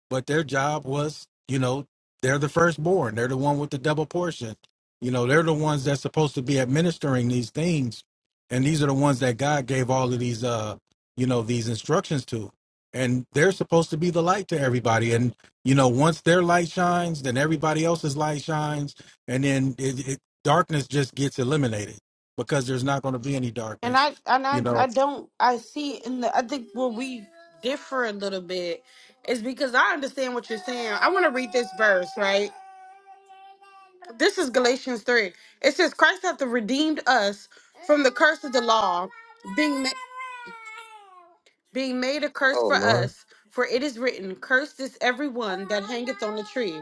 but their job was, you know, they're the firstborn. They're the one with the double portion. You know, they're the ones that's supposed to be administering these things, and these are the ones that God gave all of these, uh, you know, these instructions to, and they're supposed to be the light to everybody. And you know, once their light shines, then everybody else's light shines, and then it, it, darkness just gets eliminated because there's not going to be any And darkness. I and You I know, I don't I see in the I think where we differ a little bit is because I understand what you're saying. I want to read this verse, right? This is Galatians 3. It says Christ hath redeemed us from the curse of the law, being ma- being made a curse Oh for Lord. us, for it is written, cursed is every one that hangeth on the tree.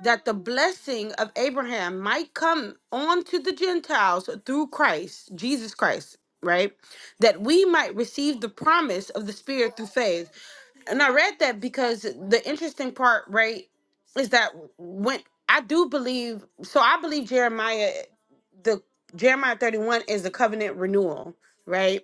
that the blessing of Abraham might come on to the Gentiles through Christ, Jesus Christ, right? That we might receive the promise of the Spirit through faith. And I read that because the interesting part, right, is that when I do believe, so I believe Jeremiah, the Jeremiah 31 is the covenant renewal, right?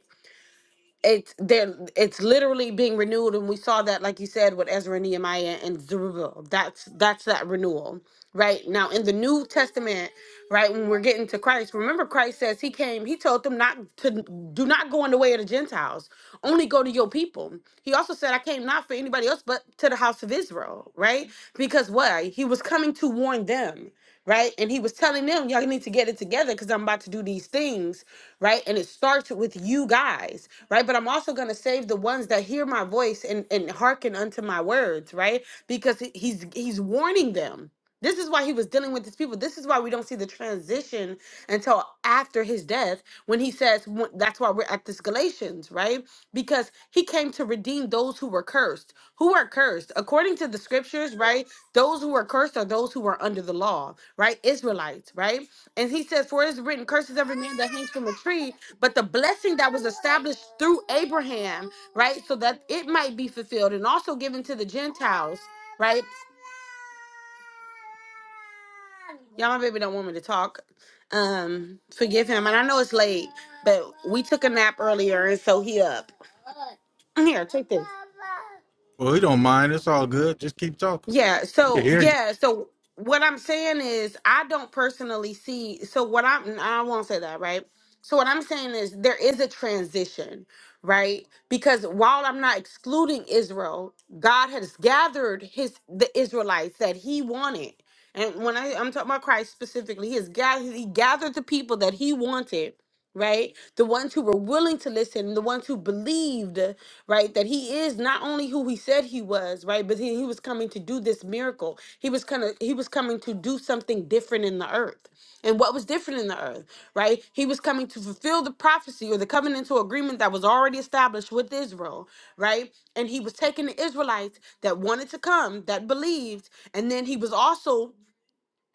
it's there it's literally being renewed and we saw that like you said with Ezra and Nehemiah and Zerubbabel that's that's that renewal right now in the New Testament right when we're getting to Christ remember Christ says he came he told them not to do not go in the way of the Gentiles only go to your people he also said I came not for anybody else but to the house of Israel right because why he was coming to warn them right? And he was telling them, y'all need to get it together because I'm about to do these things, right? And it starts with you guys, right? But I'm also going to save the ones that hear my voice and, and hearken unto my words, right? Because he- he's he's warning them. This is why he was dealing with these people. This is why we don't see the transition until after his death when he says, wh- that's why we're at this Galatians, right? Because he came to redeem those who were cursed. Who are cursed? According to the scriptures, right? Those who are cursed are those who are under the law, right? Israelites, right? And he says, For it is written, curses every man that hangs from a tree, but the blessing that was established through Abraham, right? So that it might be fulfilled and also given to the Gentiles, right? Y'all, my baby don't want me to talk. Um, forgive him. And I know it's late, but we took a nap earlier, and so he up. Here, take this. well, we don't mind. It's all good. Just keep talking. Yeah. We can So hear you. yeah. So what I'm saying is, I don't personally see. So what I'm, I won't say that, right? So what I'm saying is, there is a transition, right? Because while I'm not excluding Israel, God has gathered His the Israelites that He wanted, and when I, I'm talking about Christ specifically, He has gathered He gathered the people that He wanted. Right, the ones who were willing to listen, the ones who believed, right? That he is not only who he said he was, right? But he, he was coming to do this miracle. He was kind of he was coming to do something different in the earth. And what was different in the earth, right? He was coming to fulfill the prophecy or the covenantal agreement that was already established with Israel, right? And he was taking the Israelites that wanted to come, that believed, and then he was also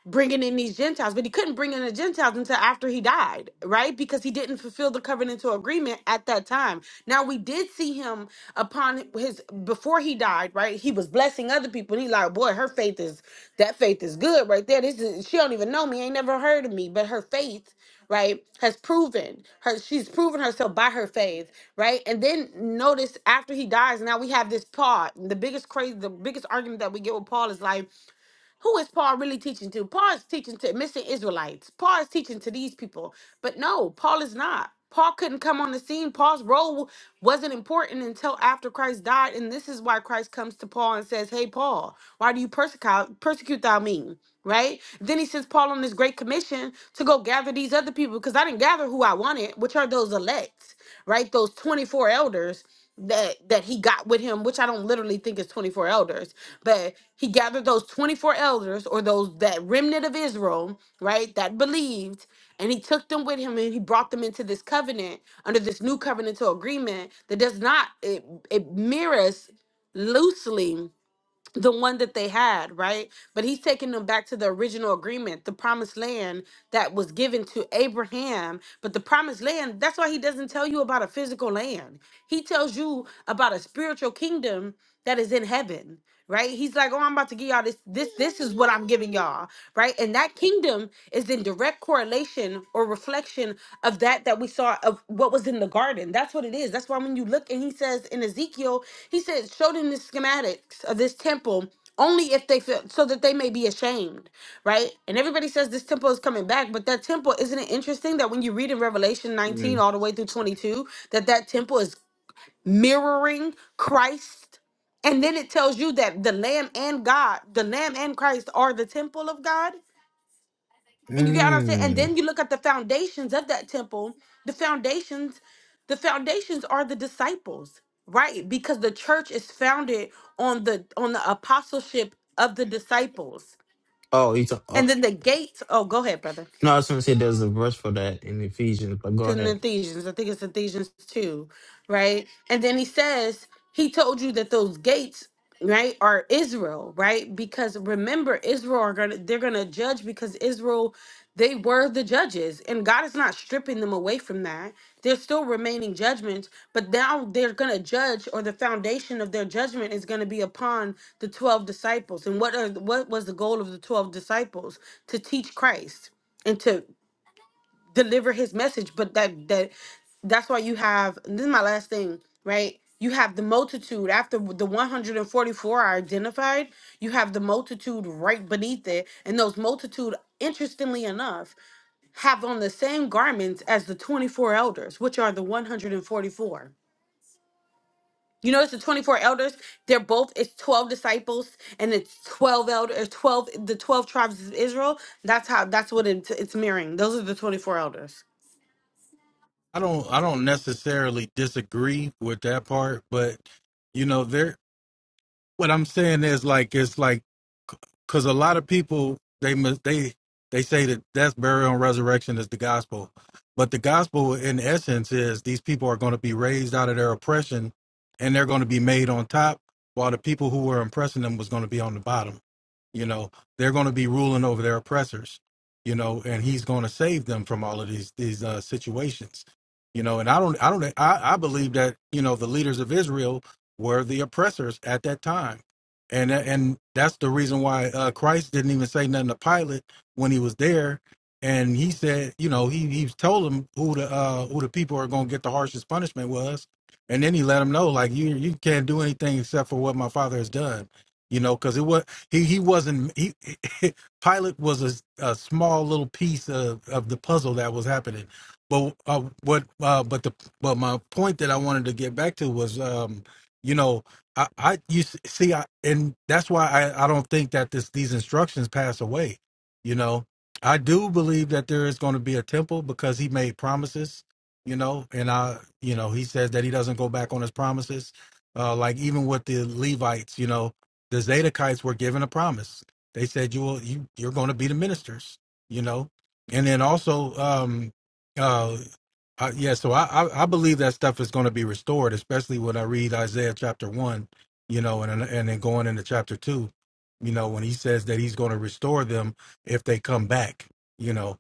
bringing in these Gentiles, but he couldn't bring in the Gentiles until after he died, right? Because he didn't fulfill the covenantal agreement at that time. Now we did see him upon his before he died, right? He was blessing other people. And he like, boy, her faith is that faith is good right there. This is she don't even know me, ain't never heard of me, but her faith, right, has proven her. She's proven herself by her faith, right? And then notice after he dies, now we have this Paul. The biggest crazy, the biggest argument that we get with Paul is like who is Paul really teaching to? Paul is teaching to missing Israelites. Paul is teaching to these people. But no, Paul is not. Paul couldn't come on the scene. Paul's role wasn't important until after Christ died. And this is why Christ comes to Paul and says, Hey, Paul, why do you persecute, persecute thou me? Right? Then he sends Paul on this great commission to go gather these other people because I didn't gather who I wanted, which are those elect, right? Those 24 elders that that he got with him, which I don't literally think is 24 elders, but he gathered those 24 elders or those that remnant of Israel, right, that believed, and he took them with him and he brought them into this covenant under this new covenantal agreement that does not it, it mirrors loosely the one that they had, right? But he's taking them back to the original agreement, the promised land that was given to Abraham. But the promised land, that's why he doesn't tell you about a physical land. He tells you about a spiritual kingdom that is in heaven, right? He's like, "Oh, I'm about to give y'all this this this is what I'm giving y'all." right? And that kingdom is in direct correlation or reflection of that that we saw of what was in the garden. That's what it is. That's why when you look and he says in Ezekiel, he says, show them the schematics of this temple only if they feel so that they may be ashamed, right? And everybody says this temple is coming back, but that temple isn't it interesting that when you read in Revelation 19 Mm. all the way through 22 that that temple is mirroring Christ and then it tells you that the lamb and God, the lamb and Christ are the temple of God. And you get what I'm saying? And Mm. then you look at the foundations of that temple. The foundations, the foundations are the disciples, right? Because the church is founded on the on the apostleship of the disciples. Oh, it's uh, no. And then the gates, oh, go ahead, brother. I was gonna say there's a verse for that in Ephesians, but go in the ahead. Ephesians. I think it's Ephesians 2, right? And then he says, He told you that those gates, right, are Israel, right? Because remember, Israel are gonna they're gonna judge because Israel, they were the judges, and God is not stripping them away from that. There's still remaining judgments, but now they're gonna judge, or the foundation of their judgment is gonna be upon the 12 disciples. And what are what was the goal of the 12 disciples? To teach Christ and to deliver his message but that that that's why you have this is my last thing right you have the multitude after the 144 are identified you have the multitude right beneath it and those multitude interestingly enough have on the same garments as the 24 elders which are the 144 you notice the 24 elders they're both it's 12 disciples and it's 12 elders 12 the 12 tribes of israel that's how that's what it's, it's mirroring those are the 24 elders I don't. I don't necessarily disagree with that part, but you know, there. what I'm saying is like it's like because a lot of people they mis- they they say that death, burial, and resurrection is the gospel, but the gospel in essence is these people are going to be raised out of their oppression, and they're going to be made on top, while the people who were oppressing them was going to be on the bottom. You know, they're going to be ruling over their oppressors. You know, and he's going to save them from all of these these uh, situations. You know, and I don't I don't I, I believe that you know the leaders of Israel were the oppressors at that time. And and that's the reason why uh, Christ didn't even say nothing to Pilate when he was there. And he said, you know, he he told him who the uh, who the people are going to get the harshest punishment was, and then he let him know like you you can't do anything except for what my father has done, you know, because it was he he wasn't he Pilate was a, a small little piece of of the puzzle that was happening, but uh, what uh, but the but my point that I wanted to get back to was um, you know i i you s- see i and that's why i i don't think that this these instructions pass away you know i do believe that there is going to be a temple because he made promises you know and i you know he says that he doesn't go back on his promises uh like even with the levites you know the zadokites were given a promise they said you will you you're going to be the ministers you know and then also um uh, uh, yeah, so I, I I believe that stuff is going to be restored, especially when I read Isaiah chapter one, you know, and and then going into chapter two, you know, when he says that he's going to restore them if they come back, you know,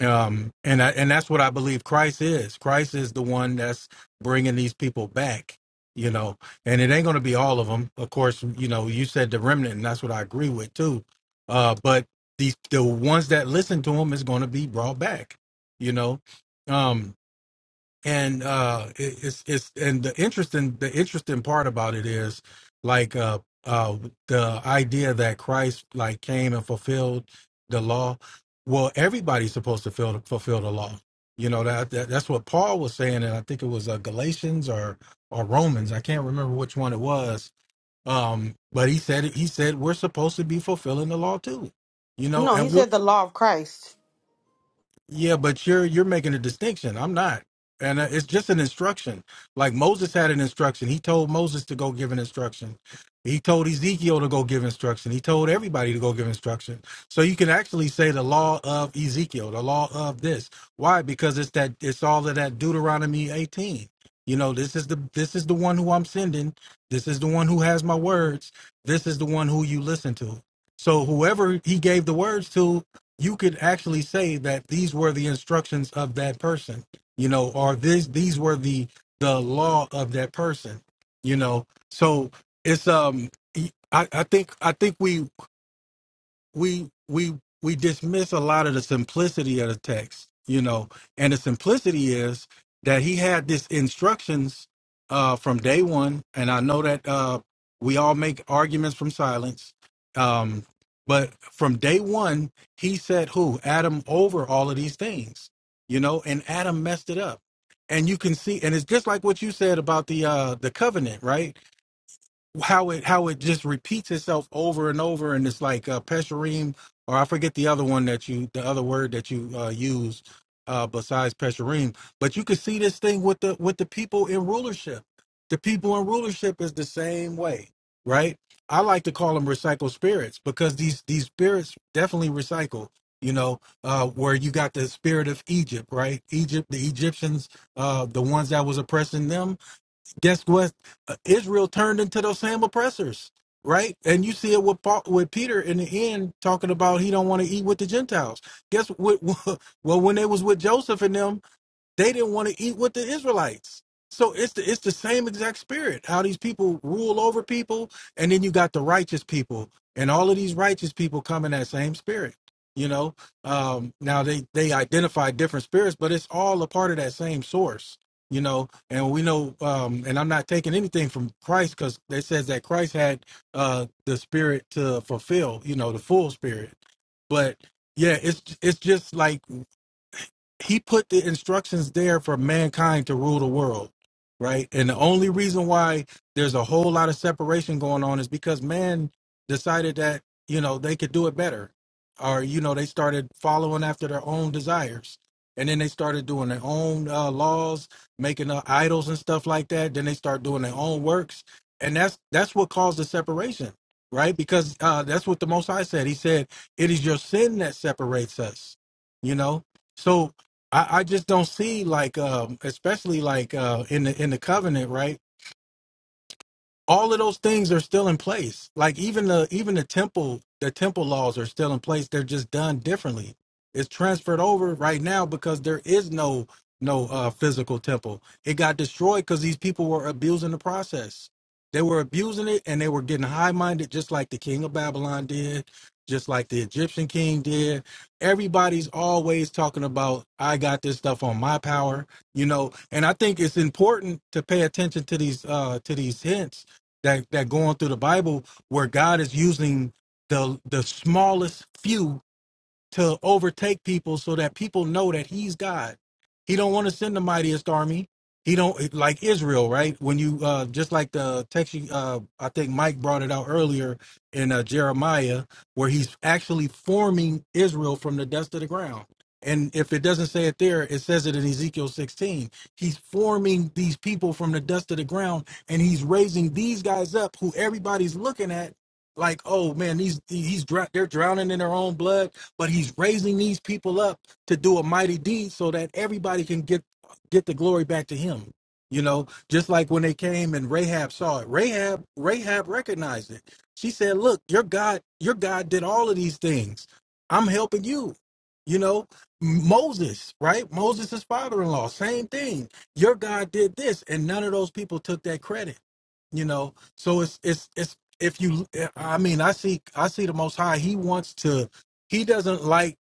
um, and I, and that's what I believe Christ is. Christ is the one that's bringing these people back, you know, and it ain't going to be all of them, of course. You know, you said the remnant, and that's what I agree with too. Uh, but these the ones that listen to him is going to be brought back, you know. Um, and uh it, it's it's and the interesting the interesting part about it is like uh uh the idea that christ like came and fulfilled the law well everybody's supposed to fill, fulfill the law you know that, that that's what paul was saying and i think it was uh, galatians or or romans i can't remember which one it was um but he said he said we're supposed to be fulfilling the law too you know No, he and we're said the law of Christ. yeah, but you're you're making a distinction. I'm not, and uh, it's just an instruction. Like Moses had an instruction. He told Moses to go give an instruction. He told Ezekiel to go give instruction. He told everybody to go give instruction. So you can actually say the law of Ezekiel, the law of this. Why? Because it's that it's all of that Deuteronomy 18. You know, this is the this is the one who I'm sending. This is the one who has my words. This is the one who you listen to. So whoever he gave the words to, you could actually say that these were the instructions of that person you know or this these were the the law of that person you know so it's um i i think i think we we we we dismiss a lot of the simplicity of the text, you know, and the simplicity is that he had this instructions uh, from day one, and I know that uh, we all make arguments from silence, um, but from day one he said who Adam over all of these things, you know, and Adam messed it up, and you can see, and it's just like what you said about the uh, the covenant, right? how it how it just repeats itself over and over and it's like uh pesherim or i forget the other one that you the other word that you uh use uh besides pesherim but you can see this thing with the with the people in rulership the people in rulership is the same way right i like to call them recycled spirits because these these spirits definitely recycle you know uh where you got the spirit of egypt right egypt the egyptians uh the ones that was oppressing them guess what? Uh, Israel turned into those same oppressors, right? And you see it with Paul, with Peter in the end talking about he don't want to eat with the Gentiles. Guess what? Well, when they was with Joseph and them, they didn't want to eat with the Israelites. So it's the it's the same exact spirit. How these people rule over people, and then you got the righteous people, and all of these righteous people come in that same spirit. You know, um, now they they identify different spirits, but it's all a part of that same source. You know, and we know, um, and I'm not taking anything from Christ because it says that Christ had uh the spirit to fulfill you know the full spirit but yeah it's it's just like he put the instructions there for mankind to rule the world right and the only reason why there's a whole lot of separation going on is because man decided that you know they could do it better or you know they started following after their own desires and then they started doing their own uh, laws making uh, idols and stuff like that then they start doing their own works and that's that's what caused the separation right because uh, that's what the most high said he said it is your sin that separates us you know so I, I just don't see like um especially like uh in the in the covenant, right? all of those things are still in place like even the even the temple the temple laws are still in place they're just done differently it's transferred over right now because there is no no uh physical temple it got destroyed because these people were abusing the process they were abusing it and they were getting high-minded just like the king of babylon did just like the egyptian king did everybody's always talking about i got this stuff on my power you know and i think it's important to pay attention to these uh to these hints that that going through the Bible where God is using the the smallest few to overtake people so that people know that he's God. He don't want to send the mightiest army. He don't like Israel, right? When you uh just like the text you uh I think Mike brought it out earlier in uh, Jeremiah where he's actually forming Israel from the dust of the ground. And if it doesn't say it there, it says it in Ezekiel 16. He's forming these people from the dust of the ground and he's raising these guys up who everybody's looking at like, "Oh man, these he's dr- they're drowning in their own blood but he's raising these people up to do a mighty deed so that everybody can get get the glory back to him you know just like when they came and rahab saw it rahab rahab recognized it she said look your god your god did all of these things i'm helping you you know moses right moses' father-in-law same thing your god did this and none of those people took that credit you know so it's it's it's if you i mean i see i see the most high he wants to he doesn't like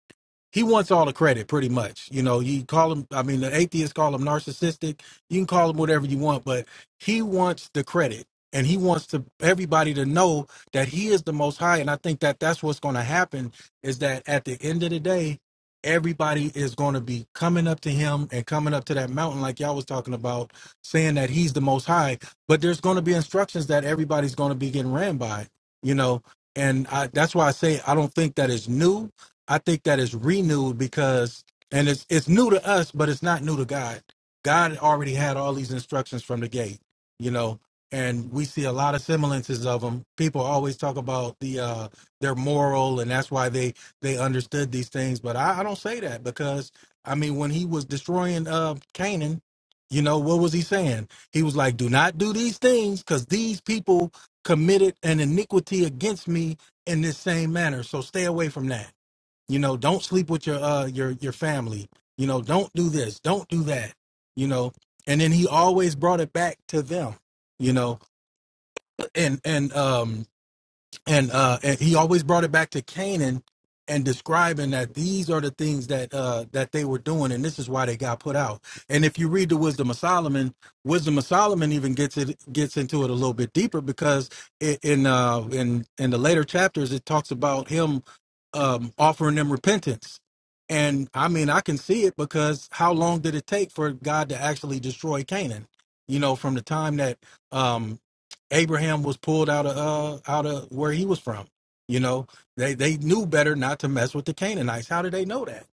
he wants all the credit pretty much you know you call him i mean the atheists call him narcissistic you can call him whatever you want but he wants the credit and he wants to everybody to know that he is the most high and i think that that's what's going to happen is that at the end of the day everybody is going to be coming up to him and coming up to that mountain like y'all was talking about saying that he's the most high but there's going to be instructions that everybody's going to be getting ran by you know and I, that's why i say i don't think that is new I think that is renewed because, and it's it's new to us, but it's not new to God. God already had all these instructions from the gate, you know, and we see a lot of semblances of them. People always talk about the uh their moral, and that's why they they understood these things. But I, I don't say that because I mean, when he was destroying uh Canaan, you know, what was he saying? He was like, "Do not do these things, because these people committed an iniquity against me in this same manner. So stay away from that." You know, don't sleep with your uh your your family. You know, don't do this, don't do that. You know, and then he always brought it back to them. You know, and and um and uh and he always brought it back to Canaan and describing that these are the things that uh that they were doing and this is why they got put out. And if you read the Wisdom of Solomon, Wisdom of Solomon even gets it gets into it a little bit deeper because it, in uh in in the later chapters it talks about him um offering them repentance. And I mean I can see it because how long did it take for God to actually destroy Canaan? You know, from the time that um, Abraham was pulled out of uh, out of where he was from. You know, they they knew better not to mess with the Canaanites. How did they know that?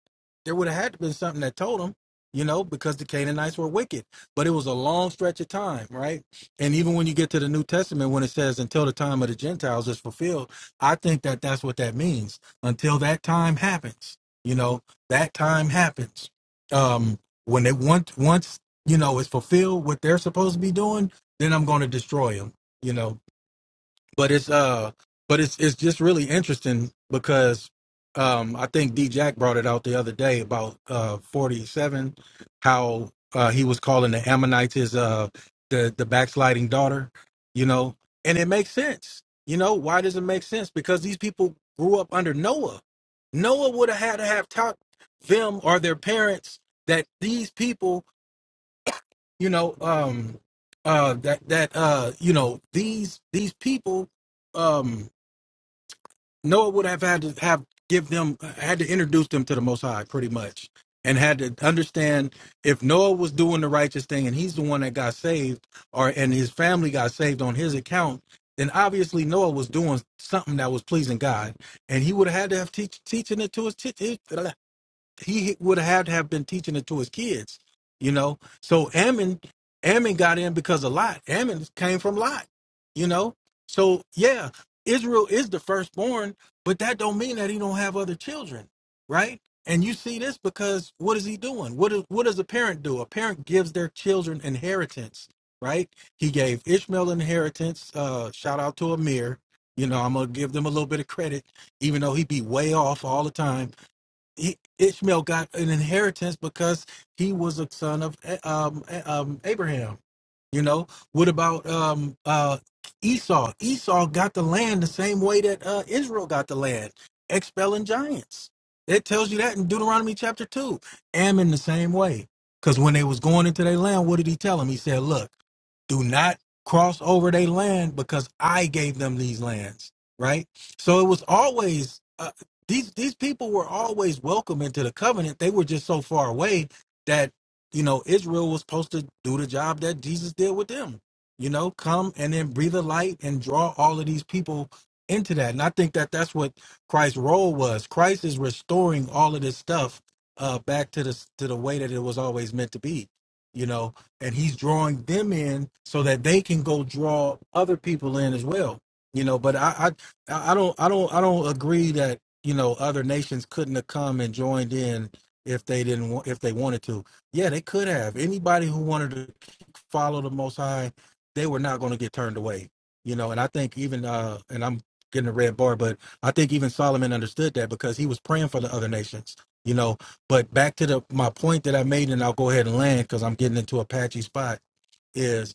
There would have had to been something that told them, you know, because the Canaanites were wicked. But it was a long stretch of time, right? And even when you get to the New Testament, when it says until the time of the Gentiles is fulfilled, I think that that's what that means. Until that time happens, you know, that time happens. Um, when they once once you know it's fulfilled what they're supposed to be doing, then I'm going to destroy them you know but it's uh but it's it's just really interesting because um i think d jack brought it out the other day about uh 47 how uh he was calling the ammonites his uh the the backsliding daughter you know and it makes sense you know why does it make sense because these people grew up under noah noah would have had to have taught them or their parents that these people you know um uh that that uh you know these these people um noah would have had to have give them had to introduce them to the most high pretty much and had to understand if noah was doing the righteous thing and he's the one that got saved or and his family got saved on his account then obviously noah was doing something that was pleasing god and he would have had to have teach, teaching it to his, his he would have to have been teaching it to his kids, you know. So Ammon, Ammon got in because of Lot. Ammon came from Lot, you know. So yeah, Israel is the firstborn, but that don't mean that he don't have other children, right? And you see this because what is he doing? What is what does a parent do? A parent gives their children inheritance, right? He gave Ishmael inheritance. Uh, shout out to Amir. You know, I'm gonna give them a little bit of credit, even though he be way off all the time he, Ishmael got an inheritance because he was a son of eh, um, eh, um, Abraham. You know, what about um uh Esau? Esau got the land the same way that uh Israel got the land, expelling giants. It tells you that in Deuteronomy chapter two. Ammon the same way. Because when they was going into their land, what did he tell them? He said, Look, do not cross over their land because I gave them these lands, right? So it was always uh, these these people were always welcome into the covenant. They were just so far away that you know, Israel was supposed to do the job that Jesus did with them, you know, come and then breathe a light and draw all of these people into that. And I think that that's what Christ's role was. Christ is restoring all of this stuff uh, back to the to the way that it was always meant to be, you know, and he's drawing them in so that they can go draw other people in as well, you know. But I I, I don't I don't I don't agree that you know other nations couldn't have come and joined in if they didn't want if they wanted to yeah, they could have. Anybody who wanted to follow the Most High, they were not going to get turned away. You know, and I think even uh, and I'm getting a red bar, but I think even Solomon understood that because he was praying for the other nations. You know, but back to the my point that I made, and I'll go ahead and land because I'm getting into a patchy spot. Is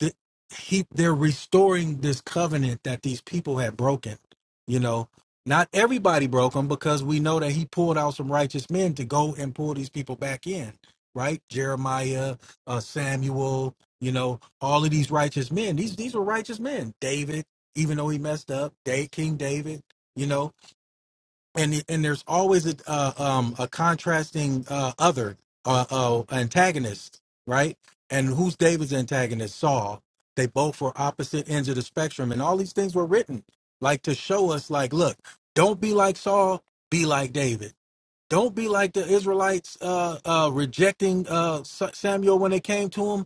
th- he they're restoring this covenant that these people had broken you know not everybody broke them because we know that he pulled out some righteous men to go and pull these people back in right jeremiah uh, samuel you know all of these righteous men these these were righteous men david even though he messed up day king david you know and and there's always a uh, um a contrasting uh other uh, uh antagonist right and who's david's antagonist saul they both were opposite ends of the spectrum and all these things were written like to show us like look don't be like saul be like david don't be like the israelites uh uh rejecting uh Sa- samuel when they came to him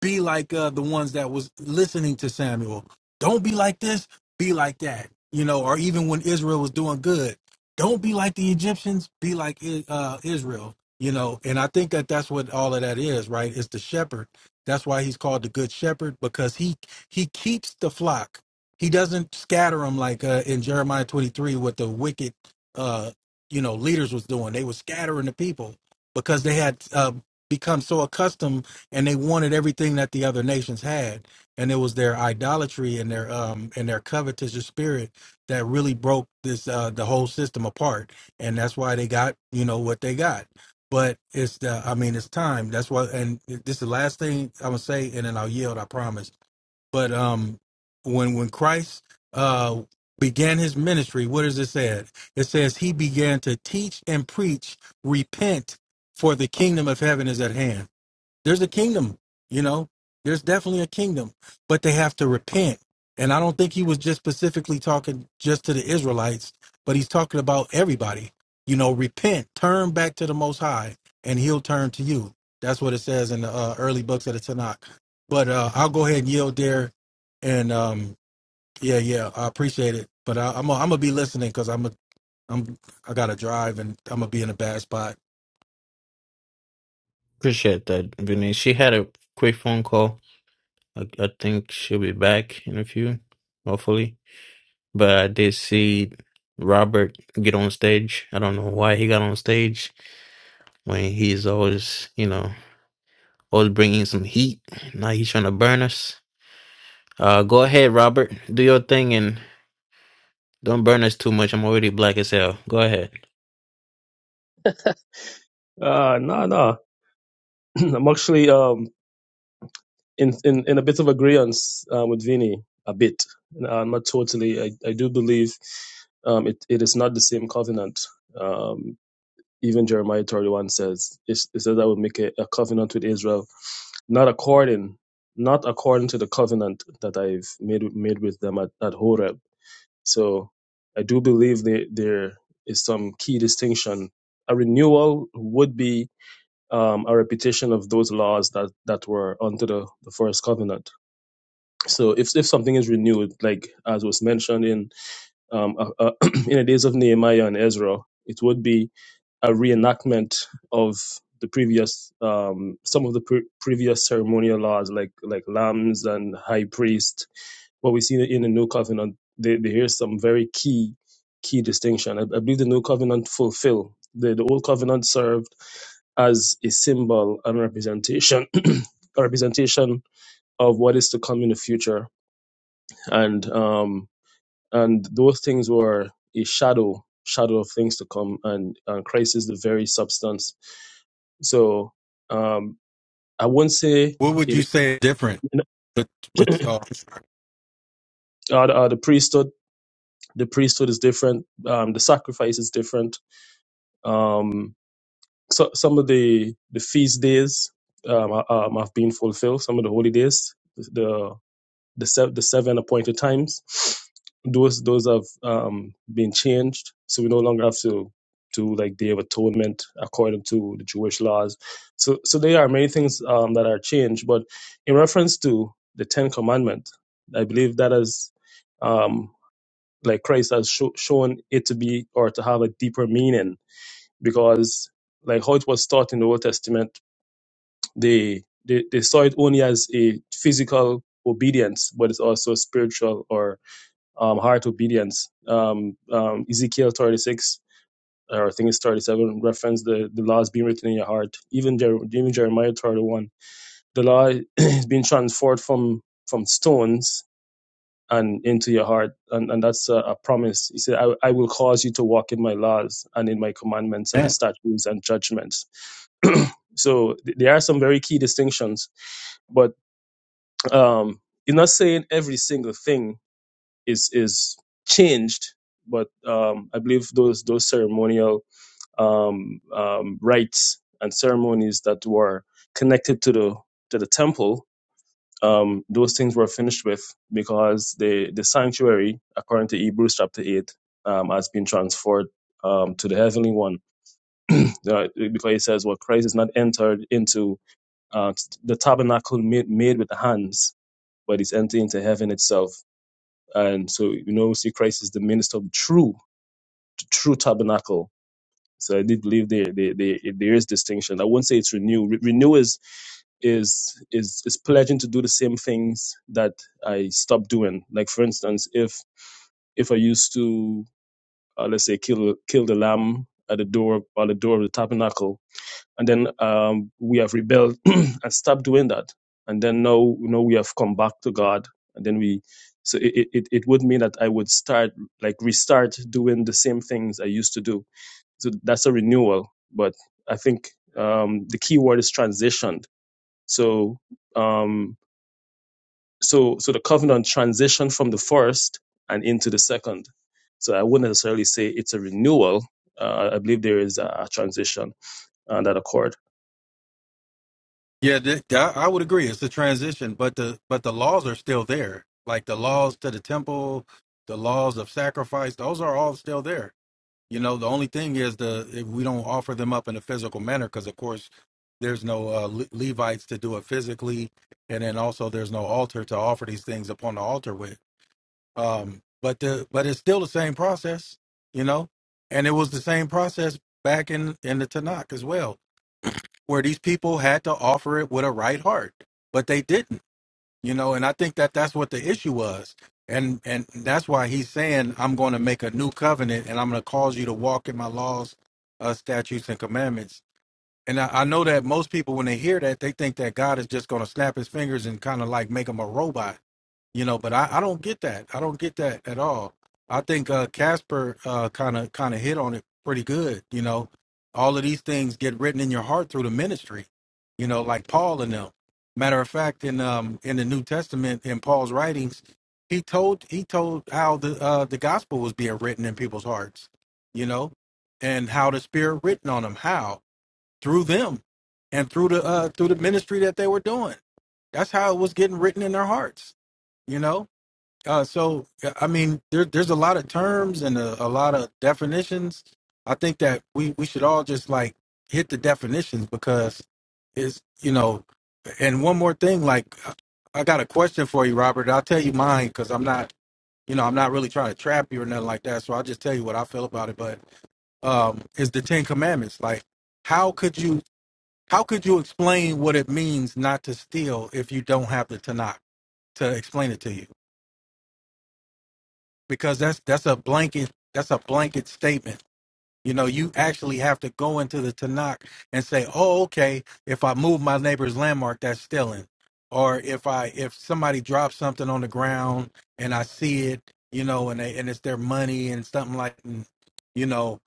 be like uh, the ones that was listening to Samuel. Don't be like this. Be like that. You know, or even when Israel was doing good, don't be like the Egyptians. Be like I- uh, Israel. You know, and I think that that's what all of that is, right? It's the shepherd. That's why he's called the good shepherd because he he keeps the flock. He doesn't scatter them like uh, in Jeremiah 23 what the wicked uh, you know leaders was doing. They were scattering the people because they had uh, become so accustomed and they wanted everything that the other nations had and it was their idolatry and their um and their covetous spirit that really broke this uh the whole system apart and that's why they got you know what they got but it's the i mean it's time that's why and this is the last thing i'm gonna say and then i'll yield i promise but um when when christ uh began his ministry what does it say it says he began to teach and preach repent for the kingdom of heaven is at hand there's a kingdom you know there's definitely a kingdom but they have to repent and i don't think he was just specifically talking just to the israelites but he's talking about everybody you know repent turn back to the most high and he'll turn to you that's what it says in the uh, early books of the tanakh but uh, i'll go ahead and yield there and um, yeah yeah i appreciate it but I, i'm gonna I'm gonna be listening because i'm a I'm I gotta drive and I'm gonna be in a bad spot. Appreciate that, Vinny. She had a quick phone call. I, I think she'll be back in a few, hopefully. But I did see Robert get on stage. I don't know why he got on stage when he's always, you know. Always bringing some heat. Now he's trying to burn us. Uh, go ahead, Robert. Do your thing and don't burn us too much. I'm already black as hell. Go ahead. Uh, no, no. I'm actually um in in, in a bit of agreement um, with Vinny a bit. Uh, not totally. I, I do believe um it, it is not the same covenant. Um, even Jeremiah 31 says it, it says I will make a, a covenant with Israel, not according not according to the covenant that I've made made with them at, at Horeb. So I do believe there there is some key distinction. A renewal would be um, a repetition of those laws that, that were under the, the first covenant. So if, if something is renewed, like as was mentioned in um, uh, uh, in the days of Nehemiah and Ezra, it would be a reenactment of the previous um, some of the pre- previous ceremonial laws, like like lambs and high priest what we see in the new covenant, there is some very key key distinction. I, I believe the new covenant fulfill the, the old covenant served as a symbol and representation a representation of what is to come in the future, and um and those things were a shadow shadow of things to come, and, and Christ is the very substance. So um I wouldn't say What would it. you say different? Uh, But but uh, the, uh, the priesthood, the priesthood is different. Um, the sacrifice is different Um, so, some of the, the feast days um, ha- um, have been fulfilled, some of the holy days, the, the, se- the seven appointed times, those, those have um, been changed. So we no longer have to do like Day of Atonement according to the Jewish laws. So, so there are many things um, that are changed. But in reference to the Ten Commandments, I believe that is um, like Christ has sho- shown it to be or to have a deeper meaning because like how it was taught in the Old Testament, they they, they saw it only as a physical obedience, but it's also spiritual or um, heart obedience. Um, um, Ezekiel 36, or I think it's 37, reference the, the law is being written in your heart. Even, Jer- even Jeremiah 31, the law is being transferred from from stones and into your heart. And, and that's a, a promise. He said, I, I will cause you to walk in my laws and in my commandments and statutes and judgments So th- there are some very key distinctions, but um, it's not saying every single thing is is changed. But um, I believe those those ceremonial um, um, rites and ceremonies that were connected to the to the temple, um, those things were finished with because the the sanctuary, according to Hebrews chapter eight, um, has been transferred um, to the heavenly one. Uh, because it says, "Well, Christ is not entered into." Uh, the tabernacle made, made with the hands, but it's entering into heaven itself. And so, you know, we see Christ is the minister of the true, the true tabernacle. So I did believe there, there, there, there is distinction. I won't say it's renew. Re- renew is, is, is, is pledging to do the same things that I stopped doing. Like, for instance, if if I used to, uh, let's say, kill kill the lamb at the door by the door of the tabernacle, and then um, we have rebelled and stopped doing that and then now you know we have come back to god and then we so it, it, it would mean that i would start like restart doing the same things i used to do so that's a renewal but i think um, the key word is transitioned so um, so so the covenant transitioned from the first and into the second so i wouldn't necessarily say it's a renewal uh, i believe there is a, a transition uh, that occurred Yeah, th- that, I would agree. It's a transition, but the but the laws are still there. Like the laws to the temple, the laws of sacrifice, those are all still there. You know, the only thing is the if we don't offer them up in a physical manner because, of course, there's no uh, Le- Levites to do it physically, and then also there's no altar to offer these things upon the altar with. Um, but the but it's still the same process, you know, and it was the same process back in in the Tanakh as well where these people had to offer it with a right heart, but they didn't, you know. And I think that that's what the issue was, and and that's why he's saying, "I'm going to make a new covenant, and I'm going to cause you to walk in my laws, uh, statutes, and commandments." And I, I know that most people, when they hear that, they think that God is just going to snap his fingers and kind of like make them a robot you know but i, I don't get that i don't get that at all i think uh casper uh kind of kind of hit on it pretty good you know all of these things get written in your heart through the ministry you know like paul and them matter of fact in um in the new testament in paul's writings he told he told how the uh the gospel was being written in people's hearts you know and how the spirit written on them how through them and through the uh through the ministry that they were doing that's how it was getting written in their hearts you know uh, so yeah, I mean, there, there's a lot of terms and a, a lot of definitions. I think that we we should all just like hit the definitions because it's you know. And one more thing, like I I got a question for you, Robert. I'll tell you mine because I'm not you know I'm not really trying to trap you or nothing like that. So I'll just tell you what I feel about it. But um, is the Ten Commandments like how could you how could you explain what it means not to steal if you don't have the Tanakh to explain it to you? because that's that's a blanket that's a blanket statement. You know, you actually have to go into the Tanakh and say, "Oh, okay, if I move my neighbor's landmark, that's stealing." Or if I if somebody drops something on the ground and I see it, you know, and they, and it's their money and something like, and, you know,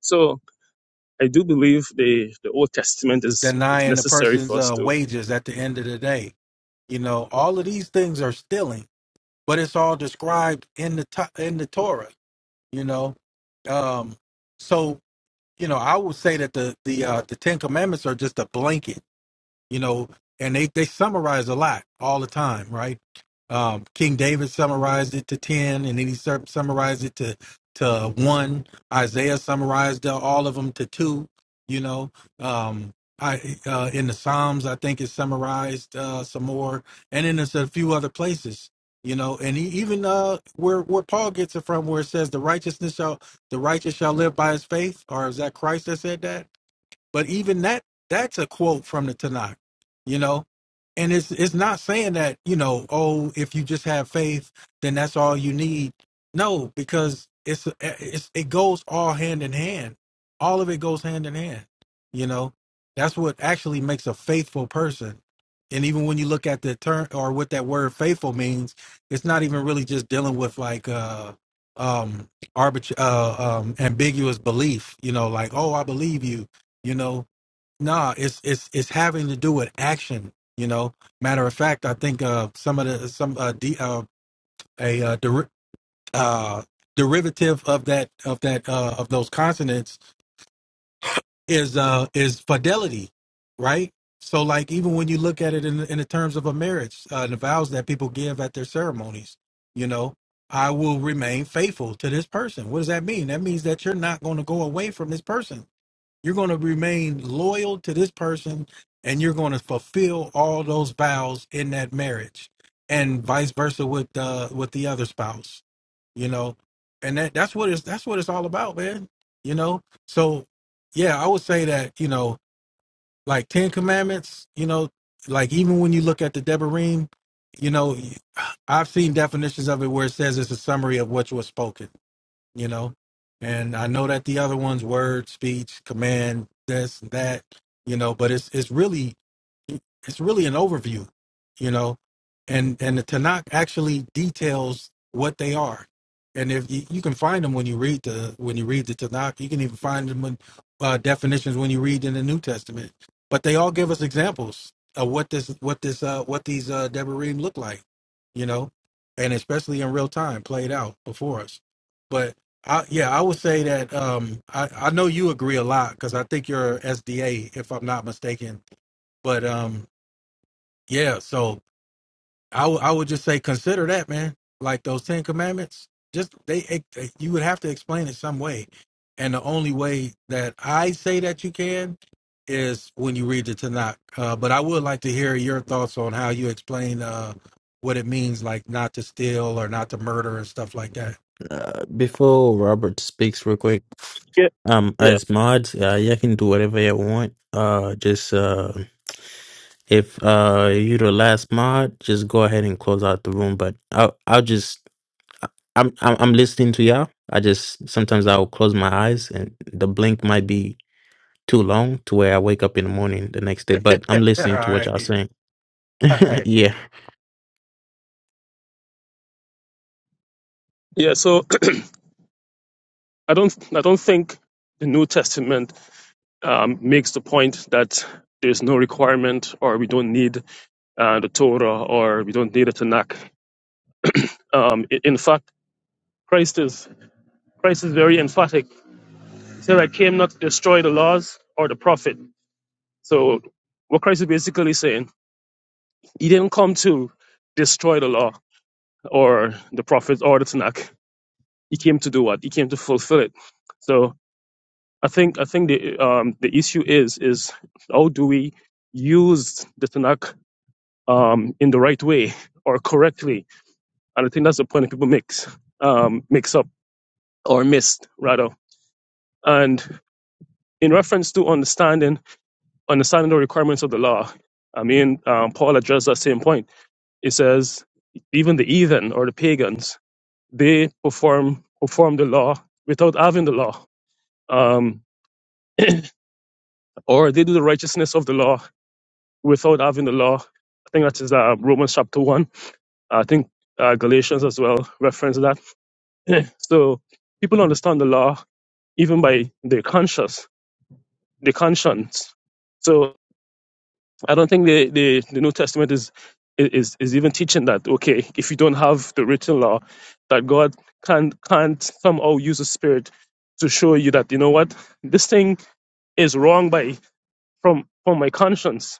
so I do believe the the Old Testament is is denying the necessary person's for us uh, to wages at the end of the day, you know, all of these things are stealing, but it's all described in the to- in the Torah, you know. Um, so You know, I would say that the the uh, the Ten Commandments are just a blanket you know, and they they summarize a lot all the time, right? Um, King David summarized it to ten, and then he sur- summarized it to to one. Isaiah summarized all of them to two. You know, um, I uh, in the Psalms, I think it summarized uh, some more, and then there's a few other places. You know, and he, even uh, where where Paul gets it from, where it says the righteousness shall the righteous shall live by his faith, or is that Christ that said that? But even that that's a quote from the Tanakh, you know? And it's it's not saying that, you know, oh, if you just have faith, then that's all you need. No, because it's, uh, it's it goes all hand in hand. All of it goes hand in hand, you know? That's what actually makes a faithful person. And even when you look at the term or what that word faithful means, it's not even really just dealing with like uh um arbit- uh um ambiguous belief, you know, like, oh, I believe you you know nah it's it's it's having to do with action you know matter of fact i think uh some of the some uh, de- uh a uh, deri- uh derivative of that of that uh of those consonants is uh is fidelity right so like even when you look at it in in the terms of a marriage uh the vows that people give at their ceremonies you know i will remain faithful to this person what does that mean that means that you're not going to go away from this person you're going to remain loyal to this person and you're going to fulfill all those vows in that marriage and vice versa with uh with the other spouse, you know. And that that's what it's that's what it's all about, man. You know? So yeah, I would say that, you know, like 10 commandments, you know, like even when you look at the Deborahim, you know, I've seen definitions of it where it says it's a summary of what was spoken you know. And I know that the other ones, word, speech, command, this, that, you know, but it's it's really it's really an overview, you know. And and the Tanakh actually details what they are. And if you, you can find them when you read the when you read the Tanakh, you can even find them in uh, definitions when you read in the New Testament. But they all give us examples of what this what this uh what these uh Devarim look like, you know, and especially in real time played out before us. I, yeah, I would say that um, I, I know you agree a lot because I think you're SDA, if I'm not mistaken. But um, yeah, so I would I would just say consider that, man. Like those Ten Commandments, just they, it, it- you would have to explain it some way, and the only way that I say that you can is when you read the Tanakh. Uh, but I would like to hear your thoughts on how you explain uh, what it means, like not to steal or not to murder and stuff like that. Uh, before Robert speaks, real quick. yeah Um, yeah as mods, uh, you can do whatever you want. Uh, just uh, if uh you the last mod, just go ahead and close out the room. But I'll I'll just I- I'm I'm, I'm listening to y'all. I just sometimes I'll close my eyes and the blink might be too long to where I wake up in the morning the next day. But I'm listening to what y'all saying. All right. yeah. yeah. So I don't I don't think the New Testament um, makes the point that there's no requirement or we don't need uh, the Torah or we don't need the Tanakh. Um, i- in fact, Christ is Christ is very emphatic. He said, "I came not to destroy the laws or the prophet." So what Christ is basically saying, he didn't come to destroy the law or the prophets or the Tanakh He came to do what? He came to fulfill it. So I think I think the um, the issue is is how do we use the Tanakh um, in the right way or correctly? And I think that's the point that people mix um, mix up or missed rather. And in reference to understanding understanding the requirements of the law, I mean um, Paul addressed that same point. It says even the heathen or the pagans they perform perform the law without having the law. Um, or they do the righteousness of the law without having the law. I think that is uh, Romans chapter 1. I think uh, Galatians as well reference that. So people understand the law even by their conscience, their conscience. So I don't think the, the, the New Testament is, is is even teaching that, okay, if you don't have the written law, that God can't, can't somehow use the Spirit to show you that, you know what, this thing is wrong by from from my conscience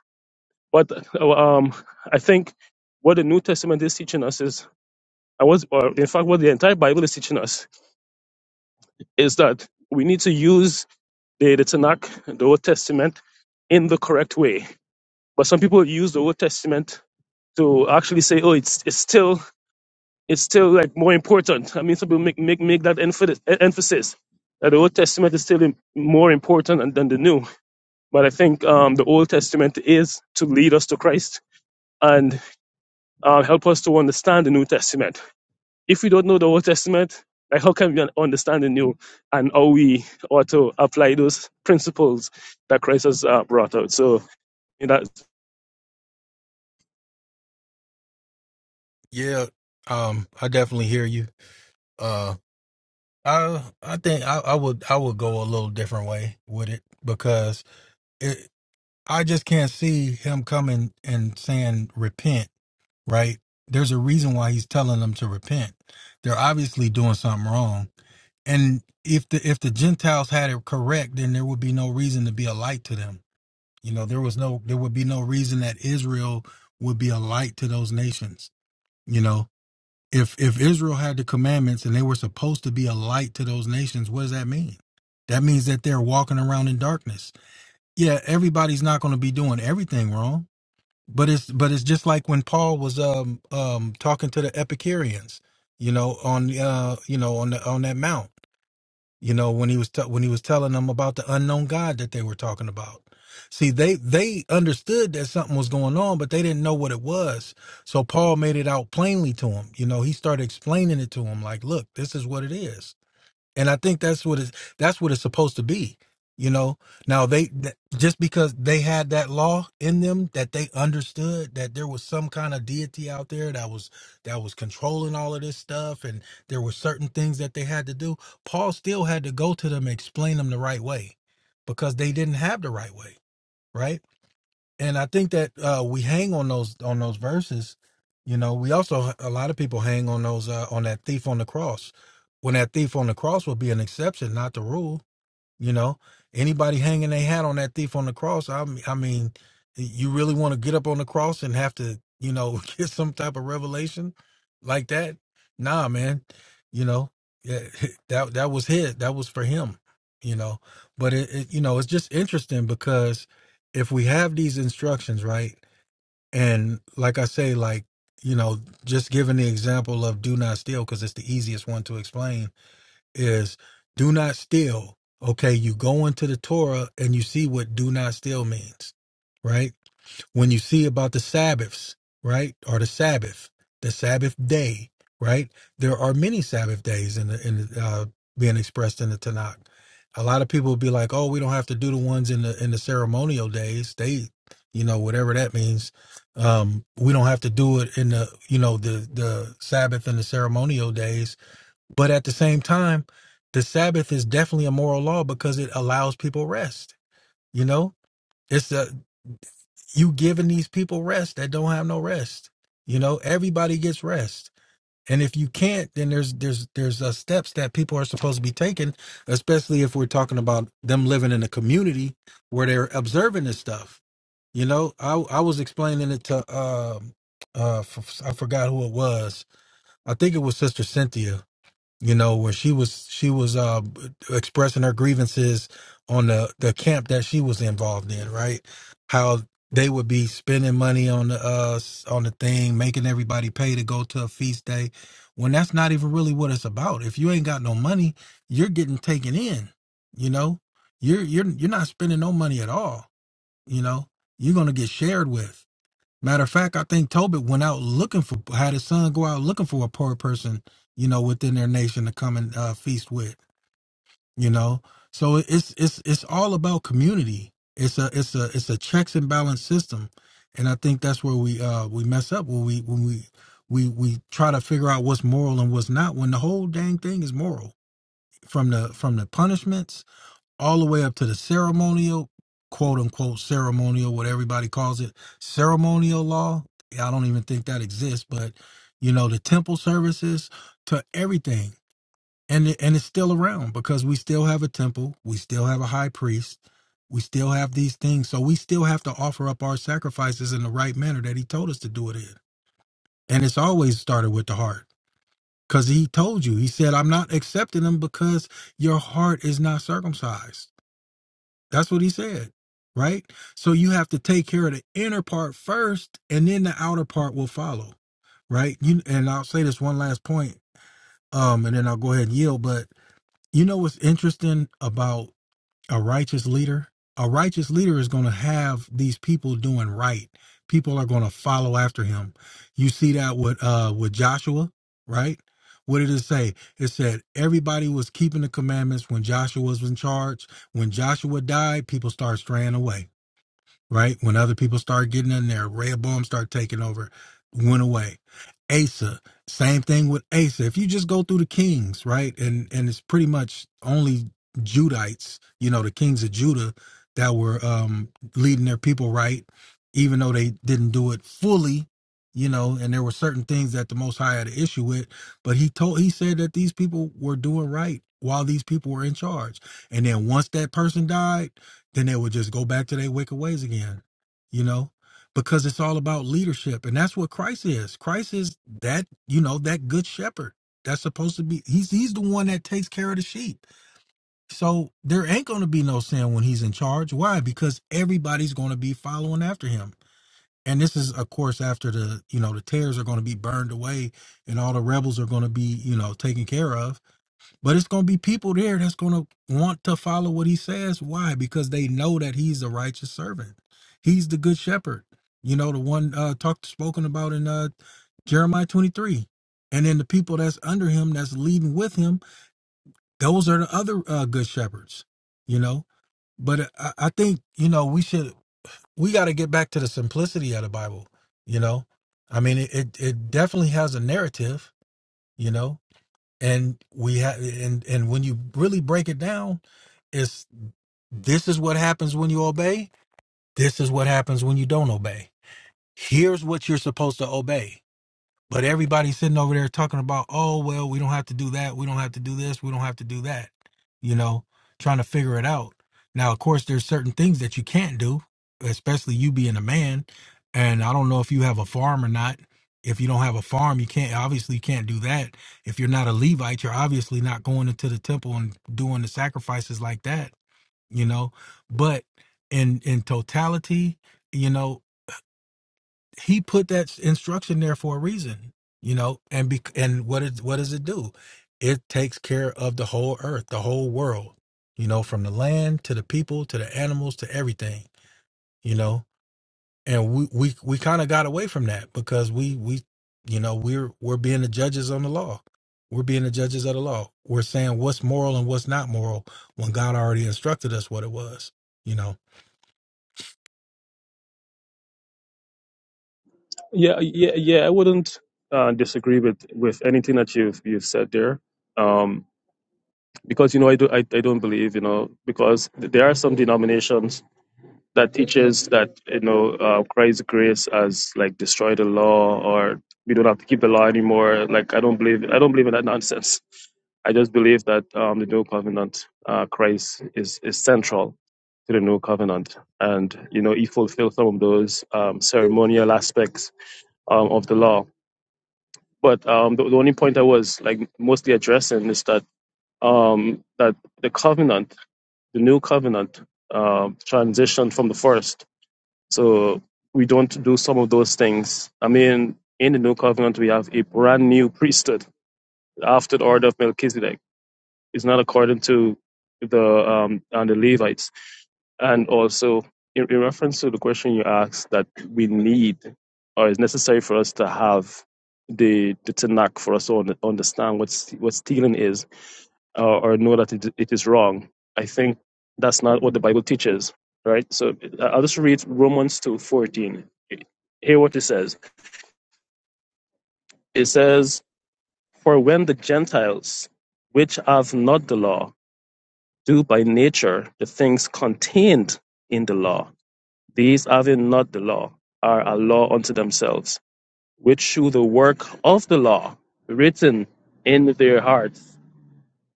But uh, um, I think what the New Testament is teaching us is, I was, or in fact, what the entire Bible is teaching us is that we need to use the, the Tanakh, the Old Testament, in the correct way. But some people use the Old Testament to actually say, oh, it's it's still it's still like more important. I mean, some people make make make that emphasis emphasis that the Old Testament is still im- more important than than the New. But I think um, the Old Testament is to lead us to Christ, and uh, help us to understand the New Testament. If we don't know the Old Testament, like how can we un- understand the New and how we ought to apply those principles that Christ has uh, brought out? So in that, Yeah, um, I definitely hear you. Uh, I I think I, I would I would go a little different way with it because it I just can't see him coming and saying repent. Right? There's a reason why he's telling them to repent. They're obviously doing something wrong, and if the if the Gentiles had it correct, then there would be no reason to be a light to them. You know, there was no there would be no reason that Israel would be a light to those nations. You know, if if Israel had the commandments and they were supposed to be a light to those nations, what does that mean? That means that they're walking around in darkness. Yeah, everybody's not going to be doing everything wrong, but it's but it's just like when Paul was um um talking to the Epicureans, you know, on uh you know on the, on that mount you know when he was t- when he was telling them about the unknown god that they were talking about see they they understood that something was going on but they didn't know what it was so paul made it out plainly to him you know he started explaining it to him like look this is what it is and I think that's what it's that's what it's supposed to be. You know, now they th- just because they had that law in them that they understood that there was some kind of deity out there that was that was controlling all of this stuff, and there were certain things that they had to do. Paul still had to go to them and explain them the right way because they didn't have the right way, right? and I think that uh, we hang on those on those verses. You know, we also a lot of people hang on those uh, on that thief on the cross. When that thief on the cross would be an exception, not the rule. You know, anybody hanging their hat on that thief on the cross, I, m- I mean, you really want to get up on the cross and have to, you know, get some type of revelation like that? Nah, man. You know, yeah, that that was his. That was for him. You know, but it, it you know, it's just interesting because if we have these instructions, right? And like I say, like you know, just giving the example of do not steal because it's the easiest one to explain is do not steal. Okay, you go into the Torah and you see what do not steal means, right? When you see about the Sabbaths, right? Or the Sabbath, the Sabbath day, right? There are many Sabbath days in the, in the, uh, being expressed in the Tanakh. A lot of people would be like, "Oh, we don't have to do the ones in the in the ceremonial days. They, you know, whatever that means. Um, we don't have to do it in the, you know, the the Sabbath and the ceremonial days but at the same time, the Sabbath is definitely a moral law because it allows people rest. You know, it's the you giving these people rest that don't have no rest. You know, everybody gets rest. And if you can't, then there's there's there's uh, steps that people are supposed to be taking, especially if we're talking about them living in a community where they're observing this stuff. You know, I I was explaining it to um uh f- I forgot who it was. I think it was Sister Cynthia you know, where she was she was uh expressing her grievances on the the camp that she was involved in, right? How they would be spending money on the uh s- on the thing, making everybody pay to go to a feast day, when that's not even really what it's about. If you ain't got no money, you're getting taken in, you know. You're you're you're not spending no money at all, you know. You're gonna get shared with. Matter of fact, I think Tobit went out looking for had his son go out looking for a poor person, you know, within their nation to come and uh, feast with, you know. So it's it's it's all about community. It's a it's a it's a checks and balance system, and I think that's where we uh we mess up when we when we we we try to figure out what's moral and what's not when the whole dang thing is moral from the from the punishments all the way up to the ceremonial, quote unquote ceremonial, what everybody calls it, ceremonial law. Yeah, I don't even think that exists, but you know, the temple services to everything. And it, and it's still around because we still have a temple, we still have a high priest, we still have these things. So we still have to offer up our sacrifices in the right manner that he told us to do it in. And it's always started with the heart. Cuz he told you, he said, "I'm not accepting them because your heart is not circumcised." That's what he said, right? So you have to take care of the inner part first, and then the outer part will follow, right? You and I'll say this one last point, um, and then I'll go ahead and yield. But you know what's interesting about a righteous leader a righteous leader is going to have these people doing right people are going to follow after him you see that with uh with joshua right what did it say it said everybody was keeping the commandments when joshua was in charge when joshua died people started straying away right? When other people started getting in there, Rehoboam started taking over, went away. Asa, same thing with Asa. If you just go through the kings, right, and and it's pretty much only Judites, you know, the kings of Judah that were um, leading their people right, even though they didn't do it fully, you know, and there were certain things that the Most High had an issue with, but he told he said that these people were doing right while these people were in charge, and then once that person died then they would just go back to their wicked ways again, you know, because it's all about leadership. And that's what Christ is. Christ is that, you know, that good shepherd. That's supposed to be he's he's the one that takes care of the sheep. So there ain't gonna be no sin when he's in charge. Why? Because everybody's gonna be following after him. And this is of course after the you know the tares are gonna be burned away and all the rebels are gonna be, you know, taken care of but it's going to be people there that's going to want to follow what he says. Why? Because they know that he's the righteous servant. He's the good shepherd. You know, the one uh talked spoken about in uh Jeremiah 23. And then the people that's under him that's leading with him, those are the other uh, good shepherds, you know. But uh, I, I think, you know, we should we got to get back to the simplicity of the Bible, you know. I mean, it, it it definitely has a narrative, you know and we have and and when you really break it down it's this is what happens when you obey this is what happens when you don't obey here's what you're supposed to obey but everybody's sitting over there talking about, oh, well, we don't have to do that. We don't have to do this. We don't have to do that. You know, trying to figure it out. Now, of course, there's certain things that you can't do, especially you being a man. And I don't know if you have a farm or not. If you don't have a farm, you can't, obviously, you can't do that. If you're not a Levite, you're obviously not going into the temple and doing the sacrifices like that, you know. But in, in totality, you know, he put that instruction there for a reason you know and be and what is what does it do it takes care of the whole earth the whole world you know from the land to the people to the animals to everything you know and we we, we kind of got away from that because we we you know we're we're being the judges on the law we're being the judges of the law we're saying what's moral and what's not moral when god already instructed us what it was you know yeah, yeah, yeah, I wouldn't uh, disagree with, with anything that you've you've said there, um, because you know I do I, I don't believe you know because there are some denominations that teaches that you know uh, Christ's grace has like destroyed the law or we don't have to keep the law anymore. Like I don't believe I don't believe in that nonsense. I just believe that um, the new covenant uh, Christ is is central to the new covenant, and you know he fulfilled some of those um, ceremonial aspects um, of the law. But um, the, the only point I was like mostly addressing is that um, that the covenant, the new covenant, um transitioned from the first so we don't do some of those things. I mean, in the new covenant, we have a brand new priesthood after the order of Melchizedek. It's not according to the um and the Levites. And also in, in reference to the question you asked that we need or is necessary for us to have the the Tanakh for us to un- understand what st- what stealing is or, or know that it, it is wrong. I think that's not what the Bible teaches, right? So I- I'll just read Romans two fourteen. Hear what it says. It says, For when the Gentiles, which have not the law, do by nature the things contained in the law. These, having not the law, are a law unto themselves, which shew the work of the law written in their hearts.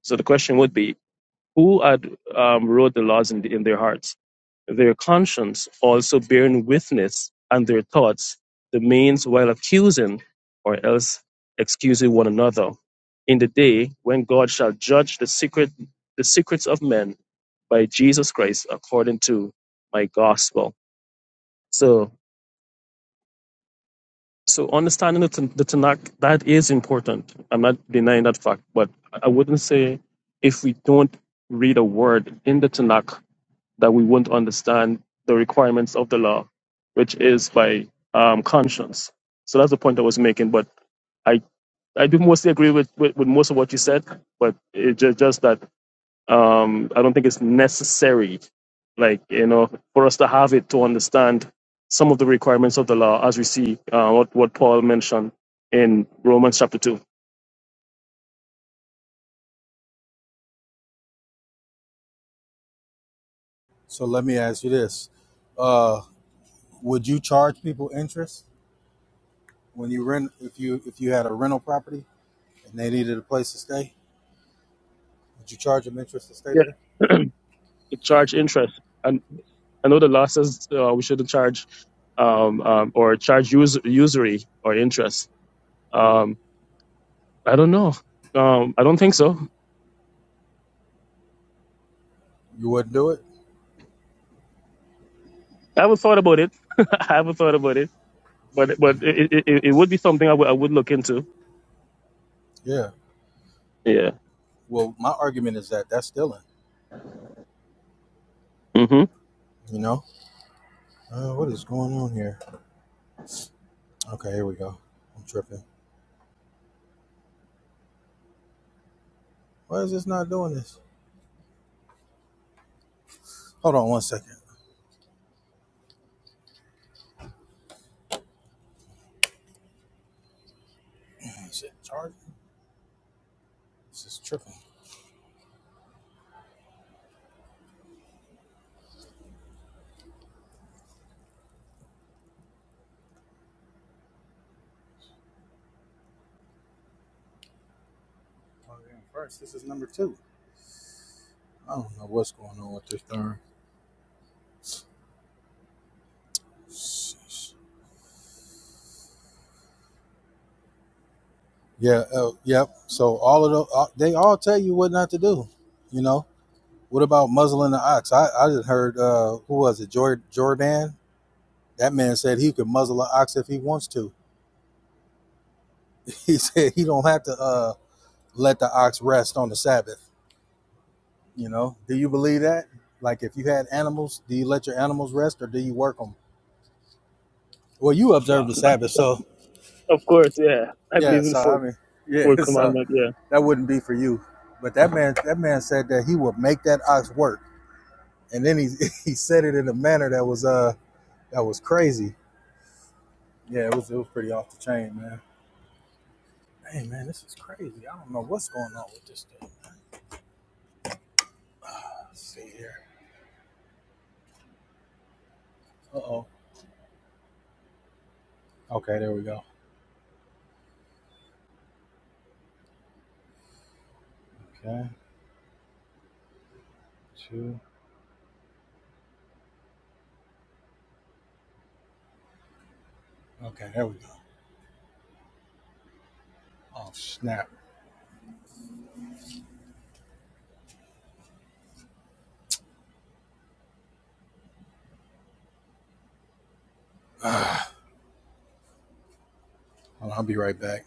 So the question would be, who had um, wrote the laws in, the, in their hearts? Their conscience also bearing witness, and their thoughts, the means while accusing or else excusing one another, in the day when God shall judge the secret the secrets of men by Jesus Christ according to my gospel. So so understanding the, the Tanakh that is important. I'm not denying that fact, but I wouldn't say if we don't read a word in the Tanakh that we won't understand the requirements of the law, which is by um, conscience. So that's the point I was making. But I, I do mostly agree with, with, with most of what you said, but it's just, just that um, I don't think it's necessary, like, you know, for us to have it to understand some of the requirements of the law as we see uh, what, what Paul mentioned in Romans chapter 2. So let me ask you this: uh, Would you charge people interest? When you rent, if you if you had a rental property and they needed a place to stay, would you charge them interest to stay Yeah, there? to charge interest. and. I know the law says uh, we shouldn't charge um, um, or charge us- usury or interest. Um, I don't know. Um, I don't think so. You wouldn't do it. I haven't thought about it. I haven't thought about it, but but it, it, it it would be something I would I would look into. Yeah. Yeah. Well, my argument is that that's stealing. hmm You know. Uh, what is going on here? Okay, here we go. I'm tripping. Why is this not doing this? Hold on one second. Shit, charge. This is tripping. Oh, yeah, First, this is number two. I don't know what's going on with this darn. Sheesh. Yeah. Uh, yep. So all of the, uh, they all tell you what not to do. You know. What about muzzling the ox? I, I just heard uh, who was it? Jor- Jordan. That man said he could muzzle an ox if he wants to. He said he don't have to uh, let the ox rest on the Sabbath. You know? Do you believe that? Like if you had animals, do you let your animals rest or do you work them? Well, you observe the Sabbath, so Of course. Yeah. I yeah. believe in the So I fourth, mean, yeah. fourth So commandment. Yeah. that wouldn't be for you. But that man, that man said that he would make that ox work, and then he he said it in a manner that was uh that was crazy. Yeah, it was it was pretty off the chain, man. Hey man, this is crazy. I don't know what's going on with this thing. Let's see here. Uh oh. Okay, there we go. Okay, two. Okay, there we go. Oh snap. Hold on, I'll be right back.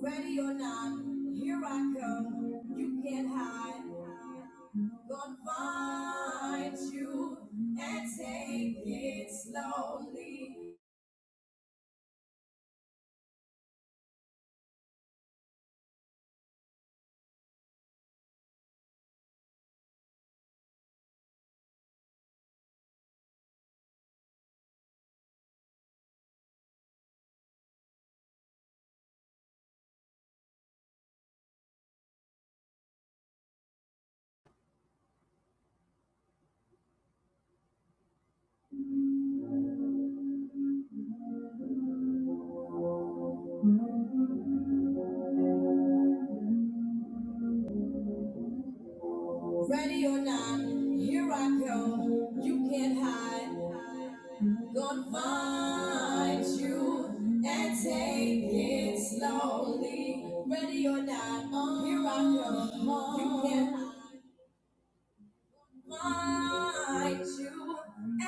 Ready or not, here I come. You can't hide. Gonna find you and take it slowly. Ready or not, here I come. You can't hide. Gonna find you and take it slowly. Ready or not, here I come. You can't hide. Find you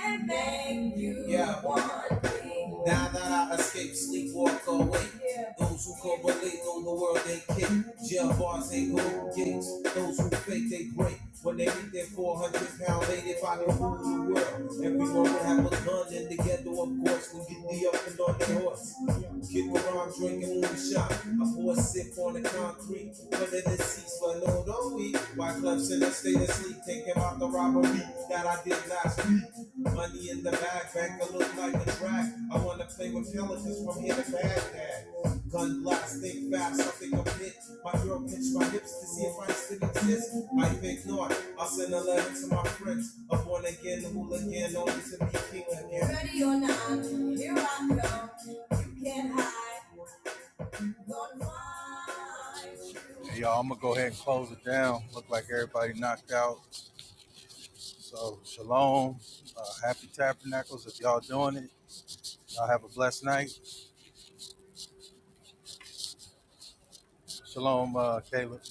and make you yeah. one thing. Now that I escape, sleep, walk away. Yeah. Those who go relate know the world ain't kick. Jail bars ain't gold gates. Those who fake, they break. When they meet their 400 pound lady, if I could rule the world, everyone would have a gun in the ghetto, of course, we get be up and on their horse. Kid with Moran drinking moonshine. I pour a four sip on the concrete. Under the seats for no don't we? Why clubs in the state of sleep? Thinking about the robbery that I did last week. Money in the bag, bank a look like a drag. I wanna play with pelicans from here to Baghdad. Gun blast, think fast, something think i My girl pinched my hips to see if I still exist. I think not. I'll send a letter to my friends. A born again hooligan, only to be king again. Ready or not, here I go. Can I confide you Hey y'all, I'm gonna go ahead and and close it take down. Look like this? everybody knocked out. So shalom. Uh, happy tabernacles if y'all doing it. Y'all have a blessed night. Shalom, uh, Caleb.